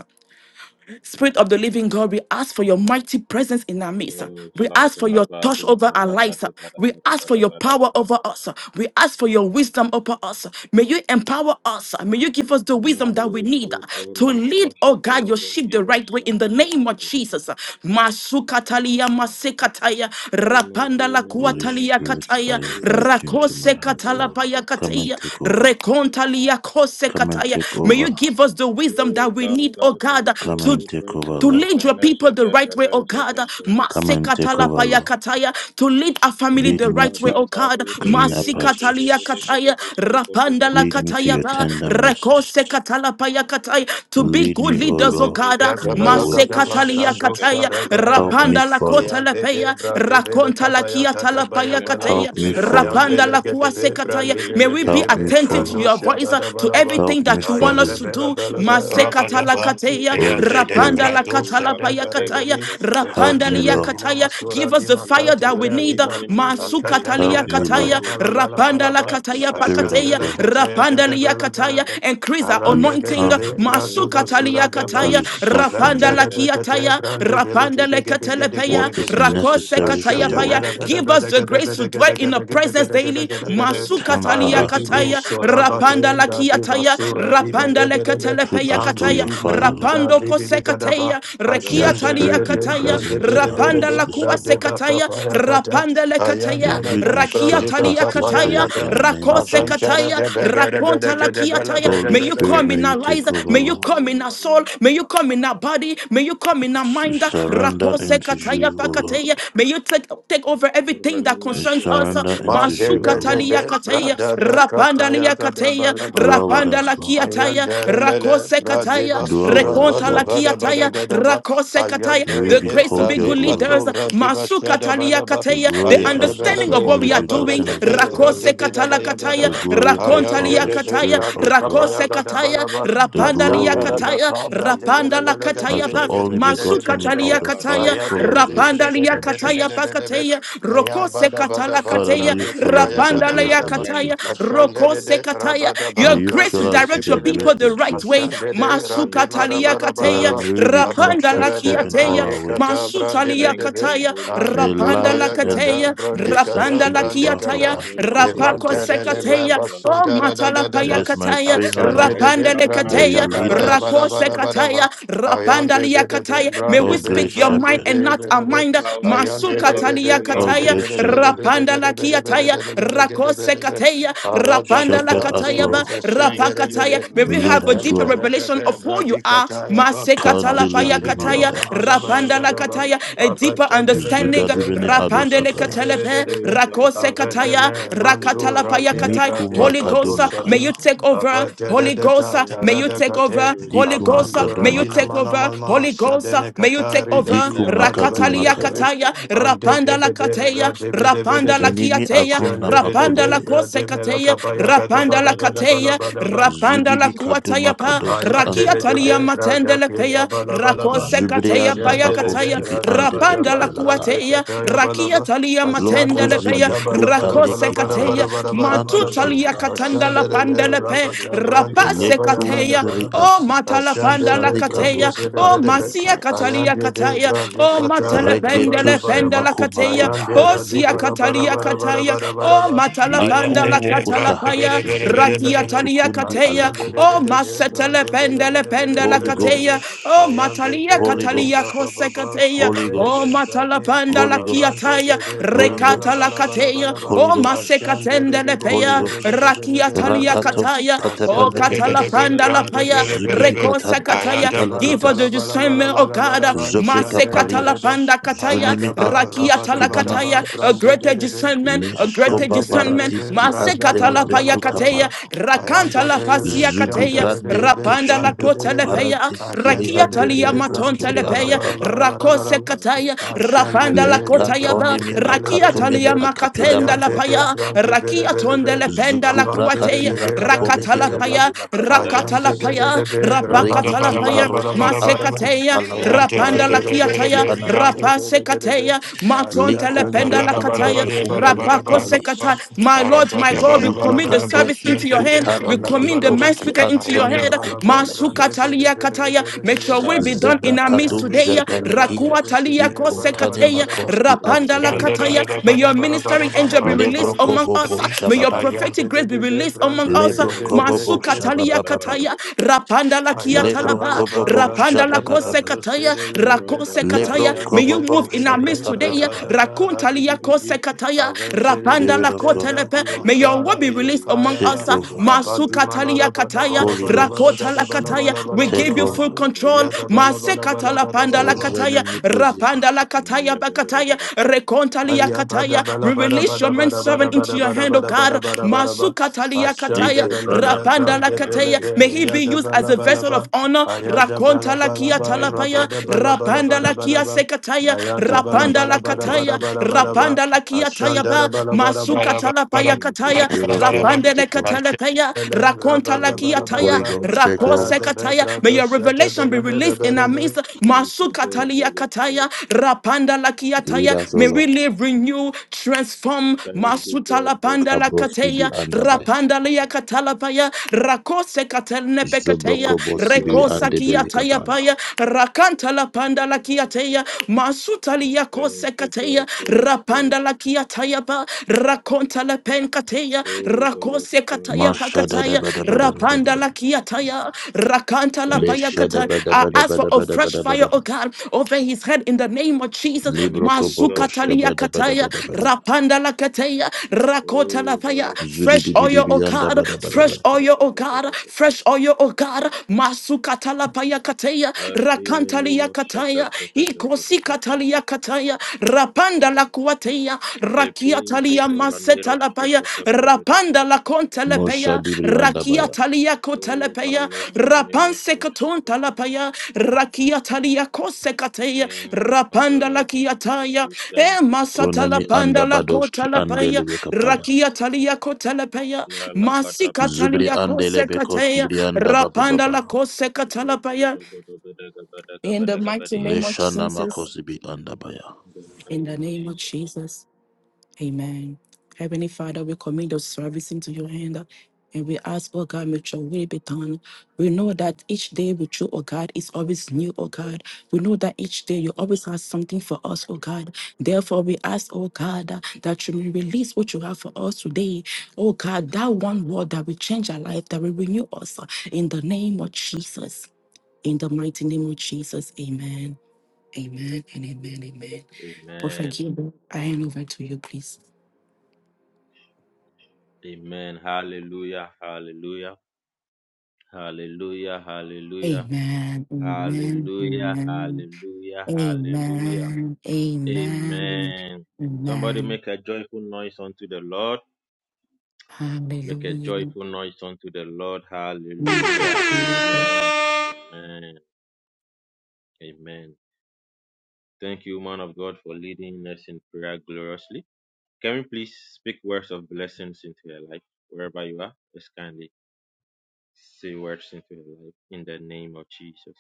A: Spirit of the living God, we ask for your mighty presence in our midst.
B: Oh,
A: We
B: zada
A: ask for your touch
B: badi
A: over our
B: bada
A: lives.
B: badi bada bada
A: We
B: bada
A: ask for
B: bada
A: your
B: bada
A: power
B: bada
A: over us.
B: bada.
A: We ask for your wisdom over us. May you empower us. May you give us the wisdom that we
B: Mali
A: need
B: tu
A: to
B: pronosa
A: lead, oh God, your
B: sotevra
A: sheep the
B: giro
A: right way in the
B: sakata
A: name
B: bada
A: of
B: bada bada
A: Jesus.
B: bada.
A: Masukatalia masekataya
B: Jono
A: rapanda la
B: vine
D: Holy
B: nima
A: kuatalia
D: Spirit, I
A: kataya
B: soskete zara
D: invite you into
B: vrante
D: my
A: rakose
D: heart,
B: pranira
D: Lord.
A: katalapaya
D: Come and
A: kataya
B: soskete.
D: take over.
A: rekontalia kose
D: Come and
A: kataya.
D: take
A: May
D: over.
A: you give us the
B: Te
A: wisdom that we
B: ta
A: need,
B: ta
A: oh
B: ta
A: God,
B: tu
D: Come
B: tu
A: to
D: and take over,
B: prete
A: to
B: te
D: Lord.
A: lead your
B: pranesha
A: people the
B: te
A: right way, oh
B: pradeja
A: God.
B: deska deska.
D: Come and take
A: Masekatala
D: over, Lord.
A: payakataya. To lead our family
D: Lead
A: the
B: Raba
D: me
A: right way,
D: to
B: ba ba
A: oh
B: ba,
A: God.
B: de be de
D: greener
B: be de be de
A: Masikatalia
B: be de be
D: pastures.
B: de
A: kataya.
B: be suko tu breka
A: Rapandala
D: Lead
B: te
D: me
B: breka
D: to
A: kataya
B: tu
D: your
A: ba.
B: breka te
D: tender
B: breka.
A: Rekose
D: mercies.
A: katala payakataya. To be
D: Lead
A: good
D: me, O
B: Zede
A: leaders, oh
D: Lord,
B: be
A: God.
B: de
C: Ya
B: be
D: in
B: de be
D: your
C: devela
B: de be de
C: gadaba
B: shada
A: Masekatalia
D: ways.
C: brando
B: breka de
A: kataya.
B: be
C: shara
B: de ya ba da
C: devela
D: Help
B: ba
C: ga.
B: da.
D: me
A: Rapandala
D: follow.
A: kotala
C: Ayande de
A: paya.
C: bra devela
A: Rakonta la
C: kabaya
A: kiatala
C: kadabaya
B: Len te
C: balaba.
A: payakataya.
D: Help
B: pe
D: me
B: te
D: follow.
B: pe
C: Ayande le
A: Rapandala
B: te pe de
C: gadebe
B: be de
C: brandi
A: kuasekataya. May
C: vele
B: shada
A: we
B: be
A: be
D: Help
B: de be
D: me
C: gadebe
B: de be
A: attentive to
B: de
C: brando
D: follow.
B: be
A: your
B: de.
A: voice,
C: shara
A: uh, to
C: dabalaba.
A: everything
D: Help me
A: that you want
D: follow
A: us
C: Ayande
A: to
D: you.
C: bela
A: do.
C: bela
B: Ye
C: bela
B: koto
A: Masekatala
C: rabadaba.
B: prate
A: kateya,
D: Holy
B: koto
C: Ayande de
B: proto
A: rapanda
D: Spirit,
A: la
C: brando
B: pradia
A: katala
C: shara
A: paya kataya,
B: parabadesha
C: rebeli.
B: de praga.
D: help
A: rapanda
C: Evante
D: me,
A: liya
C: re
D: Lord.
C: dinama
A: kataya.
C: sura
A: Give us the
C: dimaka
B: Ye
A: fire that
B: te
A: we
C: tegra
A: need.
B: vene
C: diva.
B: mene
A: Masu
B: te
C: Akate
B: te
A: katalia
D: Help
C: mele
B: te
D: me,
B: te
C: kataya
A: kataya,
D: Lord.
B: te te
C: balabala
A: rapanda la
B: shalata
C: balaba.
A: kataya
B: braka te
D: Spirit of
A: pakateya,
C: Ashandela
B: brogodo
D: God,
C: kataya
A: rapanda
B: bragadeshka.
A: liya kataya.
C: gadebela
A: Increase our
D: we've
A: anointing.
C: Arabebebebe,
B: Te
D: come
B: te
A: Masu
C: Braduba
A: katalia
D: to
B: verabadesha
C: Suradaba,
A: kataya,
B: la
D: receive from
A: rapanda
B: bragadeshka
A: la
C: Aventera
D: you
C: de
B: deshka.
A: kiataya,
C: Getebra, and the Village
A: rapanda
C: de
A: le
B: Meno
D: what
A: katelepeya,
D: is
B: soshka
C: Gedegedegedegedebe,
B: te
A: rakose
B: zala
D: necessary for
A: kataya
C: Ashata
D: your
A: paya.
B: vrenente
D: work.
A: Give us the
B: riadeshka.
A: grace to dwell in the presence daily.
B: Ye te
C: Berabedabedagedabedagedagedagedagedagedagede,
A: Masu
B: vede
D: Temper
B: vede
A: katalia
B: vede
D: us,
C: Aredi me
B: vede
A: kataya,
D: Lord.
B: vede
C: Soraba
B: vadia
A: rapanda la
B: vadia
C: Brenda Deva
B: vadia
A: kiataya,
C: Sura
B: vadia
C: Diva
B: vadia
A: rapanda
B: vadia vadia
C: Rebedebe,
A: le
D: Put
A: peya
D: us
C: and
D: through
B: vadia
A: kataya
D: your
B: vadia.
C: Bibibi,
D: fire, Lord.
A: rapando kose
C: Bradibidigadaba,
B: Zalo
A: rekia
D: Your
C: Ashanda de
A: talia
D: spirit
B: vrante
D: be
B: ke te
C: Debra,
A: kataya
C: and the
D: present
B: zala
D: in our
B: vrane
A: rapanda
B: na
D: midst
C: Berebebe,
A: la
D: this
B: deska.
A: kuwa se
C: Bradeba
D: morning.
B: deshka
C: Kapaya Kata,
A: rapanda le kataya
D: May
C: Ayanda
D: you
A: rakia
D: instruct
C: Bradeba
A: talia
D: us this
C: Kapaya
A: kataya
C: da
D: day
C: da
D: in the name of
A: rakose
C: Avantada,
D: Jesus.
A: kataya rakonta la kia
B: Menosos
A: taya
D: Holy
A: may you
B: Catalina,
D: Spirit,
A: come
D: may
A: in
D: you
A: our
B: Lebrania,
A: lives
D: take over,
A: may you
B: Armenia,
D: Lord.
A: come
B: mania mania
A: in our soul
B: mana
A: may you
B: mana
A: come in
B: mana
A: our body may you come in our
D: We
A: mind
D: surrender
A: rakose
D: into you,
A: kataya
D: O
A: pakataya
D: Lord.
A: may you take, take over
B: mana.
A: everything that
D: We
A: concerns
B: Remenesos
A: us
D: surrender into
B: Catalina,
C: Mande
D: you, O
A: masuka
C: de de
B: Repetita,
D: Lord.
A: talia
C: de
A: kataya
C: brada da
A: rapanda
C: kataya
A: lia
C: gada
A: kataya
C: bala bala
D: Dwell with
C: ba
A: rapanda la
D: us,
A: kia
D: Lord.
A: kataya,
C: ayandere lele
A: rakose
C: brade
A: kataya,
B: Menosos
D: Dwell with
C: basura
D: us,
A: rekonta
C: bada
B: Satosa,
D: Lord.
A: lakia
C: bada bada
A: taya,
B: Depenemenos,
C: gada ba
A: rakose kataya,
D: May we
C: ayandere
A: the
C: de
A: grace to
D: behold
A: be
D: your
A: good
C: brade
A: leaders,
C: pato
D: glory,
C: brade
A: masu
C: bashada
A: katalia
C: bala ba
D: the
A: kataya, the
D: glory
C: ayan de
D: as of
C: bele
A: understanding
D: the
C: be
A: of what
D: only
A: we are
C: rabada
A: doing,
D: begotten
B: Jito
D: of the
C: kate
B: to
D: Father,
A: rakose
C: rade
B: to
C: bida
A: katala
B: brata
C: baya gada
A: kataya,
D: the
C: ba
B: brata
D: glory
B: Bracate,
D: as
A: rakonta
C: ayande
D: of
C: de
A: lia
D: the
B: Brocoto,
C: de de
A: kataya,
B: Bracata,
D: Spirit
C: brade
D: of
B: Bracata,
D: God,
C: kabaya
A: rakose
B: Bracata,
C: gada
A: kataya,
C: bala ba
D: the
A: rapanda lia
C: ashandere da
D: glory.
A: kataya,
C: kabra de
B: Aye,
C: bele
A: rapanda la
B: to,
C: bele
B: to,
C: gade
D: as
A: kataya
D: the
A: pa,
C: gade
B: Broto,
C: gade
D: only
B: Broto,
C: gade
A: masu
B: Brati,
C: gade
D: begotten
C: gade
D: of
C: gade
A: katalia
B: Brada,
D: the
B: Bade,
A: kataya,
D: Father,
B: Bade,
D: full
B: Bade,
C: ayade
D: of
C: gade gade
A: rapanda
D: grace
A: lia
D: and
B: Bade.
C: gade
A: kataya
C: gade
D: truth.
A: pa
C: gade gade
A: kataya,
C: Nayam
A: rokose
C: bada bada
A: katala
C: ba
D: Father, may
A: kataya,
D: you
C: brade
D: fill us
C: kataya
D: with your
A: rapanda
C: kada
D: grace
A: lia
C: bada
D: and
C: ba
D: your
B: Thank
A: kataya,
B: you,
D: truth.
B: Holy
C: ashande de
B: Spirit.
A: rokose
C: de
A: kataya,
C: rabada
A: your
D: May
C: ba
A: your
D: you
A: grace
D: fill
A: will
C: brade de
D: us
C: de
A: direct
D: with
A: your
D: your
C: bele be
A: people
D: grace
A: the
D: and
A: right way.
D: truth.
C: ashande de
B: Thank
C: rade
B: you,
C: mara
A: Masukatalia
B: Holy
C: bada bada
B: Spirit.
D: Father,
A: kateya,
C: ba
D: may we become
A: rapanda
C: atatara
D: truthful
C: de
D: in all
A: lakiateya,
D: our
C: brande kata
D: ways.
C: brande be
A: masutalia
C: de
B: Thank
C: be
B: you,
A: kataya,
B: Holy
D: May
C: ambe
B: Spirit.
A: rapanda
D: lies
C: kabaya
D: and
C: gada
A: lakateya,
C: brande kada
A: rapanda
D: deception be
C: brande
D: far from
A: lakiataya,
C: kada
D: us
B: Thank
D: because
B: you,
D: of your
A: rapako
B: sweet
C: Evante de de
B: Spirit
C: ba
D: presence.
B: of
A: sekateya,
B: God.
A: oh
C: basundara da gada
D: It
A: matalapaya
C: ba
D: is my
A: kataya,
D: prayer,
C: ashande
D: Lord,
C: de
A: rapanda
C: de brande
D: that
B: Extraordinary
D: you
A: lekateya,
C: kada
D: lead
C: baya
B: strategist.
C: bada
A: rapo
D: us,
C: bada
B: Thank
C: bada
B: you.
A: sekataya,
C: ba
A: rapanda
C: ayande be de be
A: liakataya. May
C: brande
D: O
A: we
C: be
D: great
A: speak your mind
C: brande
D: shepherd,
A: and
C: be
A: not
C: be
A: our
C: de
B: The
C: be
A: mind.
B: power
C: Ayande
B: behind
C: de
B: all
C: de
A: Masukatalia
C: be
D: O
C: brande
A: kataya,
B: creation.
D: great
C: bere bere
D: shepherd.
B: Thank you.
C: bere
A: rapanda
C: bere bere bere
A: lakiataya,
C: bere bere gede
A: rakose
C: bere bere
A: kataya,
C: arada
A: rapanda Mandala
D: Shepherd
C: bada
D: us,
A: kataya
C: brinde
A: ba,
D: Lord.
C: fashin
A: rapa
B: Thank
C: dere de
A: kataya.
C: de
B: you,
A: May we
B: Alosh
D: Lead
A: have a
C: asyan
D: us,
A: deeper
D: Lord.
C: tere de
B: Paraklepas.
A: revelation
C: be
A: of who you
C: bradi
A: are.
C: kataya ba
A: Masekatala
C: asyan
A: paya
C: de
A: kataya,
C: malada
D: Kandilibilibiadas.
C: bada bada
B: Thank
A: rapandala
B: you,
C: gada ba
A: kataya.
B: Alosh
A: A deeper
C: Avante
B: Paraklepas.
C: bele bele
A: understanding.
C: be
D: Zugadibene
C: brandi
A: Rapandele
C: basın
D: adosikayas.
C: dere de
A: katelepe,
C: de be
B: Beta
A: rakose
C: avete
B: tabara
A: kataya,
C: me
B: bade bede
C: mandu
A: rakatala
B: bade
A: paya
C: rade
B: bada
A: kataya.
B: bada bada
C: brade
A: Holy Ghost, uh,
C: badosa
A: may
D: Nikumakadu-makaya.
C: di
A: you take over.
C: avete de
A: Holy
C: de
A: Ghost, uh,
B: bada. Thank
A: may
C: katara
A: you
B: you,
C: de
A: take
B: sweet
C: kate
A: over.
B: spirit of
A: Holy
B: God.
A: Ghost, uh,
C: abando
A: may you
C: radina
A: take
D: Nikumakadu-makaya.
A: over.
C: manamalma
A: Holy Ghost, uh,
C: şadene
A: may you take
C: katari
A: over.
C: radira
B: Thank
C: bado
B: you,
C: bede
B: sweet
A: Rakatalia
C: bede be
D: Nikumakadu-makaya.
B: spirit of
A: kataya,
B: God.
C: and de de
A: rapandala
C: de de bra
A: kataya,
C: de de de de de
A: rapandala
D: Dinimi
A: kiateya,
C: ashan
D: akunda
C: de de de de
A: rapandala
D: makundi.
C: bra de mela
A: sekateya,
C: kapaya gada
B: Nata
A: rapanda la
C: bada gada
B: tabata
C: bala
A: kateya,
B: bata
C: bada
B: bata
A: rapanda
B: bata
A: la
D: Zudibi
B: bata.
D: kaduma
A: kuataya pa,
C: I
D: kadosi
C: am de
A: rakia
C: de de
A: talia
C: de
D: andabakaya.
A: matende
C: brada
A: le
C: ke
A: peya,
C: abala
B: Before
A: rako
C: balaba
B: burning on
A: sekateya
D: Zubrianda
C: ashan
A: paya
B: short
C: de le de
A: kataya,
D: bakoski
B: scatter
D: bi
B: each
C: rada
B: other
D: ande
C: bada
A: rapanda la
C: ba
B: bright
C: brande
D: bekebelakaya.
A: kuateya,
C: kata ya
A: rakia
C: balaba
A: talia
C: ashan de
A: matende le
C: la
A: peya,
D: Lokuzimi
C: kata bala
D: kuta
C: bala
A: rako
C: bala
D: leki
C: bala bala
A: sekateya,
C: bala
D: paradiski
C: bala
D: andu
C: bala ba
B: Ele
A: matutalia
D: semikayas.
B: brada
A: katanda
C: ashan
B: ba
A: la
C: de
B: de
C: le
B: be
A: panda
B: de
C: le
A: le
B: be de
A: pe,
B: be de
C: rafata
B: be de be de be
C: brande
A: rapa
B: de ga ba
C: kapa
B: de.
C: ya kada
A: sekateya,
D: Lekumbri
C: bala ba
A: o
D: asi
A: matala
C: ashan de
A: panda la
C: de
D: susale
C: brande
A: kateya,
D: kadosi
C: be de
A: o
C: be de be
A: masia
D: antelikayas.
C: ayan
A: katalia
C: de de
A: kataya,
C: brande
A: o
B: Mente
C: kata
A: matele
C: ya
B: prende
C: da
B: ta
A: pende
B: ba da
C: bala
A: le
D: Regetus
B: ba
C: ba
B: da
C: ya
A: pende
B: ba.
C: ba
A: la kateya,
C: ayan de
A: o
D: makumakubahana
C: radi
A: sia
D: makubi
C: bara bara
A: katalia
C: bara
D: akabaya.
C: bara
A: kataya,
C: bara
A: o
C: bara
A: Oh,
C: ba ayan
A: matalapanda
C: de
D: Likum
A: la
C: de brande be de
D: mukusahas
A: katalapaya,
C: be de be de be
D: zelimi
A: rakia
C: de
A: talia
D: ikutundi
A: kateya.
C: Ashanda de de
A: Oh,
C: de
D: alakuntes.
C: de from
A: masetele
C: de
B: Mente
C: bele
B: kiros
A: pendele
C: bele
B: to
C: bele
B: koto
A: pendela
C: bele
D: Holy
B: brada
C: bele
B: da
D: Ghost,
A: kateya.
C: bele.
B: da da.
A: Oh,
C: I am de
A: matalia
C: de de de
D: Holy
A: katalia
C: ba ba ba
A: kose
D: Ghost,
C: ba
A: kateya.
D: Holy
C: shanda de
A: Oh,
C: de za
D: Ghost,
C: de.
A: matalapanda la
D: Holy
C: Avante
D: Ghost,
A: kiataya,
C: de de bara
D: Holy
C: bala
B: Menos
A: rekata la
C: bala
B: ta
C: bala
D: Ghost,
B: ta
A: kateya.
C: bala ba.
B: brada da
D: Holy
A: Oh,
B: da da.
D: Ghost,
C: Ashanda de de
A: masekatendele
C: de de
D: Holy
A: peya,
C: bele bele
D: Ghost,
C: bele
A: rakia
C: bele
A: talia
C: bele bele.
D: Rakatos
A: kataya. Oh,
C: Ashanda de de de
D: katepeleketes,
C: de
B: Male
A: katalapanda la
C: from de
B: brada da
A: paya,
C: bele
B: da
C: bele
B: da
C: bele.
B: brada
A: rekosa
B: da.
D: Zugidikatantes
A: kataya.
C: Ayada bala
A: Give us
C: bala
A: the
D: kitalakates,
C: bala bala
A: discernment, oh
C: bala
A: God.
C: bala ba.
D: Zobreka
C: Shanda de de
A: Masekata la
C: de de.
D: palias,
A: panda kataya,
C: Ayada
D: Zunimi
C: ba
A: rakia
D: antos
C: raba da ba da ba
A: talakataya. A
D: kimanantes.
C: brande
A: greater
C: bele
A: discernment
C: bele.
A: discernment, a
D: Leshko
A: greater
C: Ashanda de de de
A: discernment.
C: de
D: Babaratiski
C: branda
A: Masekata la
C: bala bala bala ba.
A: payakateya,
D: Antelebrekutapaya.
C: I am
A: rakanta
C: the
B: Mante
A: la
C: very best
B: brada ta i
D: Zugu
C: shanda
A: pasiakateya,
C: de
B: brada da
C: de
B: da
D: Brande
C: de be
B: brada
A: rapanda la
C: brande de
A: kota
B: da
D: Keshuduku
C: de
B: ba da
C: be
B: ba
A: lepeya.
B: da ba da
C: I
B: ba da ba da ba
D: Parantiski
B: da
C: can
B: ba.
C: de
A: rakia
C: de
D: Liande
C: de
A: talia
C: be
D: Belekoski
C: brande
A: matonta
C: bara
D: Brianda
A: lepeya.
C: bara bara
D: Bababa.
C: bara
B: Ta
A: Rakose
C: bara
B: ta ta
A: kataya.
C: bara.
B: ta
C: I
B: ta ba te
C: shanda
A: rapanda
C: de
B: be
A: la
C: de
B: te
C: de
B: be
A: kota
B: te be
C: brande
A: yaba.
C: da
B: te
D: Lekatonimi
B: be
C: de
B: de
C: de
B: ba
C: be
A: rakia
B: da ba da
C: de
D: Akatumini
A: talia
B: ba
C: be
B: da ba.
C: I
D: Akapenda
A: makatenda
C: am
A: la
C: da da
D: Matuakaya.
A: paya,
C: brande be da
A: rakia
C: be
B: Thank
C: da
B: you,
C: be
B: Holy
C: I
A: tondelependa
D: Zuku
A: la
B: Spirit.
C: am de de
A: kuateya,
C: da
D: Brakatira
C: be brande
A: rakata
C: be
A: la
C: da
D: Kapolisika
C: be
A: paya,
C: I
B: Thank
C: am
A: rakata la
C: de
B: you,
D: Palimakatuahas.
C: de de
B: Holy
A: paya,
C: de be
B: Spirit.
C: bara bara
A: rapakata la
D: Regiki
C: bara bara
A: paya,
D: Paroski
C: bara bara bara
D: Antum
A: masekateya,
C: I am
D: Palakum
B: Thank
C: de
B: you,
C: de
A: rapanda
C: de
A: la
B: Holy
C: de be de
B: Spirit
D: Parakinkaski
B: of
A: kiataya,
B: God.
C: be brande
D: Bananto.
C: be da be de be
A: rapasekataya,
C: I
A: matontelependa
C: shanda
D: Likum
C: da
A: Pendala
C: bara
D: Brekum
C: bara
A: Kataya,
C: bara
D: Bebekum
C: bara bara
A: Rapako
C: bara
A: Sekata.
D: Belekapalis.
C: bara.
A: My Lord, my
C: Ayanda
A: God, we commit the
D: Zugubrande
A: service into your hand. We
B: Thank
D: ikotanimi
B: you,
A: commit the
B: Holy
A: mass
D: ikoski
A: speaker
B: Spirit.
A: into your hand.
D: antemina kumbelekias.
A: Masukatalia Kataya. Make your will be
B: Mate
A: done
B: ba
A: in
D: Zebra
B: ba
A: our
B: ba ba ba
A: midst
D: kadu
A: today.
B: ba.
D: jebelekias.
A: Rakuatalia
D: Ikotani
A: Kosekataya.
D: makoski
B: Rabba
A: Rapandala
B: da ba de
A: Kataya.
D: antepelakaya.
B: be
A: May
B: de be
A: your
B: de be de be
A: ministering angel be
B: de be de be de be
D: Lebro
A: released
B: de be.
A: among us.
D: kobobo
A: May your
D: shabababa.
A: prophetic grace be released among us.
D: Lebro
B: Ramba de
D: kobobo
B: ba da ba
A: Masukatalia
B: da ba de
D: shabababa.
A: Kataya.
B: be de be de be
A: Rapandala
B: de be de be de
C: Ayada
B: be de
D: Lebro
B: be.
A: Kiatalaba.
C: balaba
D: kobobo
C: brande
A: Rapandala
C: de
D: shabababa.
C: brando
A: Kosekataya.
C: sere velebe
B: Rabba de ge
D: Lebro
B: de
A: Rakosekataya.
B: ge
A: May
B: de
A: you
C: aşavele
B: ge de
A: move
D: kobobo
B: ge de
A: in
B: ge
A: our
B: de ge
A: midst
B: da
A: today
C: kadegede
B: da da
A: Sudeya,
B: da da.
D: shabrakabedaba.
C: rabadada
A: Rakuntalia
B: Eske
C: radidibi
B: eske eske.
A: Kosekataya,
C: aventere de
A: Rapanda
D: Spirit
A: la
D: of God,
C: katebra
A: Kotelepe. May your word
C: dinosara
B: Celebrante
A: be
C: bile
A: released
B: peria
A: among us.
D: take
C: kayada
B: barrompo
A: ah.
D: over.
B: corono
C: apati
B: brega tebe.
A: Masukatalia
C: manora bala
A: Kataya,
C: bala
D: Holy
C: bala bala
A: Rakota la
C: gada
D: Ghost,
C: bala
A: Kataya.
C: bala
A: We
C: bala
D: take
A: give
C: bala
A: you
C: ba
A: full
D: over.
B: Mela ba da ba
A: control.
B: da ba
C: yada
B: de ba
C: bala
B: de ba
C: bala bala
A: Masekatala
C: gada
A: Panda la
D: Oh,
C: bala ba
D: Jeanne
A: Kataya,
D: Mukozia.
A: Rapanda la Kataya
B: Menda ba da ba da
A: Bakataya,
B: ba
A: Rekontalia
C: Aya bada
A: Kataya. We
C: bada bada
A: release your
C: bada
A: men
C: bada bada
A: servant
B: Thank
A: into
C: bada
B: you,
A: your
C: bada
A: hand, O
B: Father.
C: bada
A: God.
C: bada bada bada ba.
A: Masukatalia Kataya,
C: Ashanda
D: Nico
C: la la
D: Branda
C: la
A: Rapanda la
C: grande
D: Bakabaya.
B: Thank
C: bele
A: Kataya.
B: you,
C: be
A: May he
C: ya
A: be
B: Father.
C: da
A: used as
C: bala
A: a
C: bala
A: vessel of
C: ba.
A: honor.
C: Aya da
A: Rakonta
C: bala
A: la
C: bala
A: Kia
C: ba
B: Thank you,
A: Talapaya,
C: rabada bala
B: Father.
C: bala
A: Rapanda la
C: bada
A: Kia
C: bada ba.
A: Sekataya kataya
C: Aya da bala
D: Lipande
A: rapanda la
C: bala bada
D: Bakabaya.
B: Thank
C: bada
A: kataya
B: you,
C: bada bada
B: Father.
C: ba.
A: rapanda la kiataya
C: Ashanda la
A: ba
C: bala bala
A: masuka
C: bada bada
A: talapaya
C: bada
B: Thank you,
A: kataya
D: Spirit of
B: Father.
C: bada bada
D: God,
C: ba.
A: rapande le
D: take over.
C: Ashanda
A: katalapaya
C: la
A: rakonta la
C: rabada
B: Thank
C: bala
B: you,
C: bala
A: kiataya
D: Holy
B: God,
C: ba.
B: Holy
D: Ghost, take
B: Spirit.
D: over.
A: rakose
C: Arada be
A: kataya may
C: brado
A: your
C: shada
A: revelation be
C: bele bele
A: released in
C: bele
A: our midst
C: be.
B: Thank you,
A: masuka
B: God,
A: talia
B: Holy
A: kataya
B: Spirit.
A: rapanda la
D: Lead
A: kiataya
D: us, O
A: may we
D: Lord.
A: live renew transform
B: Thank you,
A: masuta
B: God,
A: la
B: Holy
A: panda la
B: Spirit.
D: Kabroski be
A: kataya
D: andabaya.
A: rapanda la katalapaya rakose katalne pekateya
D: Zobroko
B: Thank you, God,
D: bosibi
A: rekosa
B: Holy
D: andebele
B: Spirit.
A: kiataya
D: kapaya.
A: paya rakanta la panda la kiateya masutalia
B: Thank you, God,
A: kosekateya
B: Holy Spirit.
A: rapanda la kiataya ba rakonta la penkateya
B: Oh,
A: rakose
B: Baratson,
A: kataya
B: take care of
D: Mashada da
A: pakataya
D: ba da
B: such
D: ba da ba da ba
A: rapanda
D: da.
A: la kiataya rakanta la
D: Le
B: Thank you,
D: shada
A: payakataya
D: ba
B: God,
D: da
A: I
D: ba
B: Holy
D: da
A: ask
D: ba
A: for
D: da
A: a
D: ba
B: Spirit.
D: da ba
A: fresh
D: da ba
A: fire
D: da.
A: oh God over his head in the name of Jesus
B: Thank
D: Libro
B: you,
D: kopo
B: God,
D: poshka
A: masukatalia
B: Holy
D: ba da ba
B: Spirit.
D: da
A: kataya
D: ba da ba da. ba.
A: rapanda la kateya rakota la
B: Oh,
A: paya
D: Zudi
A: fresh
B: Varashata
D: dibi
A: oil oh
D: dibi
B: Franta
D: anda
A: God
D: ba da ba da ba
B: Paradero
A: fresh
D: da. ba.
A: oil oh
B: Shakata
A: God
B: Prakatashka.
A: fresh oil oh God masukatala payakataya Mantalia
B: Avimenino Shata
A: Kataya,
B: Prakata
A: Ikosi
B: Prakatashka.
A: Katalia Kataya, Rapanda la Kuateya, Rakia
B: Epinto
A: Talia
B: Paranero
A: Maseta Lapaya,
B: Shakata
A: Rapanda
B: Prakatashka.
A: la
D: Mosha
A: Contelepeya,
D: dibri anda
A: Rakia
D: baya.
A: Talia
B: Oh,
A: Cotelepeya,
B: Vale, Pranino,
A: Rapanse Coton
B: Soskakas.
A: Talapaya, Rakia Talia Cosekateya,
B: Name of the
A: Rapanda la
B: Lord, Jesus,
A: Kiataya,
B: we thank
A: E
B: you, sweet
A: Masata la
D: Konami
B: Spirit of
D: anda
A: Panda la
B: God.
D: badoski
A: Cotalapaya,
D: andele kapaya.
A: Rakia Talia Cotelepeya,
B: La la bada bada
A: Masika
B: bada
D: Zubri
B: bada
A: Talia
B: bada
D: andele
B: bada
D: bekos
B: bada
A: Cosekateya,
B: bada.
D: kibrianda anda baba
A: Rapanda
D: baba.
A: la
B: Robo
A: Cosecatalapaya.
B: jogo dogo daga badaga
A: In the
B: badaga
A: mighty
B: badia
A: name of
D: Leshana
B: kabanga bada yaka banga bada.
A: Jesus.
D: makosi bi baya.
B: bada. In the
A: In
B: name
A: the
B: of
A: name of
B: Jesus.
A: Jesus. Amen. Heavenly Father, we commit the service into your hand. And we ask, oh God, may your will be done. We know that each day with you, oh God, is always new, oh God. We know that each day you always have something for us, oh God. Therefore, we ask, oh God, that you may release what you have for us today. Oh God, that one word that will change our life, that will renew us. uh, In the name of Jesus. In the mighty name of Jesus. Amen. Amen and amen, amen. Prophet
B: Amen.
A: Gilbert, I hand over to you, please.
B: Amen. Hallelujah. Hallelujah. Hallelujah. Hallelujah.
A: Amen, amen,
B: Hallelujah.
A: amen,
B: Hallelujah. Hallelujah.
A: amen, amen,
B: Amen. Somebody
A: amen.
B: make a joyful noise unto the Lord. Make a
A: Hallelujah.
B: joyful noise unto the Lord. Hallelujah. Amen. Amen. Amen. Thank you, man of God, for leading us in prayer gloriously. Can we please speak words of blessings into your life? Wherever you are, just kindly say words into your life in the name of Jesus.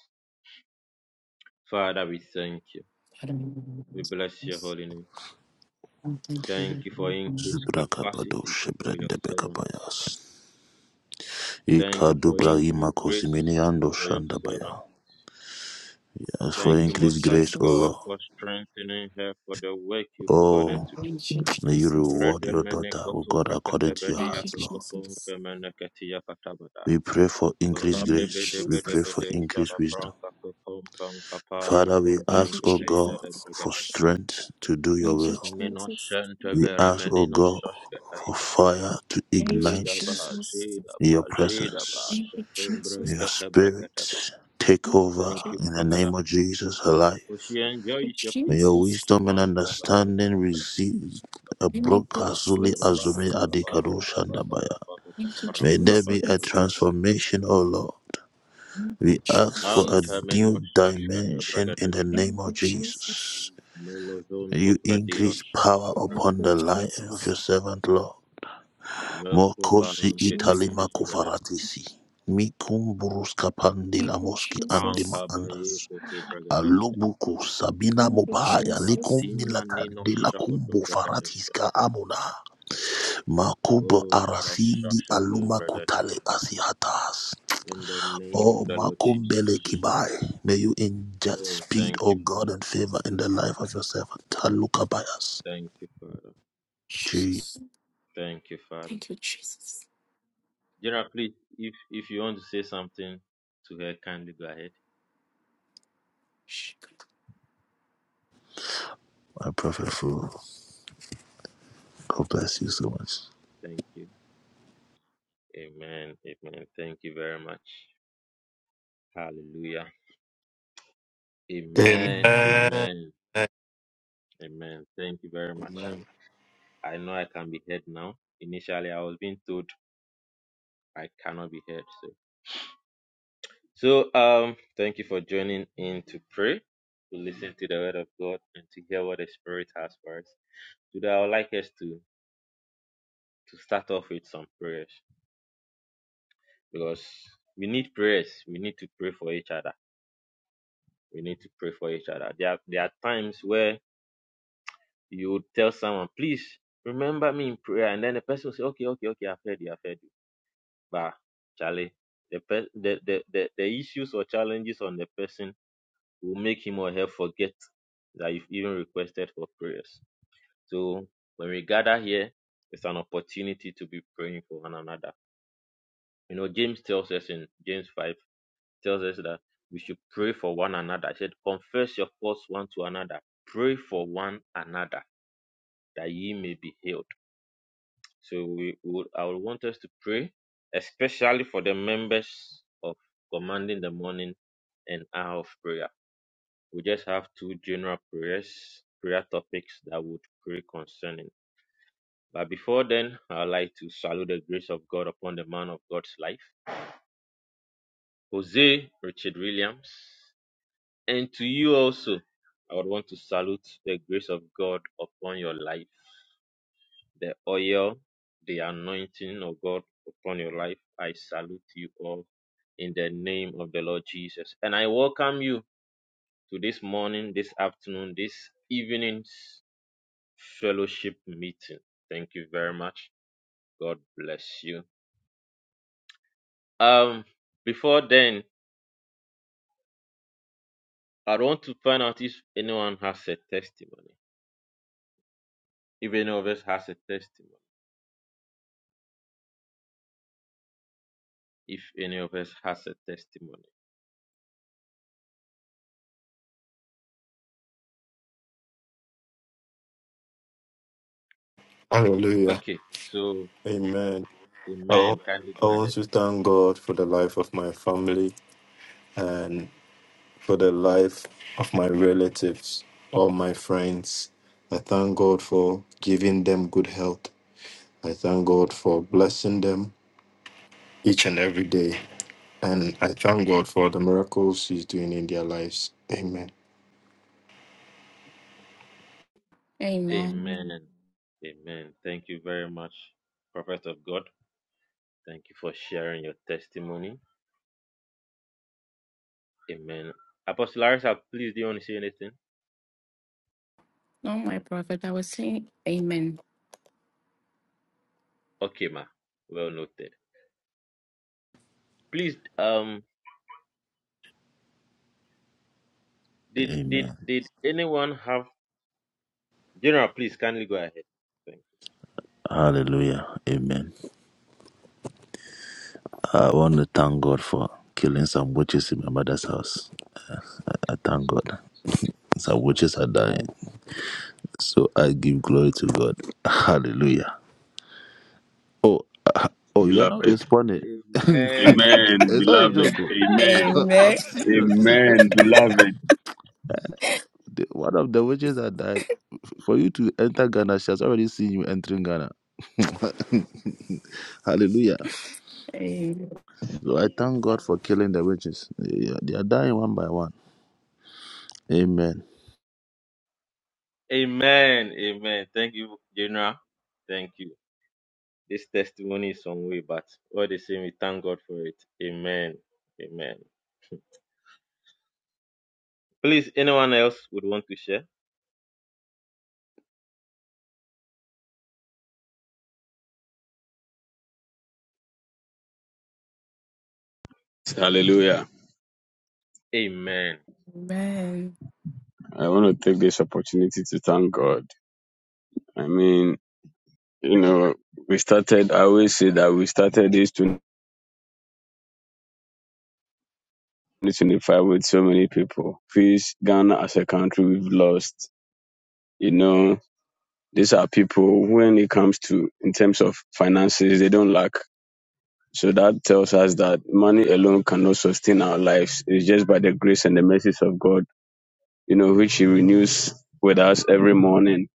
B: Father, we thank you.
A: Father, we give you
B: We
A: praise for
B: bless your
A: this.
B: holy name.
A: And thank you,
B: Thank
A: Lord,
B: you
A: for
B: for
A: your
B: increased
D: Zubra kabado
B: capacity for your
D: shebrende
B: servants.
D: bekabayas.
B: Thank
D: Ika
B: you for
D: dubrahi
B: increased
D: makosi
B: grace
D: mini ando
B: for your
D: shanda
B: servants.
D: baya. As for
B: Thank you,
A: Thank you,
D: increased
B: Most High
D: grace, O
A: Jesus.
B: God,
D: Lord.
B: for strengthening her for the work you've called her
A: I
D: Oh,
B: to do.
A: thank you,
D: may you
A: Jesus.
D: reward your
B: Redemene
D: daughter, O
B: kotu
D: God, according
B: brakete
D: to your
B: bedi
A: Thank
D: heart,
A: you,
B: yako
D: Lord.
B: kokum
A: Jesus.
B: femene keti yakatabada.
D: We pray for increased
A: Thank you,
B: Rabebe de
D: grace. We
B: bede
D: pray for
A: Jesus.
B: bede ijala
D: increased wisdom.
B: branka kokum banka pa
D: Father, we
B: yakum
A: Thank you,
D: ask, O
B: brankete
D: God,
B: ijala
A: Jesus.
D: for
B: brigadeshke.
D: strength to do your
A: Thank you,
D: will.
B: Meno
A: Jesus.
B: shente
D: We
B: vere
D: ask, O
B: menino
D: God,
B: shoshke
D: for
B: taiga.
D: fire to
A: Thank you,
D: ignite
B: Zidaba,
A: Jesus.
B: zidaba,
D: your
B: zidaba,
D: presence,
A: Thank you,
B: shakum
A: Jesus.
D: May your
B: brankete brakete be.
D: spirit. Take
A: Thank you,
D: over
B: Thank you,
D: in the
B: Father,
A: Jesus.
D: name of Jesus her
B: for
D: life.
B: she
A: Thank
B: enjoys your
A: you,
D: May your
B: peace.
A: Jesus.
D: wisdom and
B: Manta
D: understanding
B: barabara.
D: receive a
A: Thank you,
D: broadcastly azumi
A: Jesus.
D: adikado shandabaya.
A: Thank you,
D: May there be a
A: Jesus.
B: Antamenosashkatabragadeshka.
D: transformation, O Lord.
A: Thank
D: We
A: you,
D: ask for a
A: Jesus.
D: new dimension in the name
A: Thank
D: of
A: you, Jesus.
D: Jesus. May
B: Melozonto
D: you
B: pradiro
D: increase power
A: Thank
D: upon
A: you,
D: the
A: Jesus. Thank you,
D: life
A: Jesus.
D: of your servant, Lord. Mokosi italima
B: Mekobarantetekitebragadeshka.
D: kuvaratisi. Mikumburus kapandila
A: Thank you,
D: moski andima
A: Jesus.
B: Ankabaye
D: andas.
B: kotobragadeshka.
D: Alubuku sabina
A: Thank you,
D: mobaya
A: Jesus.
D: likum milatandila kumbu faratiska amuna. Makubo
B: Oh,
D: arasindi aluma
B: varashashatebradeshka.
D: kutale asihatas.
B: In the name of
D: Oh,
B: the Lord
D: Makumbele
B: Jesus.
D: Kibai, may you inject
B: Oh,
D: speed,
B: thank
D: oh
B: you,
D: God,
B: Father.
D: and favor in the life of your servant, Taluka Bias.
B: Thank you, Father.
D: Gee,
A: Jesus.
B: Thank you, Father.
A: Thank you, Jesus.
B: Gerald, please, if if you want to say something to her, kindly go ahead.
D: my prophet fool. God bless you so much.
B: Thank you. Amen. Amen. Thank you very much. Hallelujah. Amen.
A: Amen.
C: Amen.
B: Amen. Amen. Thank you very much.
C: Amen.
B: I know I can be heard now. Initially, I was being told I cannot be heard. So, so um, thank you for joining in to pray, to listen to the word of God, and to hear what the Spirit has for us. Today, I would like us to to start off with some prayers. because we need prayers. We need to pray for each other. We need to pray for each other. There are, there are times where you would tell someone, please remember me in prayer. And then the person will say, okay, okay, okay, I've heard you, I've heard you. But, Charlie, the, pe- the, the, the, the issues or challenges on the person will make him or her forget that you've even requested for prayers. So when we gather here, it's an opportunity to be praying for one another. You know, James tells us in James five. tells us that we should pray for one another. He said, Confess your faults one to another, pray for one another that ye may be healed. So we would I would want us to pray, especially for the members of commanding the morning and hour of prayer. We just have two general prayers, prayer topics that would pray concerning. But before then, I'd like to salute the grace of God upon the man of God's life. Jose Richard Williams, And to you also, I would want to salute the grace of God upon your life, the oil, the anointing of God upon your life. I salute you all in the name of the Lord Jesus. And I welcome you to this morning, this afternoon, this evening's fellowship meeting. Thank you very much. God bless you. Um, before then, I want to find out if anyone has a testimony. If any of us has a testimony. if any of us has a testimony.
C: Hallelujah.
B: Okay, so
C: Amen. Oh,
B: amen. Kindly
C: I
B: go
C: want
B: ahead.
C: to thank God for the life of my family and for the life of my relatives, all my friends. I thank God for giving them good health. I thank God for blessing them each and every day. And I thank God for the miracles He's doing in their lives. Amen.
B: Amen. Amen. Thank you very much, Prophet of God. Thank you for sharing your testimony. Amen. Apostle Larissa, please do you want to say anything?
A: Oh, my brother, I was saying amen.
B: Okay, ma. Well noted. Please, um, did did
D: Amen.
B: did anyone have General? Please kindly go ahead. Thank
D: Hallelujah. Amen. I want to thank God for killing some witches in my mother's house. I thank God. Some witches are dying. So I give glory to God. Hallelujah. Oh, uh, oh, you're not
E: Beloved.
D: responding.
B: you. Amen.
E: Amen.
D: it's not a
B: Amen.
E: Beloved.
D: joke.
E: Amen.
D: oh.
A: Amen.
D: I'm serious. It's a
E: Amen.
D: testimony.
E: Beloved.
D: The, one of the witches that died, for you to enter Ghana, she has already seen you entering Ghana. Hallelujah.
A: Amen.
D: So I thank God for killing the witches. They, they are dying one by one. Amen.
B: Amen. Amen. Thank you, General. Thank you. This testimony is some way, but all the same, we thank God for it. Amen. Amen. Please, anyone else would want to share?
E: Hallelujah.
B: Amen.
E: I want to take this opportunity to thank God. I mean, you know, we started, I always say that we started this 2025 with so many people. Please, Ghana as a country, we've lost, you know, these are people when it comes to, in terms of finances, they don't lack. So that tells us that money alone cannot sustain our lives. It's just by the grace and the mercies of God you know, which he renews with us every morning.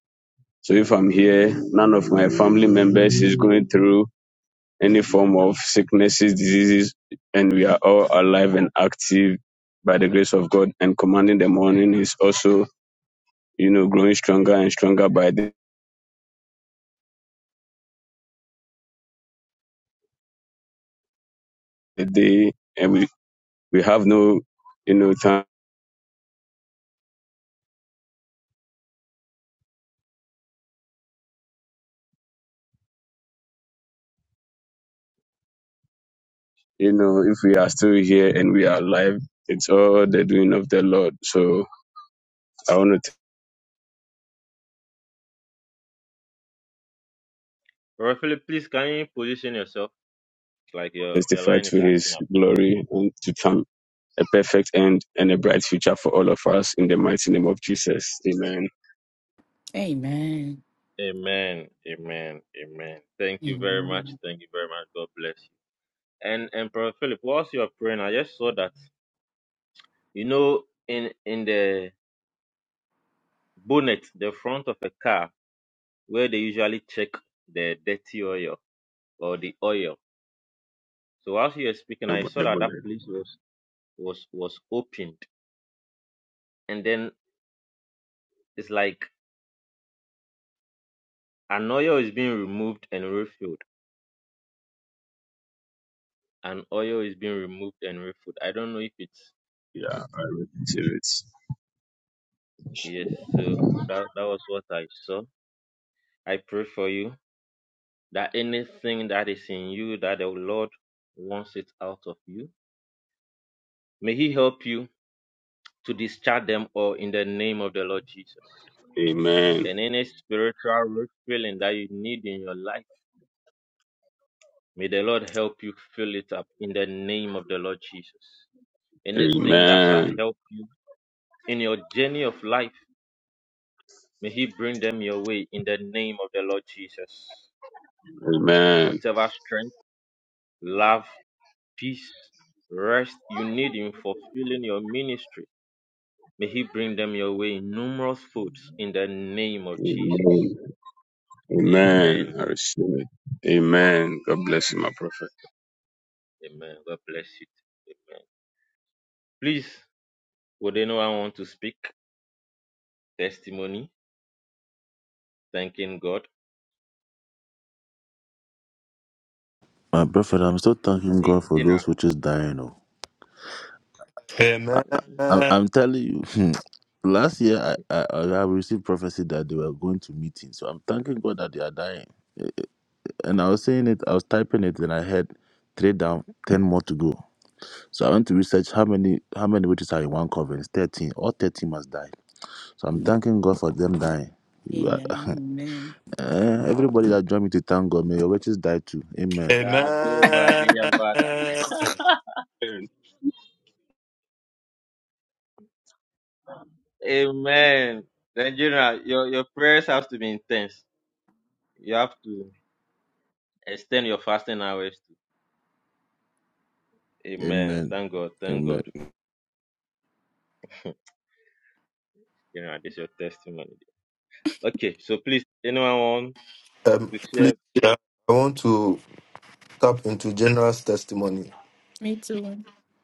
E: So if I'm here, none of my family members is going through any form of sicknesses, diseases, and we are all alive and active by the grace of God. And commanding the morning is also, you know, growing stronger and stronger by the, the day. And we, we have no, you know, time, you know, if we are still here and we are alive, it's all the doing of the Lord. So I want to
B: Brother Philip, please can you position yourself? It's like your, your
E: testify
B: line is
E: to
B: acting
E: his
B: up.
E: glory and to thank a perfect end and a bright future for all of us in the mighty name of Jesus. Amen.
A: Amen.
B: Amen. Amen. Amen. Thank you very much.
A: Amen.
B: Thank you very much. God bless you. And and Brother Philip, whilst you are praying, I just saw that you know in in the bonnet, the front of a car, where they usually check the dirty oil or the oil. So while she was speaking,
E: The
B: I
E: bo-
B: saw that that
E: bonnet.
B: place was was was opened, and then it's like an oil is being removed and refilled. An oil is being removed and refilled. I don't know if it's
E: Yeah, I receive it.
B: yes. So that that was what I saw. I pray for you that anything that is in you that the Lord wants it out of you, may He help you to discharge them all in the name of the Lord Jesus.
E: Amen.
B: And any spiritual refilling that you need in your life May the Lord help you fill it up in the name of the Lord Jesus. Anything that shall
E: Amen.
B: help you in your journey of life, may He bring them your way in the name of the Lord Jesus.
E: Amen.
B: Whatever strength, love, peace, rest you need in fulfilling your ministry, may He bring them your way in numerous folds in the name of Jesus.
E: Amen. Amen.
B: Amen.
E: I receive it. Amen. God bless you, my prophet.
B: Amen. God bless you. Amen. Please, would anyone want to speak testimony? Thanking God.
D: My brother, I'm still thanking God
B: Hey,
D: for
B: General.
D: those witches dying. Oh.
C: Amen.
D: I'm, I'm telling you, hmm, last year I, I, I received prophecy that they were going to meetings. So I'm thanking God that they are dying. And I was saying it, I was typing it, and I had three down, 10 more to go. So I went to research how many how many witches are in one covenant. 13. All 13 must die. So I'm thanking God for them dying. You
A: Amen.
D: are-
A: Amen.
D: Eh, Everybody that joined me to thank God, may your witches die too. Amen.
B: Kadoba
C: Amen.
B: Father.
E: Amen.
B: Amen. Then General, your, your prayers have to be intense. You have to extend your fasting hours too. Amen.
D: Amen.
B: Thank God. Thank
D: Amen.
B: God. General, this is your testimony. Okay, so please, anyone want
C: Um,
B: to
C: please,
B: share?
C: uh, I want to tap into generous testimony.
A: Me too.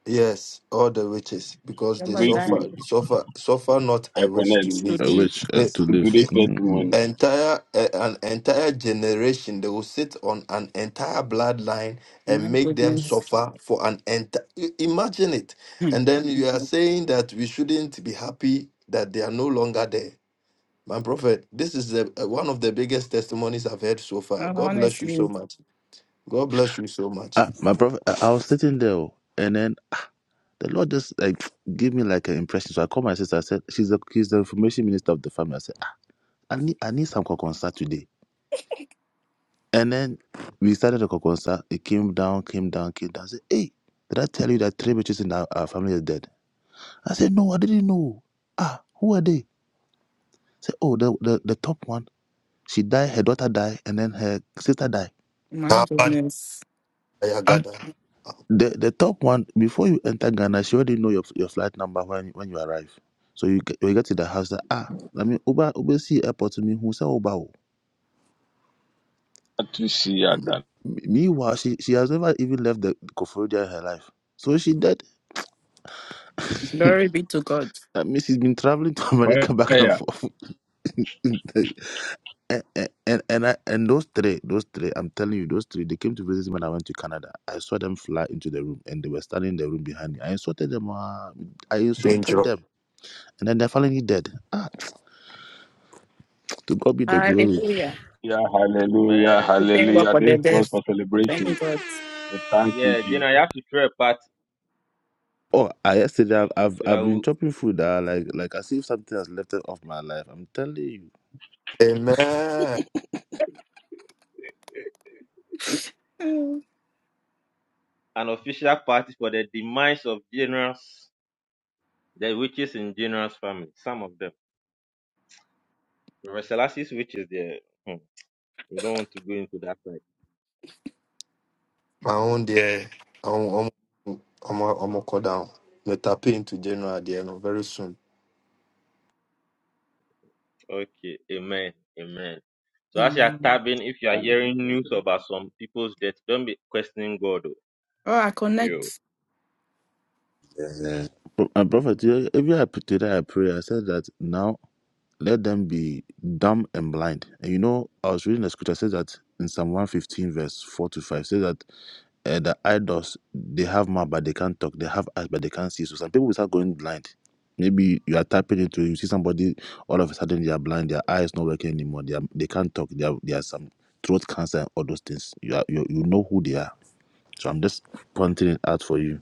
C: Yes, all the riches, because they
E: Me
C: suffer,
E: too.
A: Ramadan
C: suffer, suffer not
E: I
C: a rich to
E: connect.
A: used to
C: live.
D: A
A: lead.
D: witch uh,
C: The
D: to
E: In today's
C: the
D: live.
E: testimony,
C: entire eh, an entire generation, they will sit on an entire bloodline
A: My
C: and make them
A: goodness.
C: suffer for an entire. Imagine it,
A: Hmm.
C: and then you are
A: Uh,
C: saying that we shouldn't be happy that they are no longer there. My prophet, this is the, eh, one of the biggest testimonies I've heard so far. God bless you so
A: honestly,
C: much. God bless you so much.
D: Ah, my brother, I, I was sitting there, oh, and then the Lord just like gave me like an impression. So I called my sister. I said, "She's the she's the information minister of the family." I said, "Ah, "I need I need some kokonsa today." And then we started the kokonsa. It came down, came down, came down. I said, "Hey, did I tell you that three bitches in our, our family are dead?" I said, "No, I didn't know." Ah, who are they? I said, "Oh, the the, the top one. She died. Her daughter died, and then her sister died."
A: my goodness.
C: Kabadayagada.
D: The the top one before you enter Ghana, she already know your your flight number when when you arrive. So you get, you get to the house that ah, I mean Uber Uber see airport to me who say Uber. oh."
E: to see you that
D: Me- Meanwhile, she she has never even left the Koforidua in her life. So she dead.
A: Glory be to God.
D: That means she's been traveling to America back and
E: fire.
D: forth. and, and and I, and those three, those three, I'm telling you, those three, they came to visit me when I went to Canada. I saw them fly into the room, and they were standing in the room behind me. I insulted them. ah, I insulted
C: Dangerous.
D: them, and then they're finally dead. Ah. To God be the glory.
A: Hallelujah.
E: Yeah,
B: Amen.
E: hallelujah,
A: We thank God
B: Amen.
E: hallelujah.
A: for
E: This
A: the
E: calls for
A: death.
E: celebration.
A: Thank God.
E: We Thank you,
B: Yeah, General, you
E: Jesus.
B: have to throw a party
D: Oh, I yesterday I've I've,
B: so
D: I've
B: that
D: been
B: we,
D: chopping food. Uh, like like I see if something has left off my life. I'm telling you,
C: Amen.
B: an official party for the demise of generals, the witches in generals' family. Some of them. Professor Lassie's witches, there. hmm, we don't want to go into that.
C: My own dear, I'm I'm I'm a, I'm a call down. Me tap into January dear, no, very soon.
B: Okay, amen, amen. So as you are
A: Amen.
B: tabbing, if you are
E: And
B: hearing news about some people's death, don't be questioning God. oh.
A: Oh, I
B: Yo,
A: connect.
D: Yeah. Pro- my prophet. you- Every I pray- today I pray. I said that now let them be dumb and blind. And you know I was reading the scripture says that in Psalm 115 verse four to five says that. uh, the idols they have mouth but they can't talk they have eyes but they can't see so some people will start going blind maybe you are tapping into you see somebody all of a sudden they are blind their eyes not working anymore they, are, they can't talk they are, they are some throat cancer and all those things you are you, you know who they are so i'm just pointing it out for you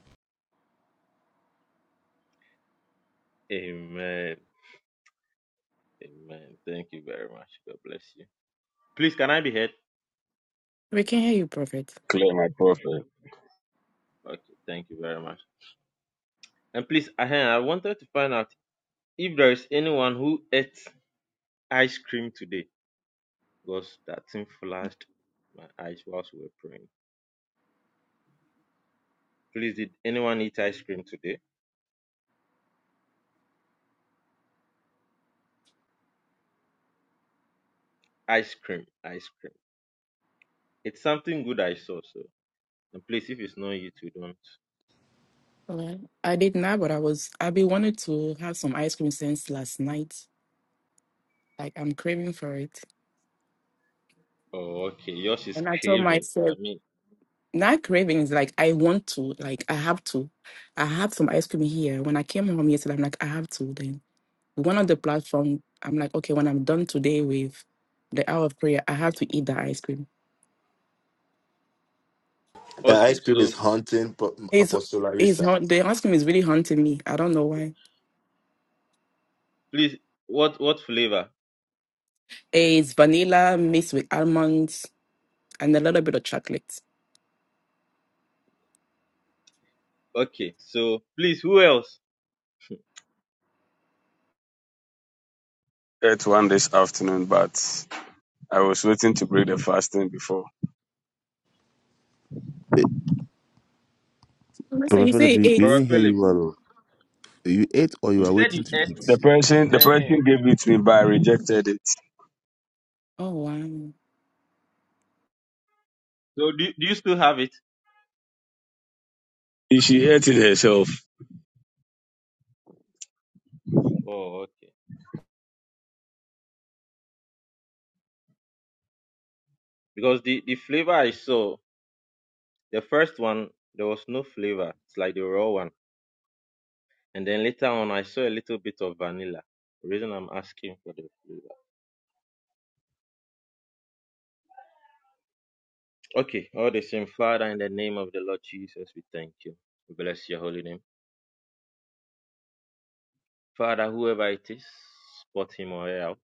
B: amen, amen. Thank you very much. God bless you. Please, can I be heard?
A: We can hear you, Prophet.
E: Clear my prophet.
B: Okay, thank you very much. And please, ahem, I wanted to find out if there is anyone who ate ice cream today, because that thing flashed my eyes whilst we were praying. Please, did anyone eat ice cream today? Ice cream, ice cream. It's something good I saw, so. And please, if it's not you too, don't.
A: All right. I did not, but I was, I've been wanting to have some ice cream since last night. Like, I'm craving for it.
B: Oh, okay. Yours is
A: And I told
B: craving. I
A: myself,
B: mean,
A: not craving is like, I want to, like, I have to. I have some ice cream here. When I came home yesterday, I'm like, I have to. then. we went on the platform. I'm like, okay, when I'm done today with the hour of prayer, I have to eat the ice cream.
C: The
B: okay.
C: ice cream is
B: So
C: haunting Pro-
A: It's
C: Apostle
A: it's
C: Larissa.
A: haunt- the ice cream is really haunting me. I don't know why.
B: please, what what flavor?
A: It's vanilla mixed with almonds and a little bit of chocolate.
B: Okay. So please, who else?
E: ate one this afternoon, but I was waiting to break the fasting before.
D: Eh,
A: And I
D: Papa
A: you
D: Philip,
A: say
D: you, we
B: From
A: it's
D: didn't hear
B: Philip,
D: you well oh. you ate or you
B: you
D: are
B: said
D: waiting
B: you
D: to
B: ate.
E: The
D: eat
E: person, the
B: Eh.
E: person gave it to me, but I rejected it.
A: oh wow.
B: So do do you still have it?
E: She ate it herself.
B: Oh, okay. Because the the flavor I saw, the first one there was no flavor. It's like the raw one. And then later on, I saw a little bit of vanilla. The reason I'm asking for the flavor. Okay. All the same, Father, in the name of the Lord Jesus, we thank you. We bless your holy name. Father, whoever it is, spot him or her out.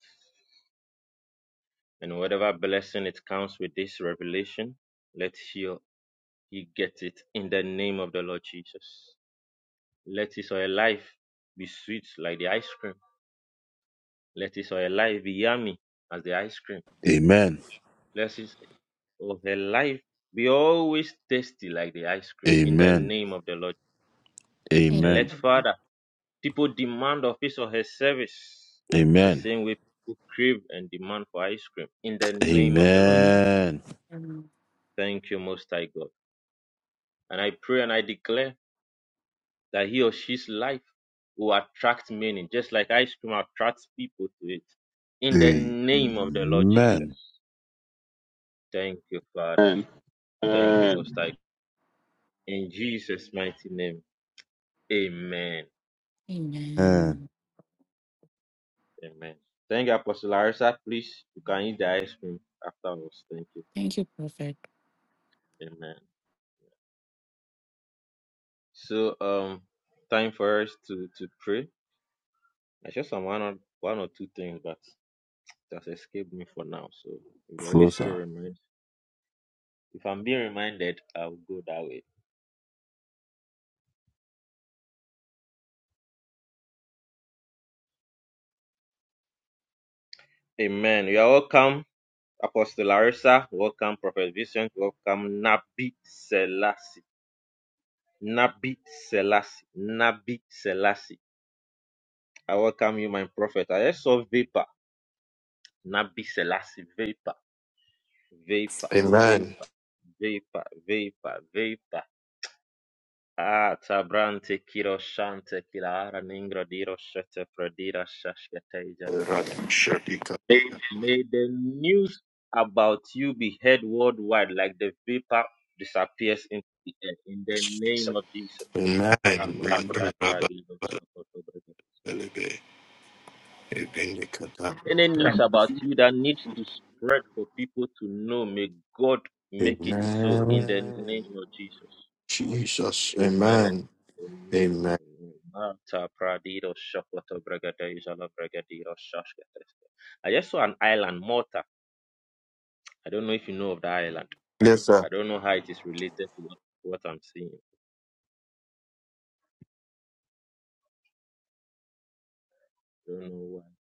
B: And whatever blessing it comes with this revelation, let he, he get it in the name of the Lord Jesus. Let his or her life be sweet like the ice cream. Let his or her life be yummy as the ice cream.
D: amen
B: Let his or her life be always tasty like the ice cream in the
D: amen
B: name of the Lord. And let
D: amen
B: Father People demand of his or her service the
D: amen
B: same way people crave and demand for ice cream in the name of the
D: amen
B: Lord.
A: Amen.
B: Jesus. Thank you, Most High God. And I pray and I declare that he or she's life will attract many, just like ice cream attracts people to it. In the name of the Lord
D: amen,
B: Jesus. Thank you, Father.
E: And,
B: Thank you,
E: and
B: Most High. God. In Jesus' mighty name. Amen.
D: amen.
A: Amen.
B: Amen. Thank you, Apostle Larissa. Please, you can eat the ice cream afterwards. Thank you.
A: Thank you, Prophet.
B: Amen. So um time for us to to pray. I just some one or one or two things but that's escaped me for now. So if the Holy
D: closer
B: Spirit reminds if I'm being reminded, I'll go that way. Amen. You are welcome, Apostle Larissa. Welcome, Prophet Vision. Welcome, Nabi Selassie. Nabi Selassie. Nabi Selassie. I welcome you, my prophet. I just saw vapor. Nabi Selassie. Vapor. Vapor.
C: Amen.
B: Vapor. Vapor. Vapor. Vapor. Atabranti kiro shante kilara ningro diro shete prodira shashkete ijale brother.
C: Radu Shadika.
B: May the news about you be heard worldwide like the vapor disappears into the air in the name of Jesus.
C: Amen. Madu Rabba
B: Matabragilo shokoto brother.
C: Belebe. Ebenikata.
B: Any news about you that needs to spread for people to know, may God make it so in the
C: Amen.
B: name of Jesus.
C: Jesus.
B: Amen.
C: Amen.
B: Amen.
C: Amen.
B: Amen. Mata Pradido Shokoto Bregadeja La Bregadido Shashkateste. I just saw an island, Malta. I don't know if you know of the island.
C: Yes, sir.
B: I don't know how it is related to what, what I'm seeing. I don't know why.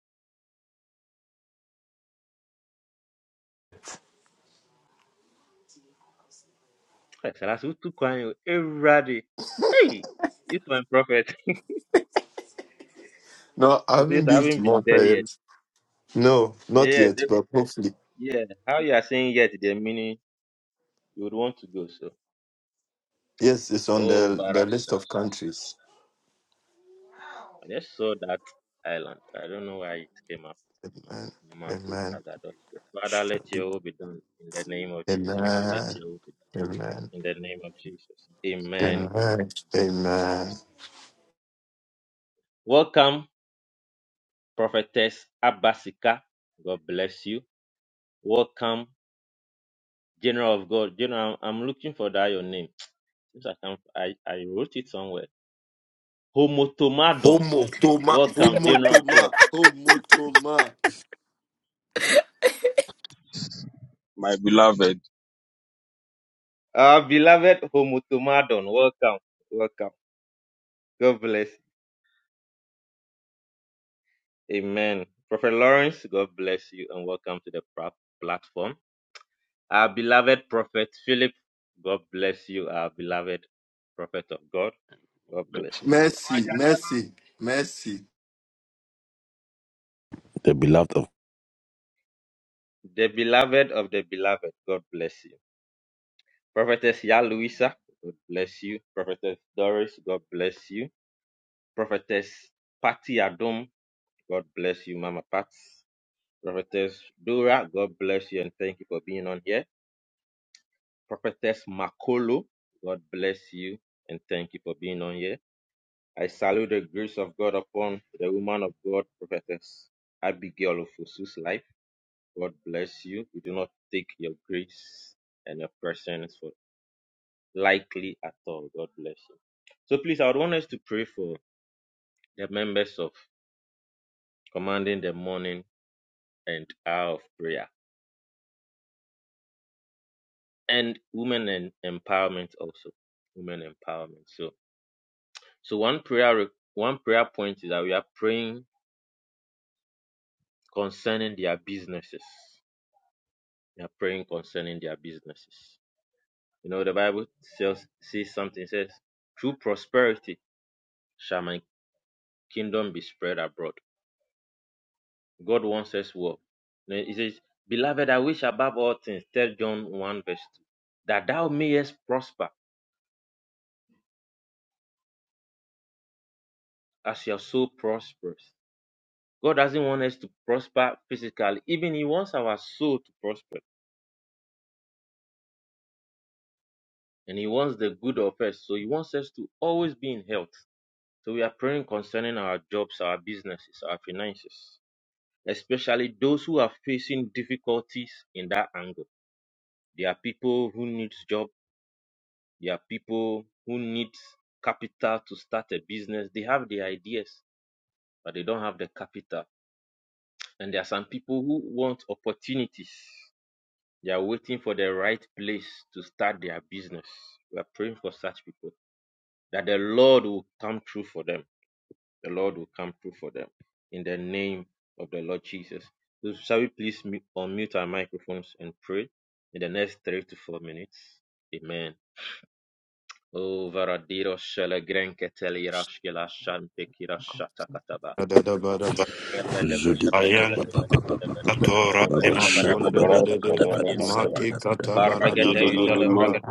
B: Hey, Salas, who took on everybody? Hey, it's my prophet.
C: No, I
B: He
C: haven't
B: says, I
C: been to
B: haven't
C: more
B: been there yet.
C: prayers. No, not
B: Yeah,
C: yet,
B: that-
C: but hopefully.
B: yeah. How you are saying yet, the meaning you would want to go. So,
C: Yes, it's on
B: oh,
C: the the list of
B: Barashasha.
C: countries.
B: I just saw that island. I don't know why it came up.
C: Amen.
B: Mati
C: Amen.
B: Bragadoski. Father, let your will be done in the name of Jesus. Let
C: Amen.
B: your will be done
C: Amen.
B: in the name of Jesus. Amen.
C: Amen. Amen.
B: Welcome, Prophetess Abasika. God bless you. Welcome, General of God. General, I'm looking for that your name. Since I can I, I wrote it somewhere. Homotomadon.
C: Homo toma,
B: Welcome,
C: homo
B: General of God.
C: toma, homo toma.
E: my beloved,
B: Our beloved Homotomadon. Welcome. Welcome. God bless you. Amen. Prophet Lawrence, God bless you and welcome to the pra- platform. Our beloved prophet Philip, God bless you, our beloved prophet of God. God
E: bless
B: bless
E: you.
B: you.
C: Mercy, mercy, mercy.
D: the beloved of
B: The beloved of the beloved, God bless you. Prophetess Ya Luisa, God bless you. Prophetess Doris, God bless you. Prophetess Patty Adum, God bless you, Mama Pats. Prophetess Dora, God bless you and thank you for being on here. Prophetess Makolo, God bless you and thank you for being on here. I salute the grace of God upon the woman of God, prophetess Abigail Ofosu's life. God bless you. We do not take your grace and your presence for lightly at all. God bless you. So please, I would want us to pray for the members of commanding the morning and hour of prayer and women and empowerment also. Women empowerment. So, so one prayer, re- one prayer point is that we are praying concerning their businesses They are praying concerning their businesses. You know, the Bible says, says something, says, through prosperity shall my kingdom be spread abroad. God wants us well. You know, He says, Beloved, I wish above all things, Third John 1 verse 2, that thou mayest prosper as your soul prospers. God doesn't want us to prosper physically. Even He wants our soul to prosper. And He wants the good of us. So He wants us to always be in health. So we are praying concerning our jobs, our businesses, our finances. especially those who are facing difficulties in that angle. There are people who need job. There are people who need capital to start a business. They have the ideas, but they don't have the capital. And there are some people who want opportunities. They are waiting for the right place to start their business. We are praying for such people that the Lord will come through for them the Lord will come through for them in the name of the Lord Jesus. So shall we please mu- unmute our microphones and pray in the next three to four minutes? Amen. Oh, varadiro shele grenke teli rashkela shante kira shata kataba.
C: Adadabadaba.
D: Zudi.
C: Ayan atora emasondere dede. Madi katabara
B: Baragatei jala
C: dabalabalaba.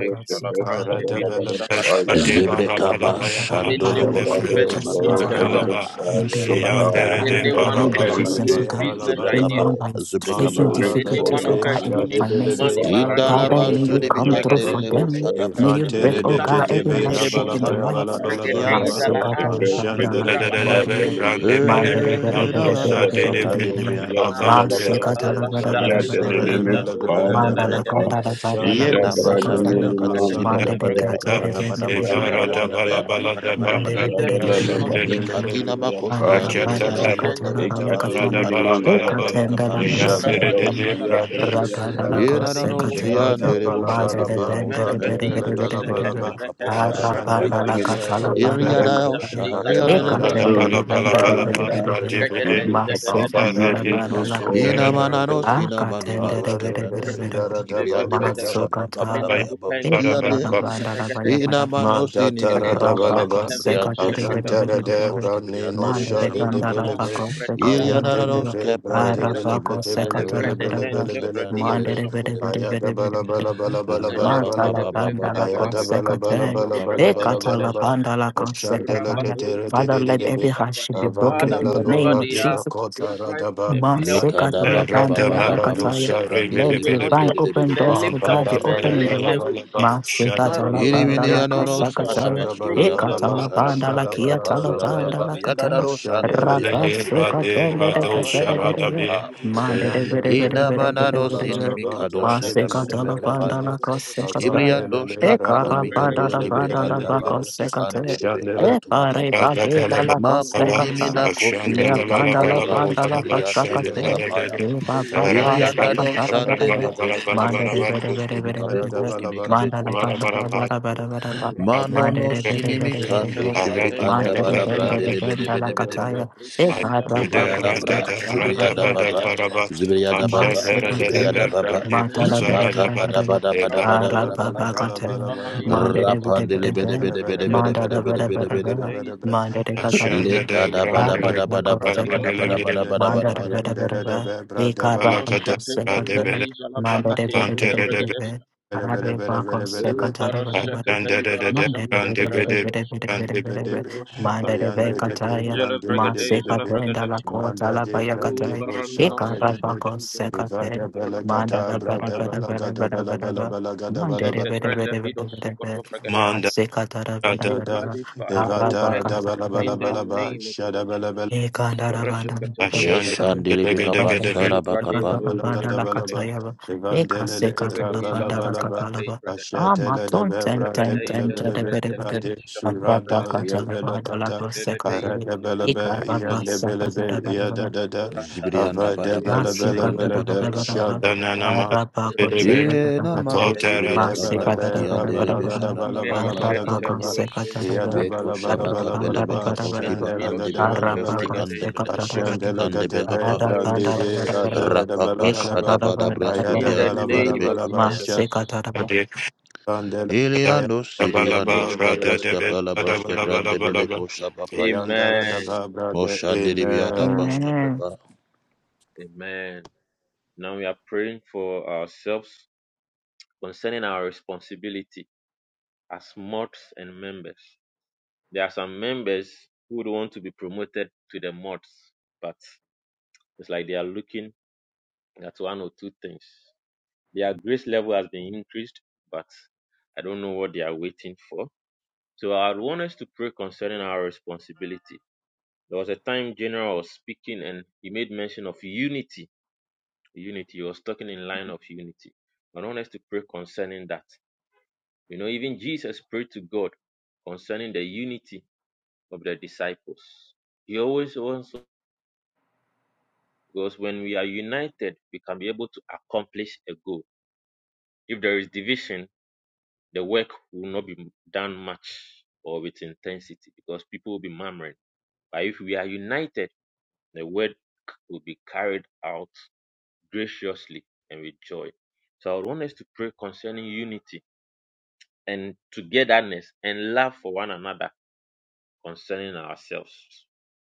C: Karadabelebe
D: Zibrikaba
C: shatebarabalaba.
A: Father,
D: Shandolobo
A: we
B: of
C: Randebre
A: commit
E: Ishabado,
B: us
A: your
B: who needs
A: sons
E: oh
A: and
B: a
D: Subrikabapa
B: job.
A: daughters
E: Heavenly
C: bashadabalaba.
A: into
E: Father,
A: your
E: this
A: hand,
E: hour
A: oh
E: we
C: Eyandere
A: God.
C: de
E: lift
C: ba. Brande bre. Shada balaba. Eyan derede
A: We
B: Any
D: Shobabapa
E: up
B: one of
E: our
A: commit the
B: us who
C: barabalaba
A: business, oh
E: businesses
B: needs
C: ya
D: Zubrikabape
A: God.
E: unto
B: business
E: you,
C: balaba
E: O
C: ya ba.
B: ideas.
D: Zubrakaba
A: Anyone
E: God.
A: that is
E: May
A: facing
E: your
C: Mando
D: Zubrikaba
E: rain
C: raba
B: Any
E: fall
A: difficulties,
B: one
E: on
B: of
A: oh
C: debe
E: our
A: God,
B: us
D: Zubrikaba
A: in
B: who
A: the
C: shade
E: businesses,
B: needs
E: our
A: finances,
C: belebe
B: money.
E: Father. May
C: raba
E: our
C: da
B: Baratiro
A: Father,
D: Indalaba
A: may
C: keta
A: you
E: businesses
C: ya
D: Sudibi
B: shakoto
C: da
A: come
E: yield
A: through
C: daba
E: fruit,
A: for
B: regadesh
E: O
D: Andelebo
A: them.
B: gatesh
E: God,
B: gatesh
A: May
E: good
A: you
D: Shadabraske
B: To
E: fruit
A: break,
C: evantere
A: oh
C: de
E: in the
B: start
A: God,
B: up a
D: Perimanadoski
E: mighty
A: every
C: kedebe
E: name of
A: hardship
C: raba
B: business.
D: Andelebo
C: la
A: in
C: ba
A: their
E: Jesus.
C: ya bala
A: life.
E: And
C: bala bala
D: Shampalabadosi
C: ba la ba
B: Regateza la
E: Yabrados, The Ayabrado,
B: aruna
E: Sebre,
C: ashanda da
B: pranira
E: Benedict,
C: da da
E: Papa,
C: da be
A: Masikatalabandalandabalabaya.
B: angradiro
C: grande
E: Delemiyama.
C: belebe
D: Eh, na
C: mando
E: the
D: na
C: sa
D: na
B: sukategadegadegadegadega.
C: de de
D: shabrande
C: be
E: Dadadamos,
D: lebe
A: Mandereberebereberebereberebere.
D: ya na ma
B: Mati
D: sibli
C: avante
E: Yadalalabaya.
D: kapande
B: pataba
C: rade
D: lebo
C: rado
D: shabrande
B: shati
D: bele
C: sare
D: ya
C: de
D: na
B: tete
E: Yadeleleme,
D: ma
B: da
A: Masikatalabarabarabarabara.
C: bele
B: do
D: skuba
C: bele
D: da
E: Papa,
B: da da
C: bele
D: bada
B: da
C: be
B: da
D: baya
B: da da
D: baba
E: Dalabapa.
B: da.
D: ye
C: ashanda da
D: na
B: Rumbo
D: ma
C: de
E: Yabra, the
B: do
D: shadi
B: da da
A: Mandalakandalabandalansekafaya.
D: baka to
E: Demenima,
C: rade
D: sibi
B: brigadesha da
D: kapande bre
E: Dalabaya,
B: bragadosh.
E: Bras,
D: kapanda bada bo
A: Mandelekaterebereberebe.
B: May
E: Yan,
B: the
C: Evara
D: shabranda
B: Lord
C: da
D: bada
C: bala
D: baya
B: come
E: Dalabapa.
D: baba
B: through
C: bala
B: for
D: bada
C: da
D: bada
B: them
C: ba
D: bada
B: in
D: ba
B: the
C: ra
A: Masukataya,
E: Jadalala
B: name of
C: shunde le le
B: Jesus.
A: Ekatana
C: le
D: mikati na
E: Badoya
D: makoski andele
C: akata
D: bo
E: Padalaba
B: Mino
C: bala
D: shabrande
B: gente
D: be
C: bala da
B: firo
D: kapande
C: bara
D: re
C: da
B: shokoto
C: bala
E: Ikadeliminiman
D: adoski
C: bala
D: ande
B: regadesh
C: ba
D: be
E: Dalabaya
D: kapanda
C: eyam
D: rabaski
C: dere
D: bre
C: de de
D: apaya
B: Rabadija
E: Jadadosia
C: pra de
E: Delamiata
C: sundara
D: ye
B: Lavralinkutuza
C: da
D: na na
B: de
D: no si
B: Koza
D: ande
C: evada
D: lebo
C: bala
B: Sketiga,
E: Jadadadabaya
D: shande
C: bala
D: bre ya
C: ba
D: bos
C: pra de
D: kapene mene
C: bala
B: Melabadiru
D: katos
C: bala
E: Sadadabadosia
C: bala
D: kapende bre ya
C: ba
B: Setetebete
D: papo
E: Banakama
D: shabranda
C: ashande
B: Barampi
D: babia
C: la
B: Kataba,
C: tata ra
E: Adelimikador
C: da ba da
E: Sobren
D: Iriada
C: ba
D: osha,
B: Zati
E: Delabra
D: Iriada
C: atuna
B: Kataba
C: ra
D: lebo
C: da
E: Delabrados
B: Santi
C: bala bala
D: skiande lebe
B: Kataba,
C: bala
D: ya do
C: ba
E: Father
C: pra de
D: shabranda
C: be
E: we
D: baba
C: de
E: lift
B: Regadeza
E: up
B: de
E: our
C: amfara
E: businesses
C: de
B: Depetentum
E: O
B: and the
C: masun
E: God
D: Ina
C: dere de le de le
D: mananos,
B: Tumparadiros,
C: de
D: ina mani manos
C: ara de be
D: kebrande
B: Rebet,
D: belegos
C: sundara da ba
D: kibriande
C: bra
D: beko
C: da
B: Evimedeka,
C: ba
D: shabran babada
C: ba ya
D: baya baros
B: Minocopenga,
C: bara
D: kiande.
C: ba
B: Sketiza
A: Bandana Vaya
B: Degatega,
D: Ina
A: Banana
D: manos
C: Manta
D: ini
C: tara
D: mina
C: da
B: Eleno
D: karos
A: Rabako
C: balaba,
B: Santa Vido
A: seka
D: kibriande
A: tere tere
B: Secata
D: shunda
A: tere
C: avantara
D: baka
B: Brigates,
C: de
D: baros
A: tere.
C: brani no
D: kibriande rebe
A: Mande de
C: shali de
B: Menanino
A: kanda
D: shabapa.
C: belebe,
B: Santu
A: rabako seka
B: Fredira
C: aya
A: tere
D: Iriana
C: de
A: tere tere.
D: nanos
B: Arakinko
C: bebe bra
A: Ah,
C: de
B: Turanira,
D: kebrates
C: bele
D: kibra
C: pete bele
D: ani
A: seka
C: bele
A: tere
E: the
C: bele
A: tere
D: andoro do
A: tere.
C: bele
B: Evredezende
C: bele
D: shabrande
C: bele
B: Frediru
D: de
A: Mande
D: de
C: be,
A: de
D: de de
A: tere
B: Sokotu
A: tere
D: de.
C: aya
A: tere
C: da
B: Brigates.
C: bala
A: tere
C: bala
A: tere.
C: bala bala
B: Father,
C: bala
D: Rabba
A: Mata
C: bala
D: ba
A: la
D: ba
C: ba,
D: ba ba
A: banda
D: ba
C: aya
D: ba
C: da
D: ba ba
C: bala
A: seka
D: ba
C: bala
D: ba
A: tere.
C: bala
D: ba ba ba ba
C: bala
D: ba ba
A: Eka
C: bala
A: ta
C: bala
A: la
C: ba,
A: banda seka
C: ashandela
A: tere.
C: ketere de
A: Father,
C: de de
A: let
C: de
A: every
C: be,
A: heart should be broken in
C: avandela
A: the
B: wherever
A: name
C: lora
A: of
B: they
C: de
B: are,
A: Jesus.
C: bakota
B: provide for
C: radaba,
B: them, help them,
D: Lekada ba
B: man,
D: ba
B: take
D: ba
B: it,
D: ba ba
B: come
C: Ratamala
D: ba
B: through
D: ba
B: for
A: Masekatulabandalabakataya.
C: dosha
B: them.
C: re
D: shabrande
C: de
A: Let
D: de de
C: bele de
B: Meno
C: be,
D: de
A: divine
D: de de
B: Zokoto,
D: de
A: open
D: de.
B: the
A: doors, O
B: lifter of
A: God, be
C: ambala
B: men,
C: bala
A: open in the
B: lift
C: bala
B: them,
A: life.
B: O
C: bala ba,
B: God.
C: shada bala bala
B: Marodoska,
D: Irimini
C: ba.
B: the
D: yanoro
B: promoter of
A: Masekatalabangalakasakataya.
B: men,
C: Ishada
D: shadabaski
C: bala
B: promote them,
C: bala
D: biyaparo
B: O
C: ba,
B: God.
D: shadabada
C: ishada
D: beka
C: bala bala
D: pasula
C: bala
D: bayada
C: ba.
B: Jeffery
D: biyada
A: Ekatalabandalakiatalabandalakataya.
D: rosha
C: Ashandelele
D: libriyada skibere beka
C: rade
D: pompa
C: rado
D: zubra
B: Rabadon
D: papa
C: sharada
A: Razasukabendedekasedegedege.
C: be.
D: pompa
B: Dio Sokoto
D: ina
C: Ayandelele
B: Bragadeska.
C: rade
D: manano
C: bala
D: sini
C: bala
A: Mandedevedevedevedegedegedege.
C: ba,
B: Rebede,
D: mikado
C: rade
D: shadabada beka
C: besundere
D: pa
C: dede.
A: Masekatalabangalakasekataya.
C: Avandelele
D: ibriyandosh
B: Rabba
D: kapa
C: rabade bele
D: nimikatos
C: bele
D: kibri
C: bele bele
D: anda
C: bele be.
D: baroski
A: Ekarabandalabandalabakasekataya.
D: andelebe
C: Ashandelele
D: antumakapa. kapa
C: rada bala
D: mako
C: bala ba.
A: Eparebabelalakasekataya.
D: nimina
A: Yeah,
D: kosimini
C: Ashandelele bala
D: kataya
A: pandala
C: bala bala
D: baroski
C: bala
A: pandala
C: ba.
D: briyante
A: pasaka
D: bele
A: se.
C: Ashandelele
D: kapaya
C: dede.
A: Eva papa
C: Rada
D: iriyanda
C: bala
A: saka
D: do
A: sala
C: bala
D: shande
A: bara bara.
C: bala
D: beko
C: bala bala bala
A: Mandere
D: simikabe
C: bala.
A: bere bere
D: koski
A: bere
D: bikabe
A: bere
C: Ayada
A: bere.
D: koski
A: Mandala
C: bala
A: pandala
C: bala.
A: bara bara bara bara.
C: I
D: Mano no
A: Mandere bere
D: sinimi
A: bere bere
D: kando
A: bere.
D: shibiri anda
A: Mandere
D: bala
A: bere
D: brande
A: bere bere
D: lebe lebe
A: bere
D: lebe lebe.
A: kataya. Eva rapa
D: Kobaya
A: kose
D: labra
A: kataya
D: zibiri
A: bara
D: ada
A: bara.
D: baba zibiri ada baba zibiri
A: Masekatele,
D: baba
A: matala bara
D: maka
A: bara
D: bada
A: bara bara
D: bada bada bada
A: ara
D: bada bada
A: baba katele, Mandere bere
D: rapande
A: bere
D: lebe lebe
A: bere,
D: lebe lebe lebe
A: mandala
D: lebe
A: bara
D: lebe
A: bara bara, Mandere baba bara,
D: leka da
A: ara
D: bada
B: Minozota
D: bada
A: baba
D: bada
B: bradiros
D: bada
B: Diro
D: bada bada
A: kosekatele,
B: Sutu
D: bada bada
B: Kovra
D: bada
B: Desta.
D: bada bada
A: Mandere
B: Minoshete Branda Deja La
C: am
B: Bracateja de
C: the
B: Brigadesta.
C: Manda
B: O Barasakata Ibarasanta Parabadevaska. Rubo Sakata Brancateja La Brigadeja
A: Maseka
B: La
A: tenda la
B: Brigadeska.
A: kota la
C: de
A: baya
B: O
A: katai.
C: brandi brosha
B: Baramino
C: redebe
A: Ikarabako
B: Soskataja.
A: sekate,
C: evada bela gada
A: mandara bara
C: brada
A: bara
C: bela
B: Rabadabadabadabadaba.
A: bara
C: gada
A: bara
C: bela
A: bara
C: bela
A: bara,
C: bela gada bela bela
A: mandere
B: Zete
A: bara bara
B: Brenda Vido
A: bara bara
B: Sokoto
A: bara,
B: Brigadesta.
C: manda
A: sekatara
C: da
A: bara bara
C: da
A: bara,
B: Providing Father,
C: evada
B: provide
A: arabaka
C: rada
B: for them
C: bela
A: bara
C: bela
B: in the
A: bara,
C: bela ba
B: name of the
C: shada
B: Lord
C: bela bela
B: Jesus.
A: ikandara bara
B: Rezekata
A: bara
D: le
C: ashanda
D: shande
B: Brigadabadabadaba.
D: lebe
A: bara bara,
D: kapa saraba
B: Libradeo
D: kapa
A: sekatara
B: dozo de
A: bara la
C: Rabalagadabala,
B: brigadesh.
A: kataya ba,
C: Evandelele,
A: ikasekatara
B: Zigabedeis on
A: bara
B: a
A: la
C: Rabalabalaba,
A: katala
B: bracate
A: ba,
B: brigadesh.
C: Ashetele de
A: amaton ten
C: Bebra de
A: ten
B: Rebedeis
A: ten
B: on a
A: ten
C: Belebelebe,
A: bara
B: brente kiro
A: bara,
C: Rade
B: shakota
C: Surada,
B: brigadesh.
A: arabaka bara
C: Revela
A: bara la
C: Kata,
B: Zigabedeis
A: kasekate,
C: Arada
B: on a brante
C: Belebe,
B: kiro
A: ikarabaka
C: Yande
B: shakota
A: sekatara
C: Belebe,
A: bara
B: brigadesh.
A: bara.
C: Yada Dada,
D: zibiri anda
C: Ava de
D: bada
B: Ratatatabate
D: bada
B: the
D: shabrande
B: taiva
D: bada bada
C: Belebelebe,
B: rebedeis on a
D: kapa.
A: Masikadadabadabadaba,
B: brigadesh.
C: Shadananama, Belebe,
B: Rembedeis
D: Ye
B: on
D: na
B: a
A: Arabakosekadadabadaba,
D: maro
B: brigadeis on
C: Akotera
D: shibiri
B: a
C: de
B: brigadesh.
C: Belebe,
D: akabaroski ande lebe
A: Masikadadabadabadabadaba,
D: shabranda bada bada bada
B: Menoscente
D: bada.
C: Rabalagadabalabalagadaba,
B: kiro shunto
C: Yada
A: Arabakosekadadaba,
D: Beko
B: brigadesh.
D: Shabaka Pele
C: Balabalabalabalaba,
D: Mekaposki
A: Arabandadabadabadaba,
D: Ba
C: Shandela
B: Menoviro
C: de
D: Andebe
B: shanta
D: Andoski
C: Belebelebe,
B: brigadeis
D: Andebele
B: on a
D: Aposki
B: brigadesh.
A: Arabakosekadadabadaba,
C: Ashandela
D: Andebe
C: Gatabe
D: Abba
C: Brande de
B: Jolofranero
C: Rada
A: Arabandadabadabadaba,
C: da da
B: shakota
D: Rapapa
B: brigadesh.
C: Balabalaba
D: Shadabada
C: Ayada
D: Braskubri
B: In the
A: Ikadadabadabadabadaba,
D: Andebele
B: name of
C: Balabalabalaba
D: Bekapaya
B: Jesus.
A: Masikadadaba.
C: Shadi Bandela Daya
D: Iliando
B: In the
D: Siriando
C: Balaba
B: name of the
C: Rada
B: Lord
D: Skabraska
C: de
B: Jesus.
D: Palabraska Brandebele
C: Balabalabalaba
D: Koshabapaya
C: Yandara da
B: Amen.
C: Brother
D: Moshandi Biada
C: Amen.
D: Baska
A: Amen.
D: Prepa
B: Amen. Now we are praying for ourselves concerning our responsibility as mods and members. There are some members who would want to be promoted to the mods, but it's like they are looking at one or two things. Their grace level has been increased, but I don't know what they are waiting for. So I want us to pray concerning our responsibility. There was a time General was speaking and he made mention of unity. Unity. He was talking in line of unity. I want us to pray concerning that. You know, even Jesus prayed to God concerning the unity of the disciples. He always wants because when we are united, we can be able to accomplish a goal. If there is division, the work will not be done much or with intensity because people will be murmuring. But if we are united, the work will be carried out graciously and with joy. So I would want us to pray concerning unity and togetherness and love for one another concerning ourselves,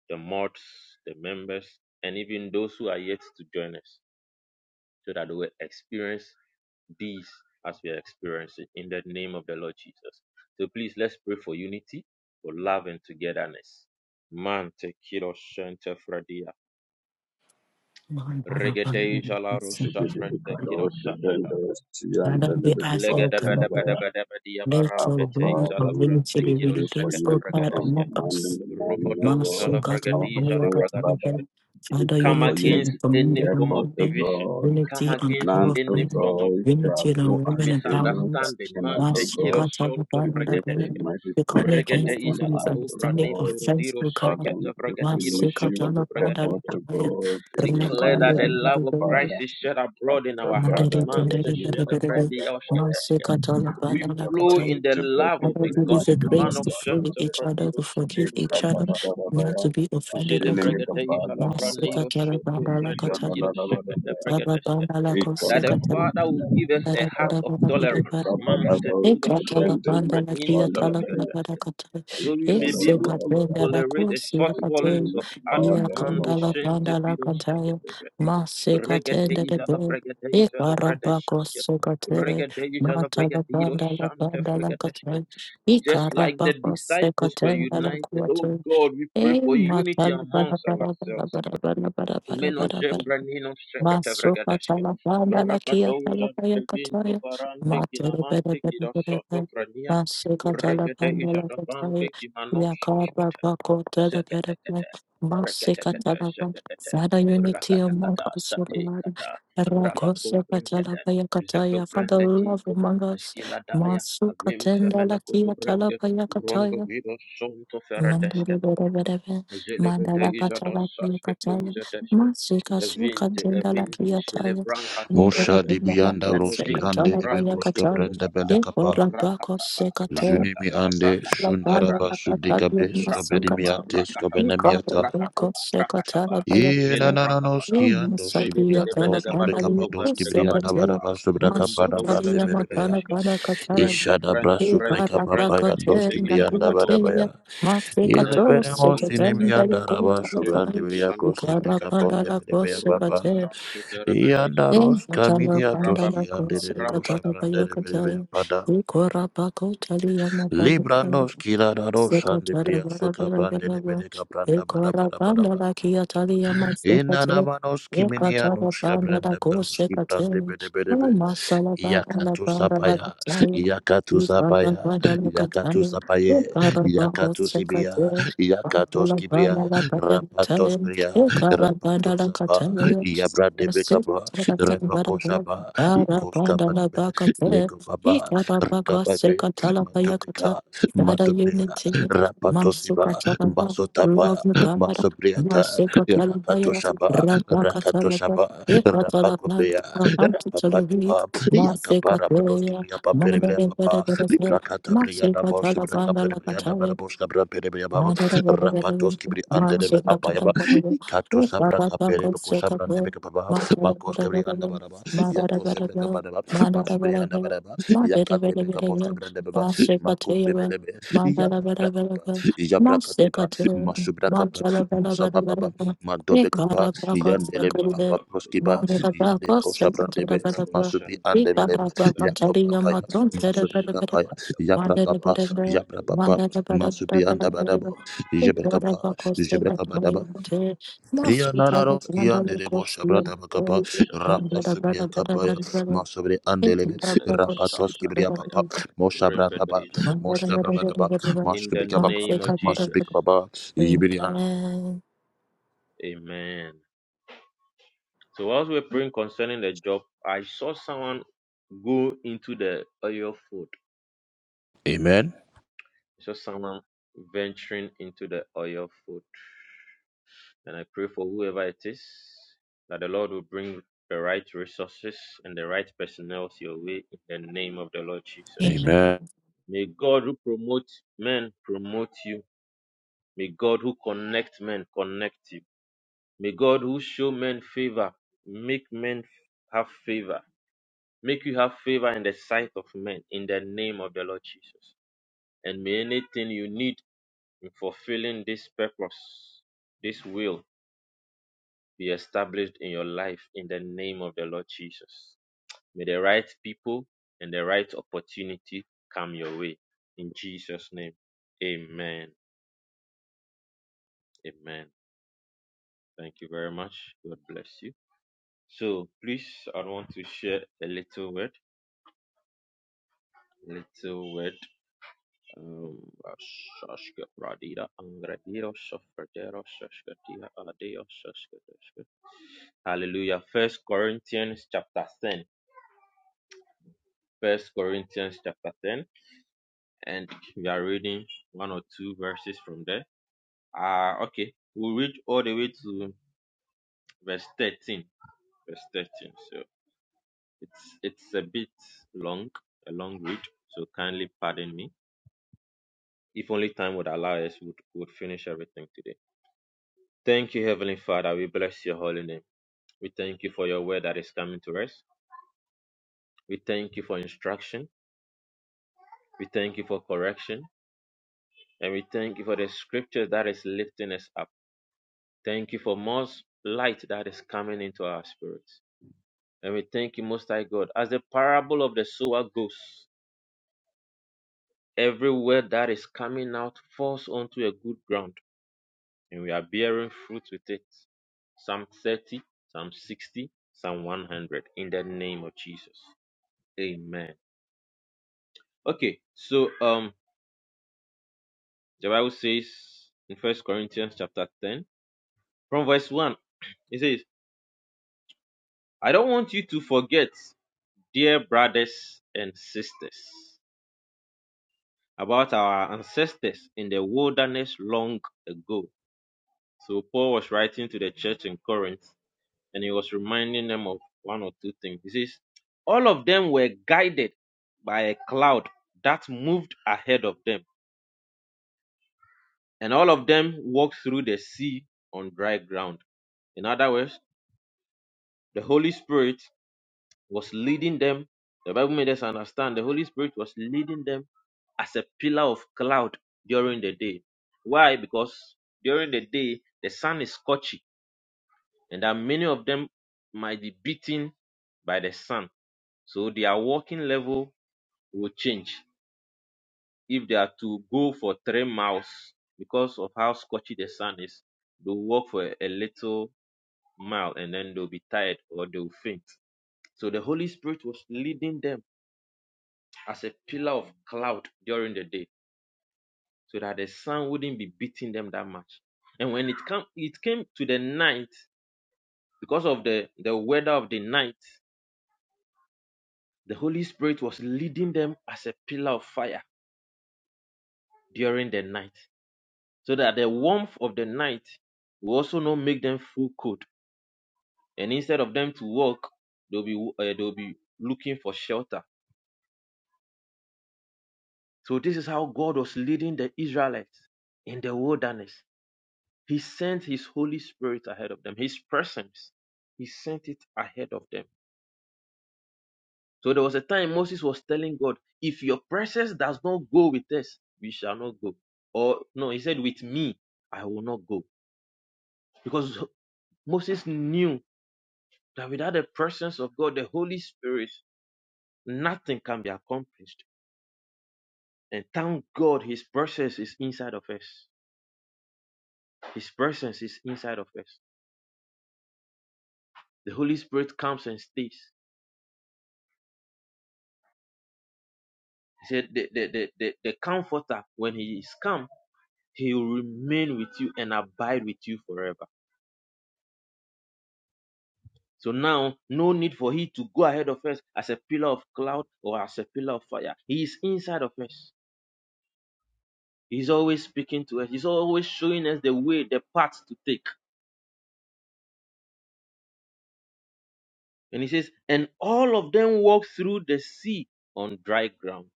B: the mods, the members, and even those who are yet to join us, so that we will experience these as we are experiencing in the name of the Lord Jesus. So please let's pray for unity, for love and togetherness. Man, te kiro shente fradia.
A: Lord, I don't
B: Regedeja la rusha frente kiro
E: Delibicador the vendors Sian
A: want to be asked, oh
B: Legada bada
E: Delibicapa
A: God.
B: bada bada badia
A: Let
B: baram
A: your
E: Abba
B: pete
A: wind
E: Father,
B: jala
A: of
E: we
A: unity
B: brante
E: please
A: be
B: kiro
E: pray for
A: released,
B: shakata
A: O
E: unity
A: God,
E: on
B: bragadeske.
A: among us.
E: commanding the morning, O
B: Rovodo
E: God,
A: Maso
B: jala
E: and
A: Katala
E: hour
B: bragadi
E: of
A: Vanilla
B: jala
E: prayer, Father.
B: bragadoske.
A: Katanaben.
E: We
A: Father,
E: pray
B: Come
E: for
A: unity
B: against
A: on
E: unity of
B: any
A: commanded the
B: form of
E: effort, O
A: morning,
B: division.
E: God.
B: We come
A: unity on
B: against
A: hour
E: None,
A: of
E: O
B: any
A: prayer,
B: form of
E: God, shall
A: unity
E: go
A: on women
E: astray, none shall
A: empowerment.
B: misunderstanding.
E: take him out, O
B: Mante
A: Maso
B: kiro
E: God.
A: Katala
B: shonto
E: We
A: Vanilla
E: pray for a
B: bregadeshke.
A: Katanaben.
E: mighty
A: We
E: God
A: come
E: to come
B: Regede
A: against
E: upon
A: every
B: izala
E: us, O
B: ovra
A: misunderstanding,
E: God.
B: nentoro
A: offense,
B: diro
A: O
E: Father,
A: God.
B: shekete
E: we pray for
B: bregadiro
A: Maso
E: unity with the
A: Katala
B: shokoto
A: Vanilla
E: people, O
B: bregadeshke.
A: Katanaben.
E: God, in your
B: Declare that
A: Recommended.
B: the
E: vineyard,
B: love
E: Abba
B: of Christ
E: Father.
B: is shed
E: Like
B: abroad in
E: the
B: our
E: brother,
B: hearts.
E: the brother,
B: Mante
E: the
B: shele
E: brother, the
B: brendi
E: brother,
A: Maso
B: oshketeshke.
A: Katala
B: We
E: Thank
A: Vanilla
B: flow
A: Katanaben.
B: in the love of
A: Father,
B: the
A: give us the
B: gospel. Man
A: grace to forgive
B: Shanta
A: each other, to
B: Pradiro
A: forgive
B: Shakoto
A: each other,
B: Bregadeshka.
A: not to be offended
B: Zele
A: or come.
B: Bregadeja La
A: Masika
B: Praniro
A: jara
B: Shoto
A: bandala katana.
B: Bredekiro Shekete
A: Father,
B: Bregadeshka. That the
A: bandala
B: Father will
A: Matala
B: give us a heart of tolerance. Man Tekido Shonto Pranino Shotkateshka. So we may be able to tolerate the shortfallings of others. Man the
E: you.
B: Shente Fido Shekete Bre- Regadeja La Bregadeja La Bredeshka. Regadeja La Bregadiro Shante Bregadeshka. Just like the disciples were united. Oh God, we pray for unity amongst ourselves. Menos jebranino
A: Masuka
B: shekatevragadeshke.
A: talapanda la kia
B: Rabadoza
A: talapaya
B: devinto
A: kataya.
B: barante
A: Matere bere
B: kinamante
A: bere bere
B: kidashoto
A: bere.
B: Frania
A: Masuka talapanda
B: Regedeja
A: la kataya.
B: davante
A: Yakaba
B: kimanososkete.
A: bako tele bere bere.
B: Zeketekete.
A: Masika
B: Reketekete
A: talapanda.
B: setekete.
A: Father, unity among
B: Rakatakata
A: us, O Lord.
B: satekata.
A: Rakosa
B: Rabakumbrenkete.
A: katalapaya kataya. Father, love
B: Zetobrendekiku.
A: among us.
B: Askiladaya.
A: Masuka
B: Avim
A: tenda la kia
B: femenakutubrende.
A: talapaya
B: Rondo
A: kataya.
B: vido sonto
A: Mandiri bere bere be, mandala
B: Zelevedeja dos
A: katala kaya katala,
B: Sasketeja Deske,
A: masi kasu
B: Evinte,
A: katinda la
B: Evinte,
A: kia taya,
B: Shelevranca to
A: mandala
B: Brenda,
D: Moshadi
A: tinda la
D: Bianda
A: kose
D: Broski
B: Menovinto
D: Ande
A: katala kaya
B: Brante
D: Bekoska
A: katala,
B: Kikokobata,
D: Brandebele
A: ye
D: Kapa
A: bako
B: Rakataba,
D: Zunimi
B: Rakataba,
D: Ande
B: Rakataba,
A: Ikora
D: Shundaraba
B: Rakataba,
D: Subdika Breska
B: Rakataba, Rakataba,
D: Benimiate
B: Rakataba, Rakataba, Zelebrakabada,
D: Yenananoski and Shibriata Boski
B: Zedebedebedagabadogodogan
D: Brekapadoski
B: de
D: Brianda
B: Gabadiaba,
D: Baraba Subrakapana
B: Rumbotoza
D: Brande
B: de
D: Berebea
B: Bregateske, Brente,
D: Ishada
B: Brente,
D: Brasu
B: Brente,
D: Brekapaya
B: Brente,
D: Doski
B: Sketeja
D: Brianda
B: lagadoske.
D: Barabaya
B: Eh, Villa
D: Ileberemos
B: Doja Dashka,
D: Inimianda Raba Subrandi
B: Gente Fimano
D: Briacos
B: Soshka
D: Ibrikapon de
B: Taiba,
D: Berebea
B: Robo
D: Baba
A: bako
B: Shante Verabadaisha
D: Ianda
B: Dashka,
D: Roska Minia
B: Rababa,
D: Toski and de Rebosa
B: Rambadaba,
D: Brande Berebea Pada
A: tali ya mabali
D: Libranos Kilada Rosa
A: Seka
D: and de
A: chara bara
D: Briasoka
A: bara
D: Brande
A: bara
D: de
A: bara
D: Bereca Branda
A: Ekora
D: Barabara
A: banda
D: baraba.
A: la kia tali ama seka chere.
D: Inanamanos
A: Eka chara
D: kiminianos
A: banda la
D: kabrende
A: ko
D: beluski
A: seka
D: brande
A: chere.
D: bede bede
A: O
D: be.
A: masala banda la banda la
D: Yakatusapaya,
A: kutaya. Ikara
D: Yakatusapaya,
A: banda la kutaya.
D: Yakatusapaye,
A: Ekara banda seka
D: Yakatusibia,
A: chere. Banda la banda
D: Yakatoskibria,
A: la banda kutaya.
D: Rapatoskria,
A: Ekara banda la
D: Rapatosapa,
A: kutaya.
D: Yabra de Becapa,
A: Seka chara bara bara
D: Repacosaba,
A: bara. Bara banda la
D: Icoskabadebe,
A: bakate.
D: Lekobaba,
A: Ikara baka
D: Rekababe,
A: sekatala payakata
D: Matobrica,
A: Father,
D: Matobria,
A: unity, Mamsu
D: Rapatosiba,
A: Kachalava, love
D: Masotapa,
A: you, God,
D: Masobriata,
A: Mercy Catalavaya,
D: Rakatoshaba,
A: Rata Catalava,
D: Rakatoshaba,
A: Ekatalava,
D: Rapakopea,
A: Mahantu Chalavi,
D: Rapapatipa,
A: Mercy
D: Yakapara Badoski
A: Catalaya,
D: Briapa
A: Manda
D: Peribria
A: de
D: Papa,
A: Vedavera,
D: Liprakata
A: Mercy
D: Briana Bosch, Braka Peribriana
A: Catalavanda
D: Baraboska Brapere
A: Mandela
D: Baba, Rapatoski Bri under the Apayaba, Ikato Sabra Capere, Bacosabran de Becapa, Macos Cabri and Baraba, Yacosebreka Baraba, Masubri and Baraba, Yakate Breca Posta Brandeba, Macum Bebelebe, Yanda brakapa. Yaprakateba, Masubrakapa, Musababa, Mandobekapa, Yandelebe apaproskiba, yandebo shabrandebe,
B: Rabo
D: masubi
B: Shante
D: andebelebe,
B: Bragada,
D: yakopapaya,
B: Robo
D: masubrekapaya,
B: Shatabadi, Abadabadaba,
D: yaprapapa,
B: Shashka
D: yaprapapa,
A: Amen.
B: Taibadaba,
D: masubri
B: Ye
D: andabadaba, jebrekapa,
B: Yekaba, Yekaba,
D: jebrekabadaba,
B: Yekaba, Mano Shante
D: yanararovski anderebo
B: Bragadashka,
D: shabratabakapa,
B: Robo Shashka Taisha
D: rapasubriakapaya,
B: Bragadashka,
D: masubri andelebe,
B: Elero Sasha
D: rapatoskibriapapa,
B: Tabaya,
D: moshabraraba,
B: Rimbedeja
D: moshkababadaba,
B: in the
D: mashkubrikababa,
B: name of Jesus.
D: mashkubrikababa, yibiri
B: Amen. So whilst we're praying concerning the job, I saw someone go into the oil field.
D: Amen.
B: I saw someone venturing into the oil field, And I pray for whoever it is that the Lord will bring the right resources and the right personnel your way in the name of the Lord Jesus.
D: Amen.
B: May God who promotes men promote you. May God who connects men connect you. May God who show men favor make men have favor, make you have favor in the sight of men in the name of the Lord Jesus. And may anything you need in fulfilling this purpose, this will be established in your life in the name of the Lord Jesus. May the right people and the right opportunity come your way. In Jesus' name, amen. Amen. Thank you very much. God bless you. So please, I want to share a little word. Little wet, um, Shashka Radira Angradiro Shofradero Shashkatia Adeo Shashkadeshka. Hallelujah. First Corinthians chapter 10. First Corinthians chapter 10. And we are reading one or two verses from there. Ah, uh, okay. We'll read all the way to verse 13. Verse 13. So it's it's a bit long, a long read. So kindly pardon me. If only time would allow us, we would would finish everything today. Thank you, Heavenly Father. We bless your holy name. We thank you for your word that is coming to us. We thank you for instruction. We thank you for correction. And we thank you for the scripture that is lifting us up. Thank you for more light that is coming into our spirits. And we thank you, Most High God. As the parable of the sower goes, every word that is coming out falls onto a good ground. And we are bearing fruit with it. Psalm 30, Psalm 60, Psalm 100. In the name of Jesus. Amen. Okay, so um the Bible says in First Corinthians chapter 10, from verse 1, it says, I don't want you to forget, dear brothers and sisters, about our ancestors in the wilderness long ago. So Paul was writing to the church in Corinth and he was reminding them of one or two things. He says, All of them were guided by a cloud that moved ahead of them, and all of them walked through the sea on dry ground In other words, the Holy Spirit was leading them. The Bible made us understand the Holy Spirit was leading them as a pillar of cloud during the day. Why? Because during the day, the sun is scorchy, and that many of them might be beaten by the sun. So their walking level will change if they are to go for three miles because of how scorchy the sun is. They'll walk for a little mile and then they'll be tired or they'll faint. So the Holy Spirit was leading them as a pillar of cloud during the day so that the sun wouldn't be beating them that much. And when it came, it came to the night, because of the, the weather of the night, the Holy Spirit was leading them as a pillar of fire during the night. So that the warmth of the night will also not make them feel cold. And instead of them to walk, they'll be uh, they'll be looking for shelter. So this is how God was leading the Israelites in the wilderness He sent his Holy Spirit ahead of them, his presence. He sent it ahead of them. So there was a time Moses was telling God, if your presence does not go with us, we shall not go. Or no, he said, with me, I will not go. Because Moses knew that without the presence of God, the Holy Spirit, nothing can be accomplished. And thank God his presence is inside of us. His presence is inside of us. The Holy Spirit comes and stays. He said, the, the, the, the, the comforter, when he is come, he will remain with you and abide with you forever. So now, no need for he to go ahead of us as a pillar of cloud or as a pillar of fire. He is inside of us. He's always speaking to us. He's always showing us the way, the path to take. And he says, and all of them walked through the sea on dry ground.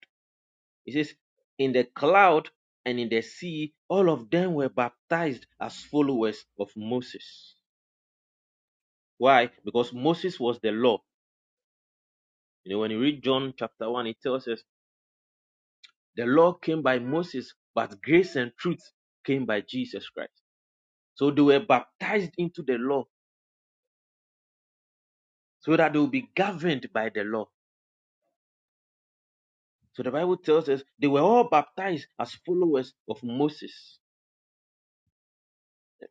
B: He says, in the cloud and in the sea, all of them were baptized as followers of Moses. Why? Because Moses was the law. You know, when you read John chapter 1, it tells us the law came by Moses, but grace and truth came by Jesus Christ. So they were baptized into the law so that they will be governed by the law. So the Bible tells us they were all baptized as followers of Moses.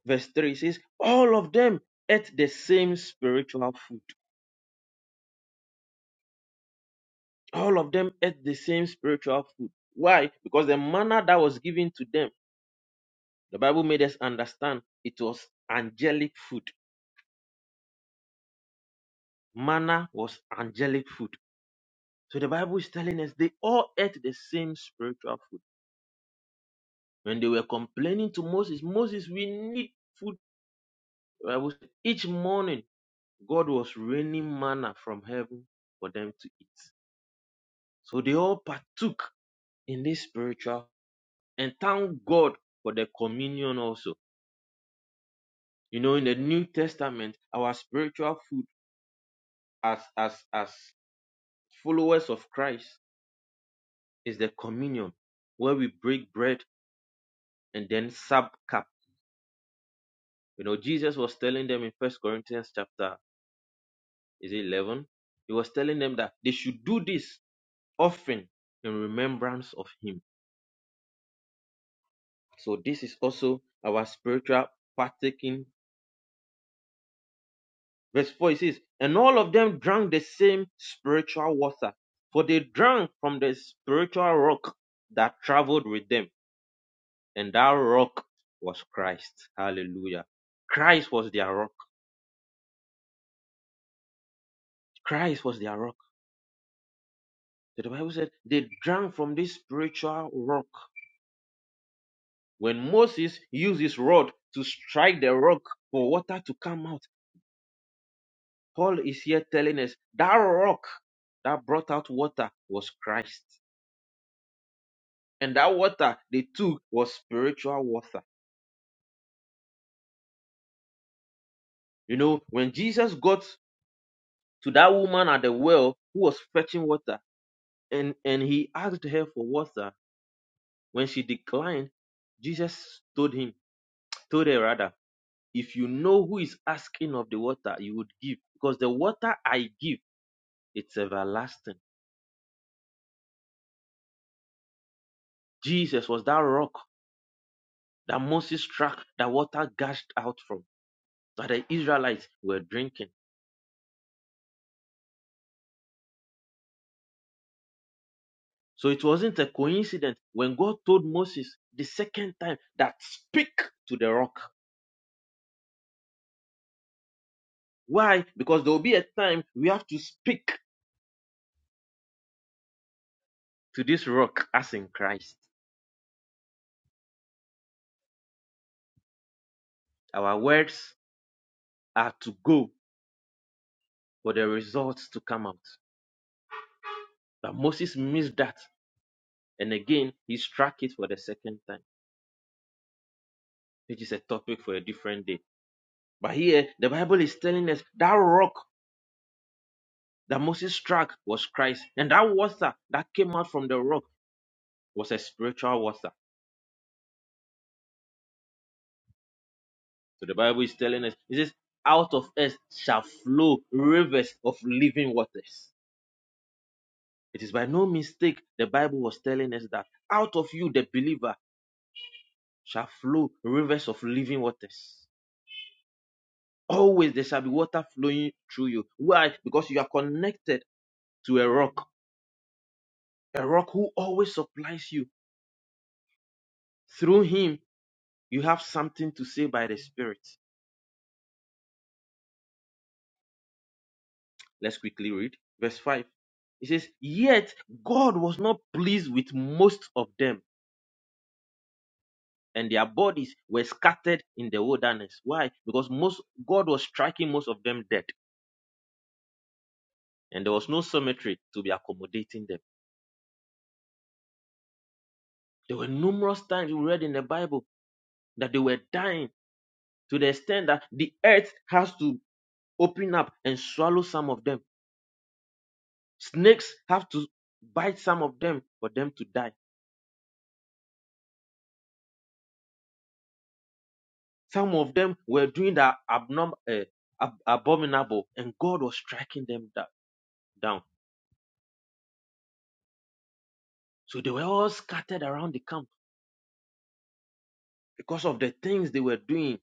B: Verse 3 says, All of them ate the same spiritual food. All of them ate the same spiritual food. Why? Because the manna that was given to them The Bible made us understand it was angelic food. Manna was angelic food. So the Bible is telling us they all ate the same spiritual food. When they were complaining to Moses, Moses, we need food. I was each morning, God was raining manna from heaven for them to eat. So they all partook in this spiritual and thank God for the communion also. You know, in the New Testament, our spiritual food as as as followers of Christ is the communion where we break bread and then sub cup. You know, Jesus was telling them in First Corinthians chapter is it eleven, he was telling them that they should do this often in remembrance of him. So this is also our spiritual partaking. Verse 4 it says, And all of them drank the same spiritual water, for they drank from the spiritual rock that traveled with them, and that rock was Christ. Hallelujah. Christ was their rock. Christ was their rock. So the Bible said they drank from this spiritual rock. When Moses used his rod to strike the rock for water to come out, Paul is here telling us that rock that brought out water was Christ. And that water they took was spiritual water. You know, when Jesus got to that woman at the well who was fetching water and, and he asked her for water, when she declined, Jesus told him, told her rather, if you know who is asking of the water, you would give because the water I give, it's everlasting. Jesus was that rock that Moses struck, that water gushed out from, that the Israelites were drinking. So it wasn't a coincidence when God told Moses the second time that speak to the rock. Why? Because there will be a time we have to speak to this rock as in Christ. Our words are to go for the results to come out. But Moses missed that And again, he struck it for the second time, which is a topic for a different day. But here, the Bible is telling us that rock that Moses struck was Christ, and that water that came out from the rock was a spiritual water. So the Bible is telling us, it says, out of us shall flow rivers of living waters. It is by no mistake the Bible was telling us that out of you, the believer, shall flow rivers of living waters. Always there shall be water flowing through you. Why? Because you are connected to a rock, a rock who always supplies you. Through him, you have something to say by the Spirit. Let's quickly read verse 5. It says, Yet God was not pleased with most of them, and their bodies were scattered in the wilderness. Why? Because most God was striking most of them dead, and there was no cemetery to be accommodating them. There were numerous times we read in the Bible that they were dying to the extent that the earth has to open up and swallow some of them Snakes have to bite some of them for them to die. Some of them were doing the abnorm- eh, ab- abominable, and God was striking them da- down. So they were all scattered around the camp because of the things they were doing.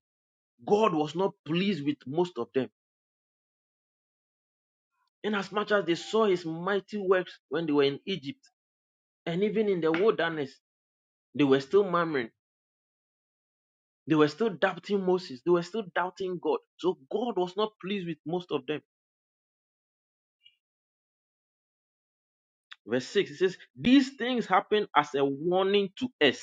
B: God was not pleased with most of them. Inasmuch as they saw his mighty works when they were in Egypt and even in the wilderness, they were still murmuring. They were still doubting Moses. They were still doubting God. So God was not pleased with most of them. verse 6 it says these things happen as a warning to us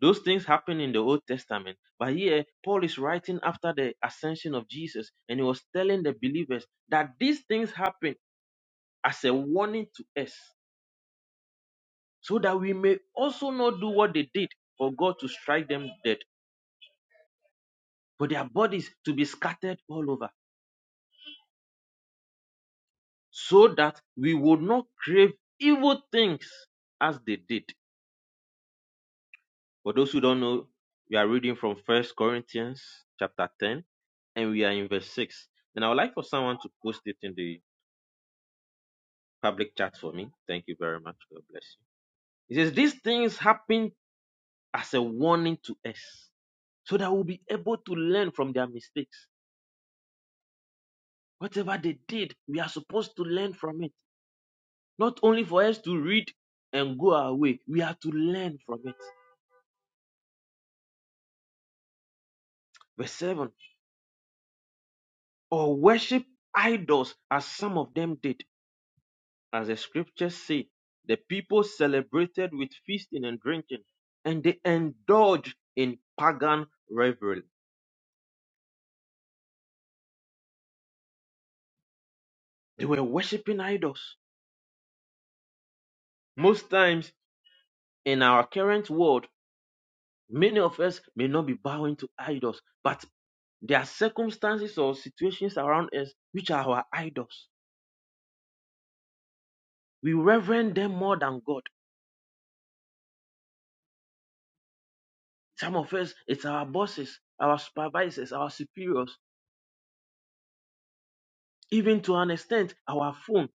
B: those things happen in the old testament but here paul is writing after the ascension of jesus and he was telling the believers that these things happen as a warning to us so that we may also not do what they did for god to strike them dead for their bodies to be scattered all over so that we would not crave evil things as they did For those who don't know, we are reading from First Corinthians chapter 10, and we are in verse 6. And I would like for someone to post it in the public chat for me. Thank you very much. God bless you. It says, These things happen as a warning to us, so that we'll be able to learn from their mistakes. Whatever they did, we are supposed to learn from it. Not only for us to read and go our way, we are to learn from it. Verse 7 Or worship idols as some of them did As the scriptures say, the people celebrated with feasting and drinking, and they indulged in pagan revelry. They were worshipping idols. Most times in our current world, many of us may not be bowing to idols, but there are circumstances or situations around us which are our idols. We reverend them more than God. Some of us, it's our bosses, our supervisors, our superiors, even to an extent, our phone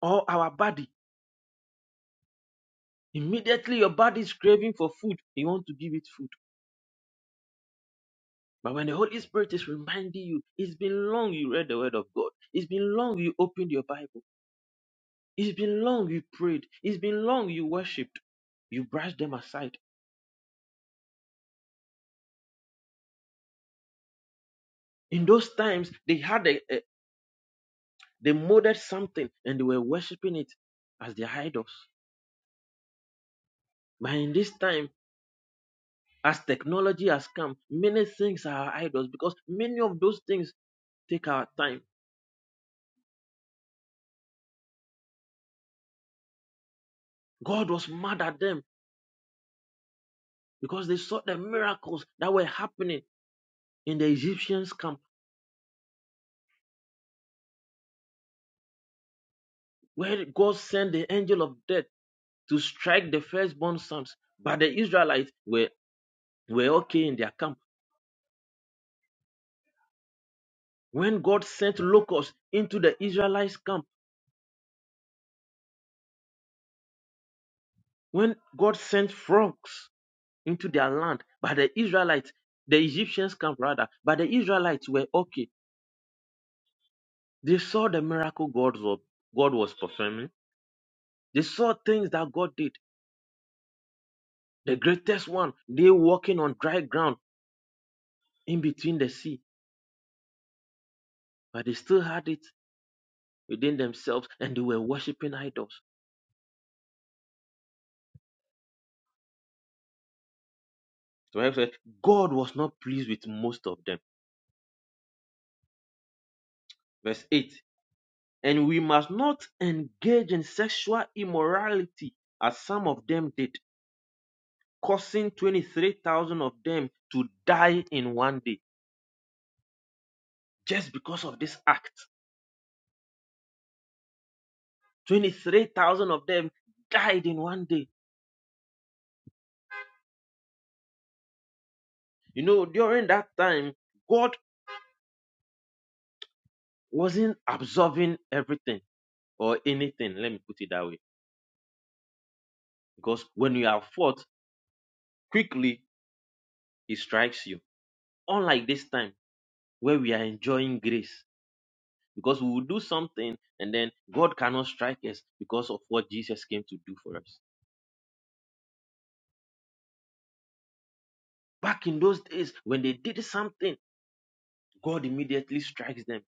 B: or our body. Immediately your body is craving for food, you want to give it food. But when the Holy Spirit is reminding you, it's been long you read the Word of God, it's been long you opened your Bible, it's been long you prayed, it's been long you worshipped, you brush them aside. In those times, they had a, a- they molded something and they were worshipping it as their idols. But in this time, as technology has come, many things are our idols because many of those things take our time. God was mad at them because they saw the miracles that were happening in the Egyptians' camp, where God sent the angel of death to strike the firstborn sons. But the Israelites were, were okay in their camp. When God sent locusts into the Israelites' camp, when God sent frogs into their land, but the Israelites, the Egyptians' camp rather, but the Israelites were okay. They saw the miracle God was, God was performing. They saw things that God did. The greatest one, they walking on dry ground in between the sea, but they still had it within themselves and they were worshipping idols. So I said, God was not pleased with most of them. Verse 8 And we must not engage in sexual immorality as some of them did, causing 23,000 of them to die in one day just because of this act. 23,000 of them died in one day. You know, during that time, God wasn't absorbing everything or anything. Let me put it that way because when you are fought quickly he strikes you unlike this time where we are enjoying grace because we will do something and then god cannot strike us because of what jesus came to do for us back in those days when they did something god immediately strikes them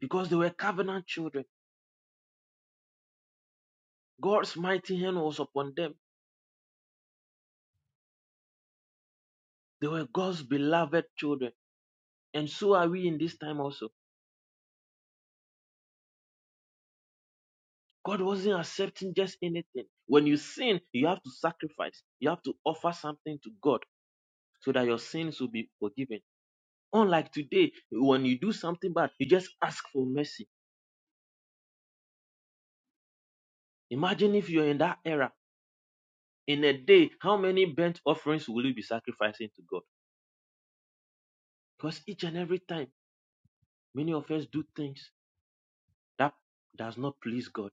B: because they were covenant children god's mighty hand was upon them they were god's beloved children and so are we in this time also God wasn't accepting just anything. When you sin, you have to sacrifice. You have to offer something to God so that your sins will be forgiven. Unlike today, when you do something bad, you just ask for mercy. Imagine if you're in that era. In a day, how many burnt offerings will you be sacrificing to God? Because each and every time, many of us do things that does not please God.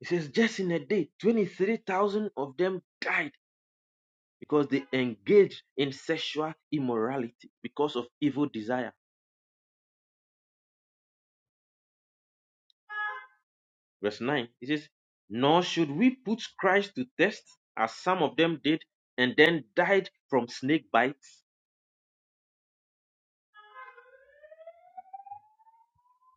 B: It says, just in a day, 23,000 of them died because they engaged in sexual immorality because of evil desire Verse 9, it says, Nor should we put Christ to test as some of them did and then died from snake bites.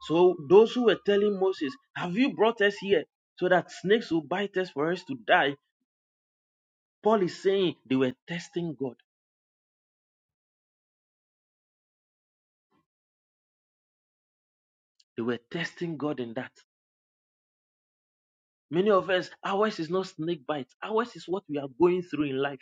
B: So those who were telling Moses, Have you brought us here so that snakes will bite us for us to die? Paul is saying they were testing God. They were testing God in that. Many of us, ours is not snake bites. Ours is what we are going through in life.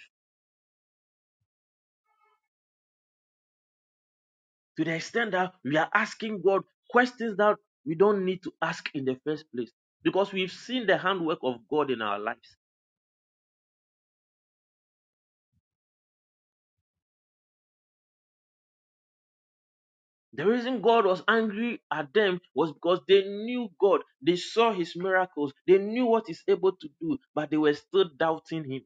B: To the extent that we are asking God questions that we don't need to ask in the first place because we've seen the handwork of God in our lives. The reason God was angry at them was because they knew God. They saw his miracles. They knew what he's able to do, but they were still doubting him.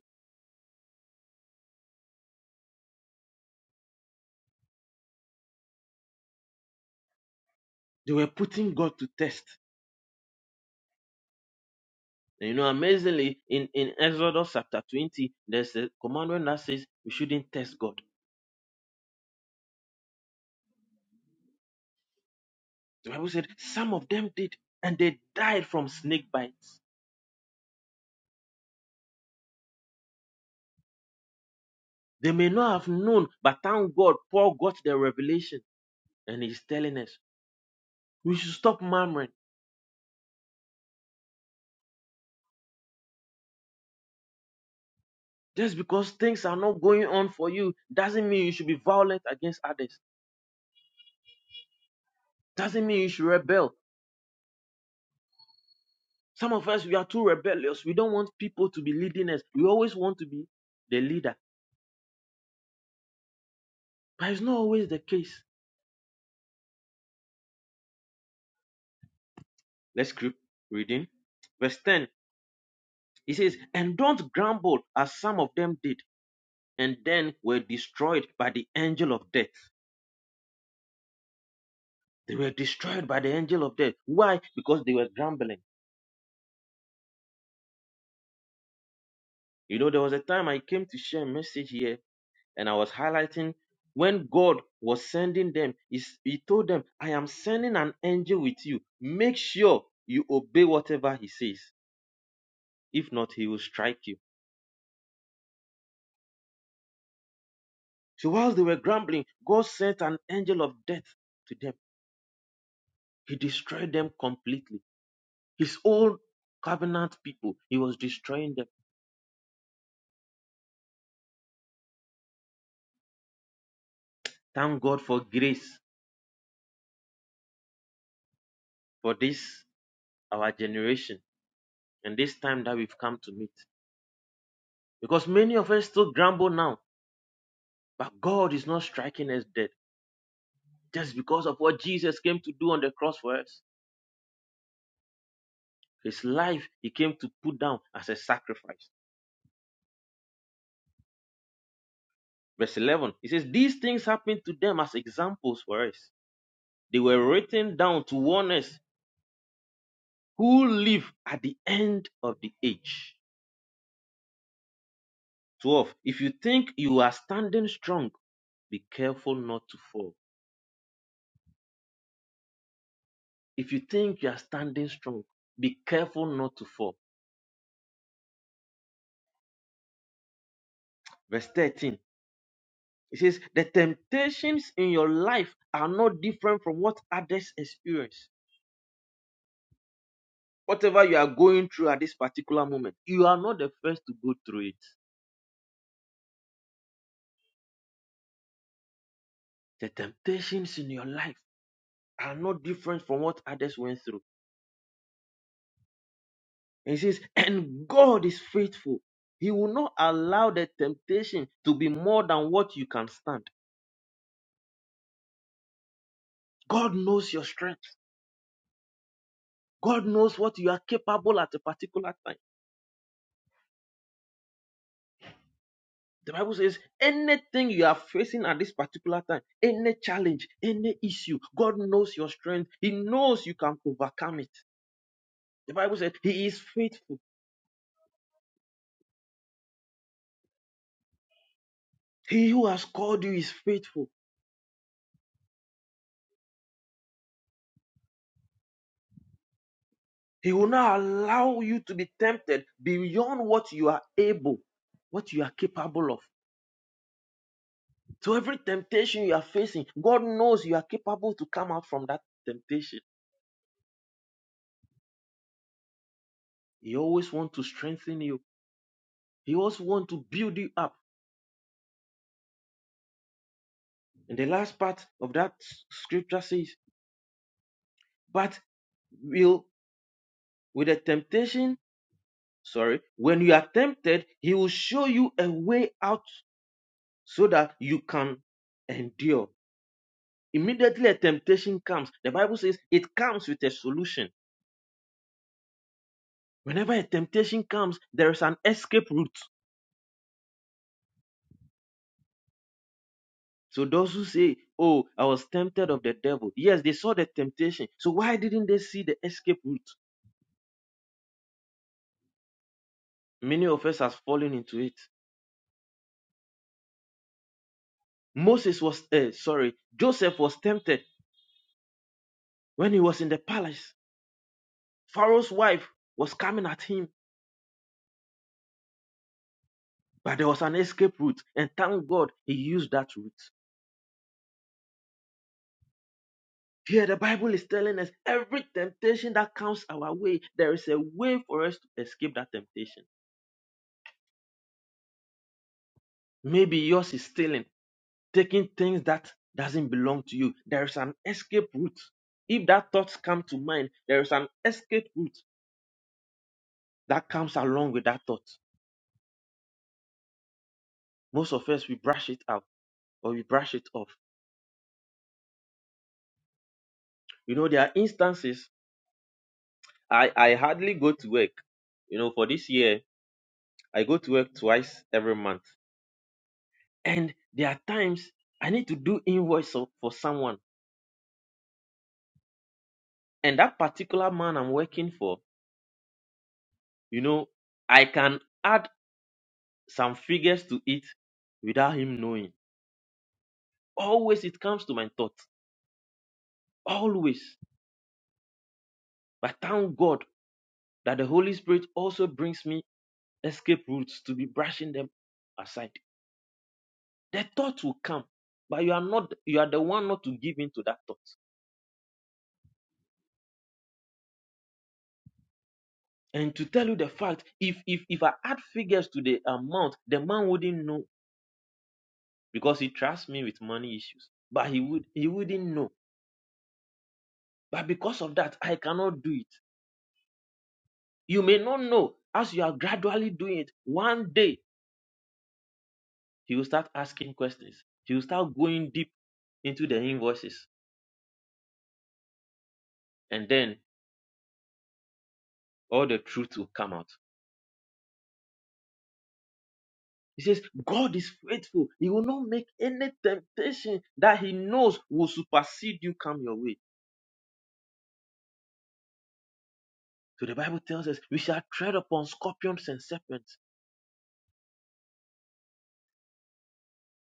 B: They were putting God to test. And you know, amazingly, in, in Exodus chapter 20, there's a commandment that says we shouldn't test God. The Bible said some of them did, and they died from snake bites. They may not have known, but thank God, Paul got the revelation, and he's telling us we should stop murmuring. Just because things are not going on for you doesn't mean you should be violent against others. Doesn't mean you should rebel. Some of us, we are too rebellious. We don't want people to be leading us. We always want to be the leader. But it's not always the case. Let's keep reading. Verse 10, he says, And don't grumble as some of them did, and then were destroyed by the angel of death. They were destroyed by the angel of death. Why? Because they were grumbling. You know, there was a time I came to share a message here and I was highlighting when God was sending them, he, he told them, I am sending an angel with you. Make sure you obey whatever he says. If not, he will strike you. So whilst they were grumbling, God sent an angel of death to them. He destroyed them completely. His own covenant people, he was destroying them. Thank God for grace for this, our generation, and this time that we've come to meet. Because many of us still grumble now, but God is not striking us dead. just because of what Jesus came to do on the cross for us. His life he came to put down as a sacrifice. Verse 11, he says, These things happened to them as examples for us. They were written down to warn us who live at the end of the age. 12, if you think you are standing strong, be careful not to fall. If you think you are standing strong, be careful not to fall. Verse 13, It says, the temptations in your life are not different from what others experience. Whatever you are going through at this particular moment, you are not the first to go through it. The temptations in your life are not different from what others went through. And it says, and God is faithful. He will not allow the temptation to be more than what you can stand. God knows your strength. God knows what you are capable at a particular time. The Bible says anything you are facing at this particular time, any challenge, any issue, God knows your strength. He knows you can overcome it. The Bible says He is faithful. He who has called you is faithful. He will not allow you to be tempted beyond what you are able, what you are capable of. So every temptation you are facing, God knows you are capable to come out from that temptation. He always wants to strengthen you. He also wants to build you up. And the last part of that scripture says, but will with a temptation sorry when you are tempted he will show you a way out so that you can endure immediately a temptation comes the bible says it comes with a solution whenever a temptation comes there is an escape route so those who say oh i was tempted of the devil yes they saw the temptation so why didn't they see the escape route many of us have fallen into it moses was uh, sorry joseph was tempted when he was in the palace Pharaoh's wife was coming at him, but there was an escape route, and thank God he used that route. Here, the Bible is telling us every temptation that comes our way, there is a way for us to escape that temptation. Maybe yours is stealing, taking things that doesn't belong to you. There is an escape route. If that thought comes to mind, there is an escape route that comes along with that thought. Most of us we brush it out or we brush it off. You know, there are instances I I hardly go to work. You know, for this year, I go to work twice every month. And there are times I need to do invoice of- for someone. And that particular man I'm working for, you know, I can add some figures to it without him knowing. Always it comes to my thought. Always. But thank God that the Holy Spirit also brings me escape routes to be brushing them aside. The thought will come, but you are not you are the one not to give in to that thought And to tell you the fact, if if if I add figures to the amount, the man wouldn't know because he trusts me with money issues. But he would he wouldn't know. But because of that, I cannot do it. You may not know as you are gradually doing it. One day he will start asking questions. He will start going deep into the invoices, and then all the truth will come out. He says, God is faithful. He will not make any temptation that he knows will supersede you come your way So the Bible tells us we shall tread upon scorpions and serpents.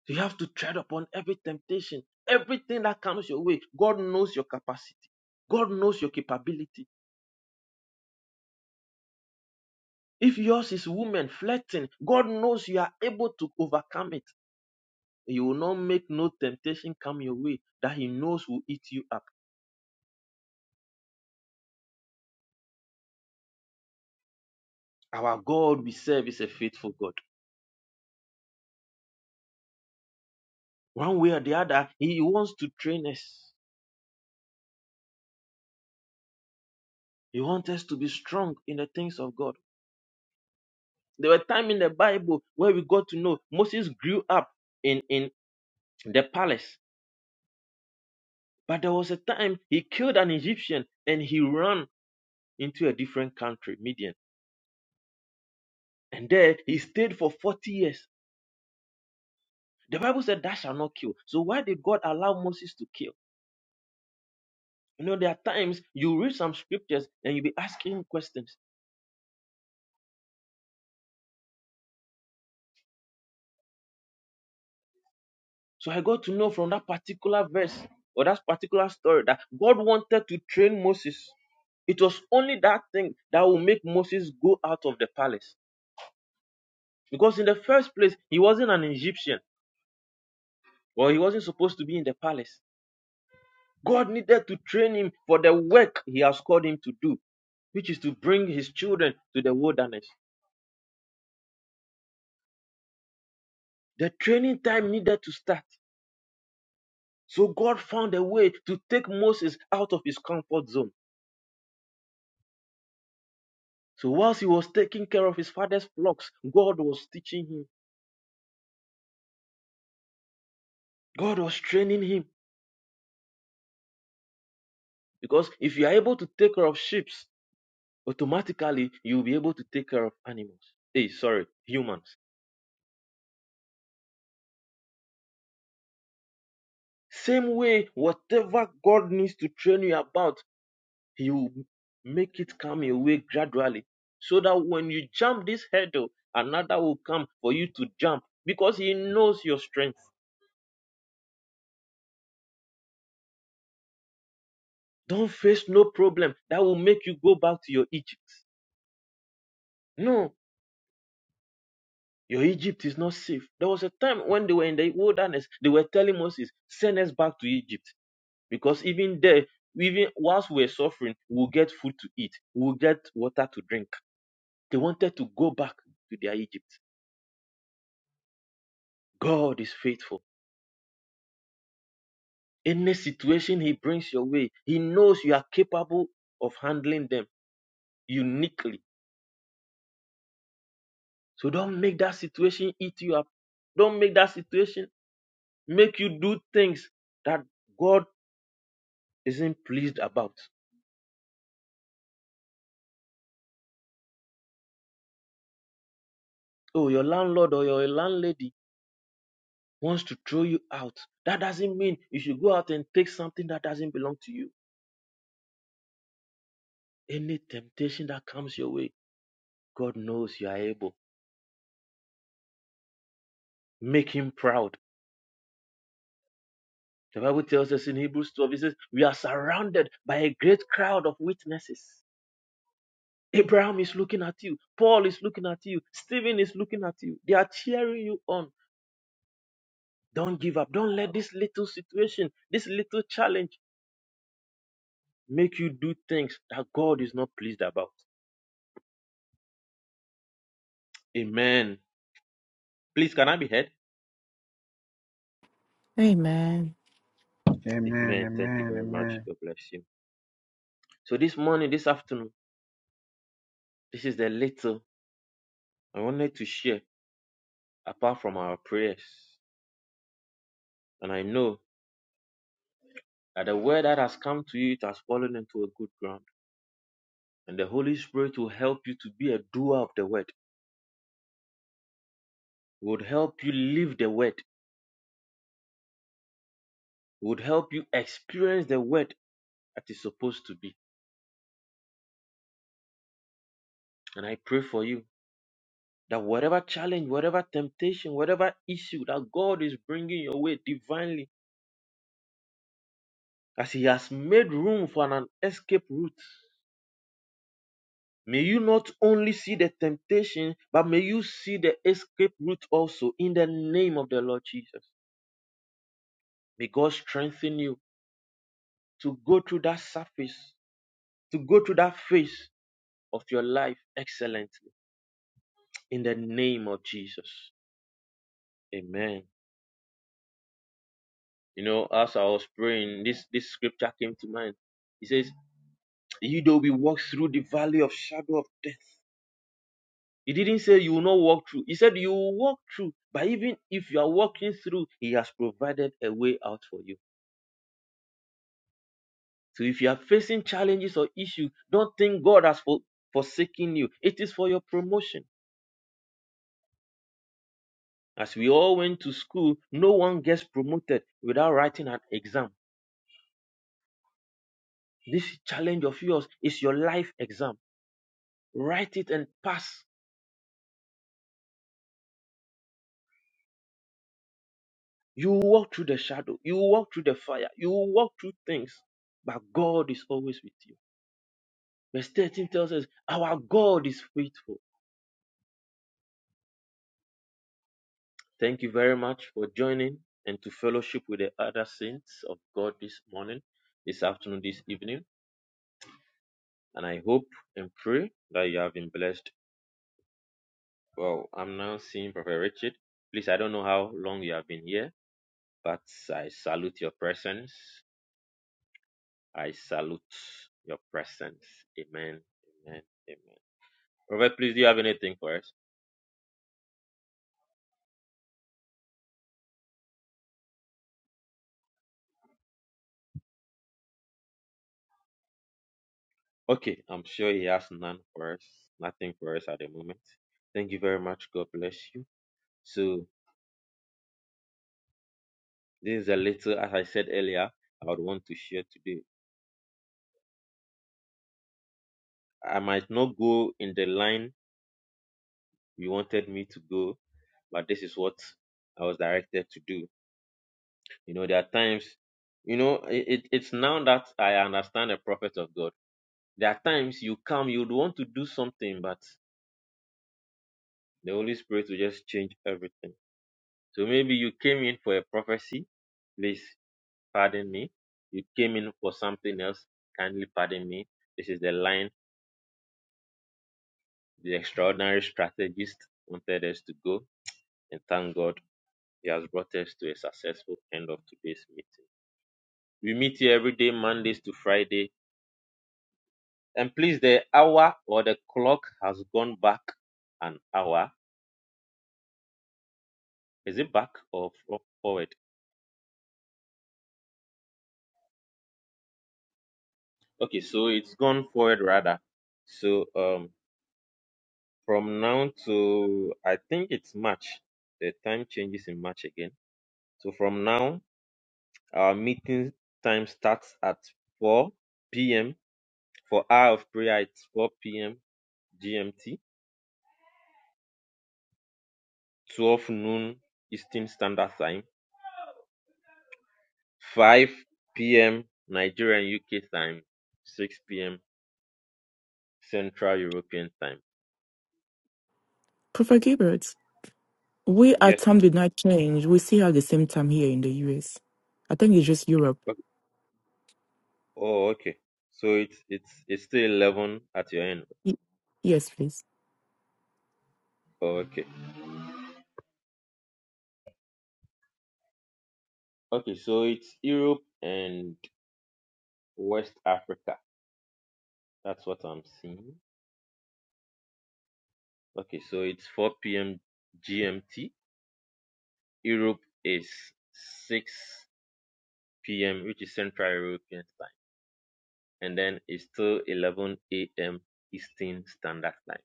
B: So you have to tread upon every temptation, everything that comes your way. God knows your capacity. God knows your capability. If yours is woman flirting, God knows you are able to overcome it. You will not make no temptation come your way that He knows will eat you up. Our God we serve is a faithful God. One way or the other, He wants to train us. He wants us to be strong in the things of God. There were times in the Bible where we got to know Moses grew up in, in the palace, but there was a time he killed an Egyptian and he ran into a different country, Midian. And there he stayed for 40 years. The Bible said, Thou shalt not kill. So why did God allow Moses to kill? You know, there are times you read some scriptures and you be asking questions. So I got to know from that particular verse or that particular story that God wanted to train Moses. It was only that thing that will make Moses go out of the palace. Because in the first place, he wasn't an Egyptian or he wasn't supposed to be in the palace. God needed to train him for the work he has called him to do, which is to bring his children to the wilderness. The training time needed to start. So God found a way to take Moses out of his comfort zone. So whilst he was taking care of his father's flocks, God was teaching him. God was training him. Because if you are able to take care of sheep, automatically you'll be able to take care of animals. Hey, sorry, humans. Same way, whatever God needs to train you about, He will make it come your way gradually. So that when you jump this hurdle, another will come for you to jump because He knows your strength. Don't face no problem that will make you go back to your Egypt. No, Your Egypt is not safe. There was a time when they were in the wilderness, they were telling Moses, send us back to Egypt. Because even there, even whilst we were suffering, we'll get food to eat, we'll get water to drink. They wanted to go back to their Egypt. God is faithful. Any situation He brings your way, He knows you are capable of handling them uniquely. So don't make that situation eat you up. Don't make that situation make you do things that God isn't pleased about. oh, your landlord or your landlady wants to throw you out. That doesn't mean you should go out and take something that doesn't belong to you. Any temptation that comes your way, God knows you are able. Make him proud. The Bible tells us in Hebrews 12, it says, We are surrounded by a great crowd of witnesses. Abraham is looking at you. Paul is looking at you. Stephen is looking at you. They are cheering you on. Don't give up. Don't let this little situation, this little challenge, make you do things that God is not pleased about. Amen. Please, can I be heard?
A: Amen.
F: Amen.
B: Amen. Thank you
F: Amen.
B: very
F: Amen.
B: much. God bless you. So this morning, this afternoon, this is the little I wanted to share apart from our prayers. And I know that the word that has come to you, it has fallen into a good ground. And the Holy Spirit will help you to be a doer of the word, It would help you live the word, It would help you experience the word that is supposed to be. And I pray for you that whatever challenge, whatever temptation, whatever issue that God is bringing your way divinely, as he has made room for an escape route. May you not only see the temptation, but may you see the escape route also in the name of the Lord Jesus. May God strengthen you to go through that surface, to go through that phase of your life excellently in the name of Jesus. Amen. You know, as I was praying, this, this scripture came to mind. He says, You though we walk through the valley of shadow of death He didn't say you will not walk through. He said you will walk through. But even if you are walking through, He has provided a way out for you. So if you are facing challenges or issues, don't think God has for, forsaken you. It is for your promotion. As we all went to school, no one gets promoted without writing an exam. This challenge of yours is your life exam. Write it and pass. You will walk through the shadow. You will walk through the fire. You will walk through things. But God is always with you. Verse 13 tells us, Our God is faithful. Thank you very much for joining and to fellowship with the other saints of God this morning, this afternoon, this evening. And I hope and pray that you have been blessed. Well, I'm now seeing Prophet Richard. Please, I don't know how long you have been here, but I salute your presence. I salute your presence. Amen. Amen. Amen. Prophet, please, do you have anything for us? Okay, I'm sure he has none for us, nothing for us at the moment. Thank you very much. God bless you. So, this is a little, as I said earlier, I would want to share today. I might not go in the line you wanted me to go, but this is what I was directed to do. You know, there are times, you know, it, it- it's now that I understand the prophet of God. There are times you come, you'd want to do something, but the Holy Spirit will just change everything. So maybe you came in for a prophecy, please. Pardon me. You came in for something else. Kindly pardon me. This is the line the extraordinary strategist wanted us to go. And thank God he has brought us to a successful end of today's meeting. We meet here every day, Mondays to Friday. And please, the hour or the clock has gone back an hour. Is it back or f- forward? Okay, so it's gone forward rather. So um, from now to I think it's March. The time changes in March again So from now, our meeting time starts at 4 p.m. For hour of prayer, it's 4 p.m. GMT, 12 noon Eastern Standard Time, 5 p.m. Nigerian UK time, 6 p.m. Central European time.
A: Prophet Gilbert, we our
B: Yes,
A: time
B: ma'am.
A: did not change. We still have the same time here in the US. I think it's just Europe.
B: Okay. Oh, okay. So it's it's it's still 11 at your end.
A: Y- yes, please.
B: Oh, okay. Okay. So it's Europe and West Africa. That's what I'm seeing. Okay, so it's 4 p.m. GMT. Europe is 6 p.m., which is Central European time. And then it's still 11 a.m. Eastern Standard Time.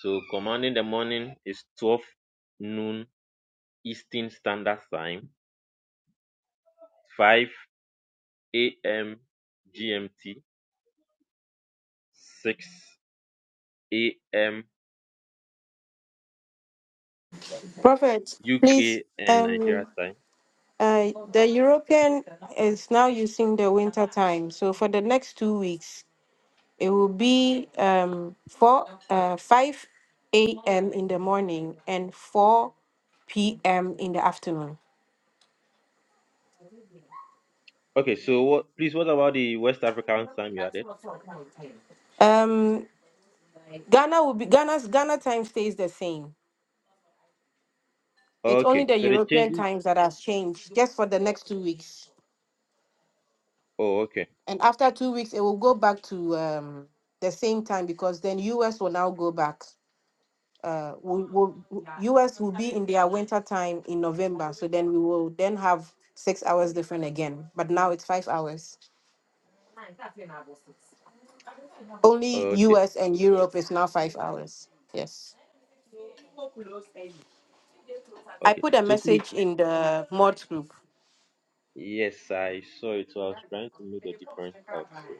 B: So commanding the morning is 12 noon Eastern Standard Time, 5 a.m. GMT, 6 a.m.
C: Prophet, please,
B: UK and Nigeria
C: um,
B: time.
C: uh, the European is now using the winter time. So for the next two weeks, It will be um, 4, uh, 5 a.m. in the morning and 4 p.m. in the afternoon.
B: Okay, so what? Please, what about the West African time you added?
C: Um, Ghana will be Ghana's Ghana time stays the same. It's only
B: Okay,
C: the
B: so the
C: European
B: changes.
C: times that has changed just for the next two weeks.
B: Oh, okay.
C: And after two weeks, it will go back to um, the same time because then US will now go back. Uh, will, will, will- US will be in their winter time in November. So then we will then have six hours different again. But now it's five hours. Only
B: Okay.
C: US and Europe is now five hours. Yes. I
B: Okay.
C: put a
B: So please.
C: message in the mod group.
B: Yes, I saw it. So I was trying to make the difference out. So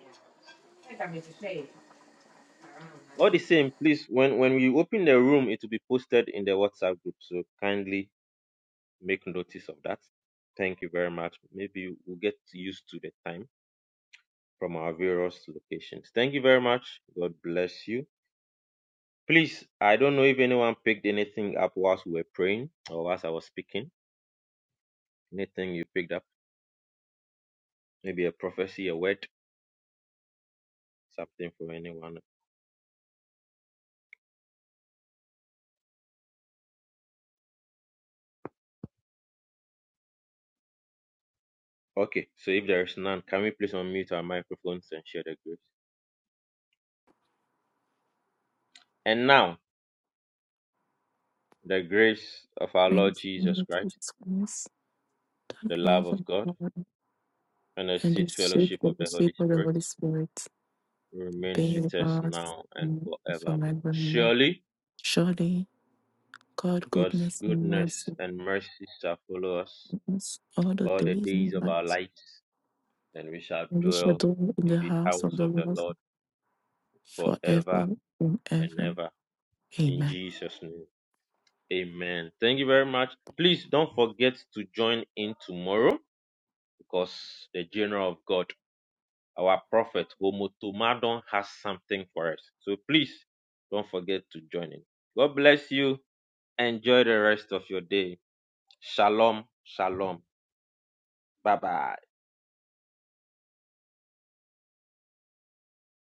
B: all the same, please, when when we open the room, it will be posted in the WhatsApp group. So kindly make notice of that. Thank you very much. Maybe we'll get used to the time from our various locations. Thank you very much. God bless you. Please, I don't know if anyone picked anything up whilst we were praying or as I was speaking. Anything you picked up, maybe a prophecy, a word, something from anyone. Okay, so if there is none, can we please unmute our microphones and share the grace? And now, the grace of our Lord
A: Thanks. Thank
B: Jesus
A: you,
B: Christ,
A: Jesus Christ, the
B: the love
A: love
B: of God,
A: of God.
B: and the
A: and the
B: sweet
A: sweet
B: fellowship of the Holy
A: fellowship of the
B: Spirit
A: Holy Spirit
B: remains
A: be
B: with
A: with
B: us
A: us
B: now and
A: now and
B: forevermore.
A: forevermore.
B: Surely,
A: Surely, God,
B: God's
A: goodness and
B: goodness
A: mercy
B: and mercy shall follow us
A: with us all the
B: all the
A: days
B: days
A: and
B: of our
A: nights,
B: lives, and we shall
A: and we shall
B: dwell
A: dwell in
B: in
A: the
B: the
A: house of
B: house
A: the
B: of the
A: Lord
B: Lord forever
A: forever and
B: and
A: ever.
B: ever. In
A: Amen.
B: Jesus' name. Amen. Thank you very much. Please don't forget to join in tomorrow because the general of God, our prophet Homotomadon, has something for us. So please don't forget to join in. God bless you. Enjoy the rest of your day. Shalom. Shalom. Bye bye.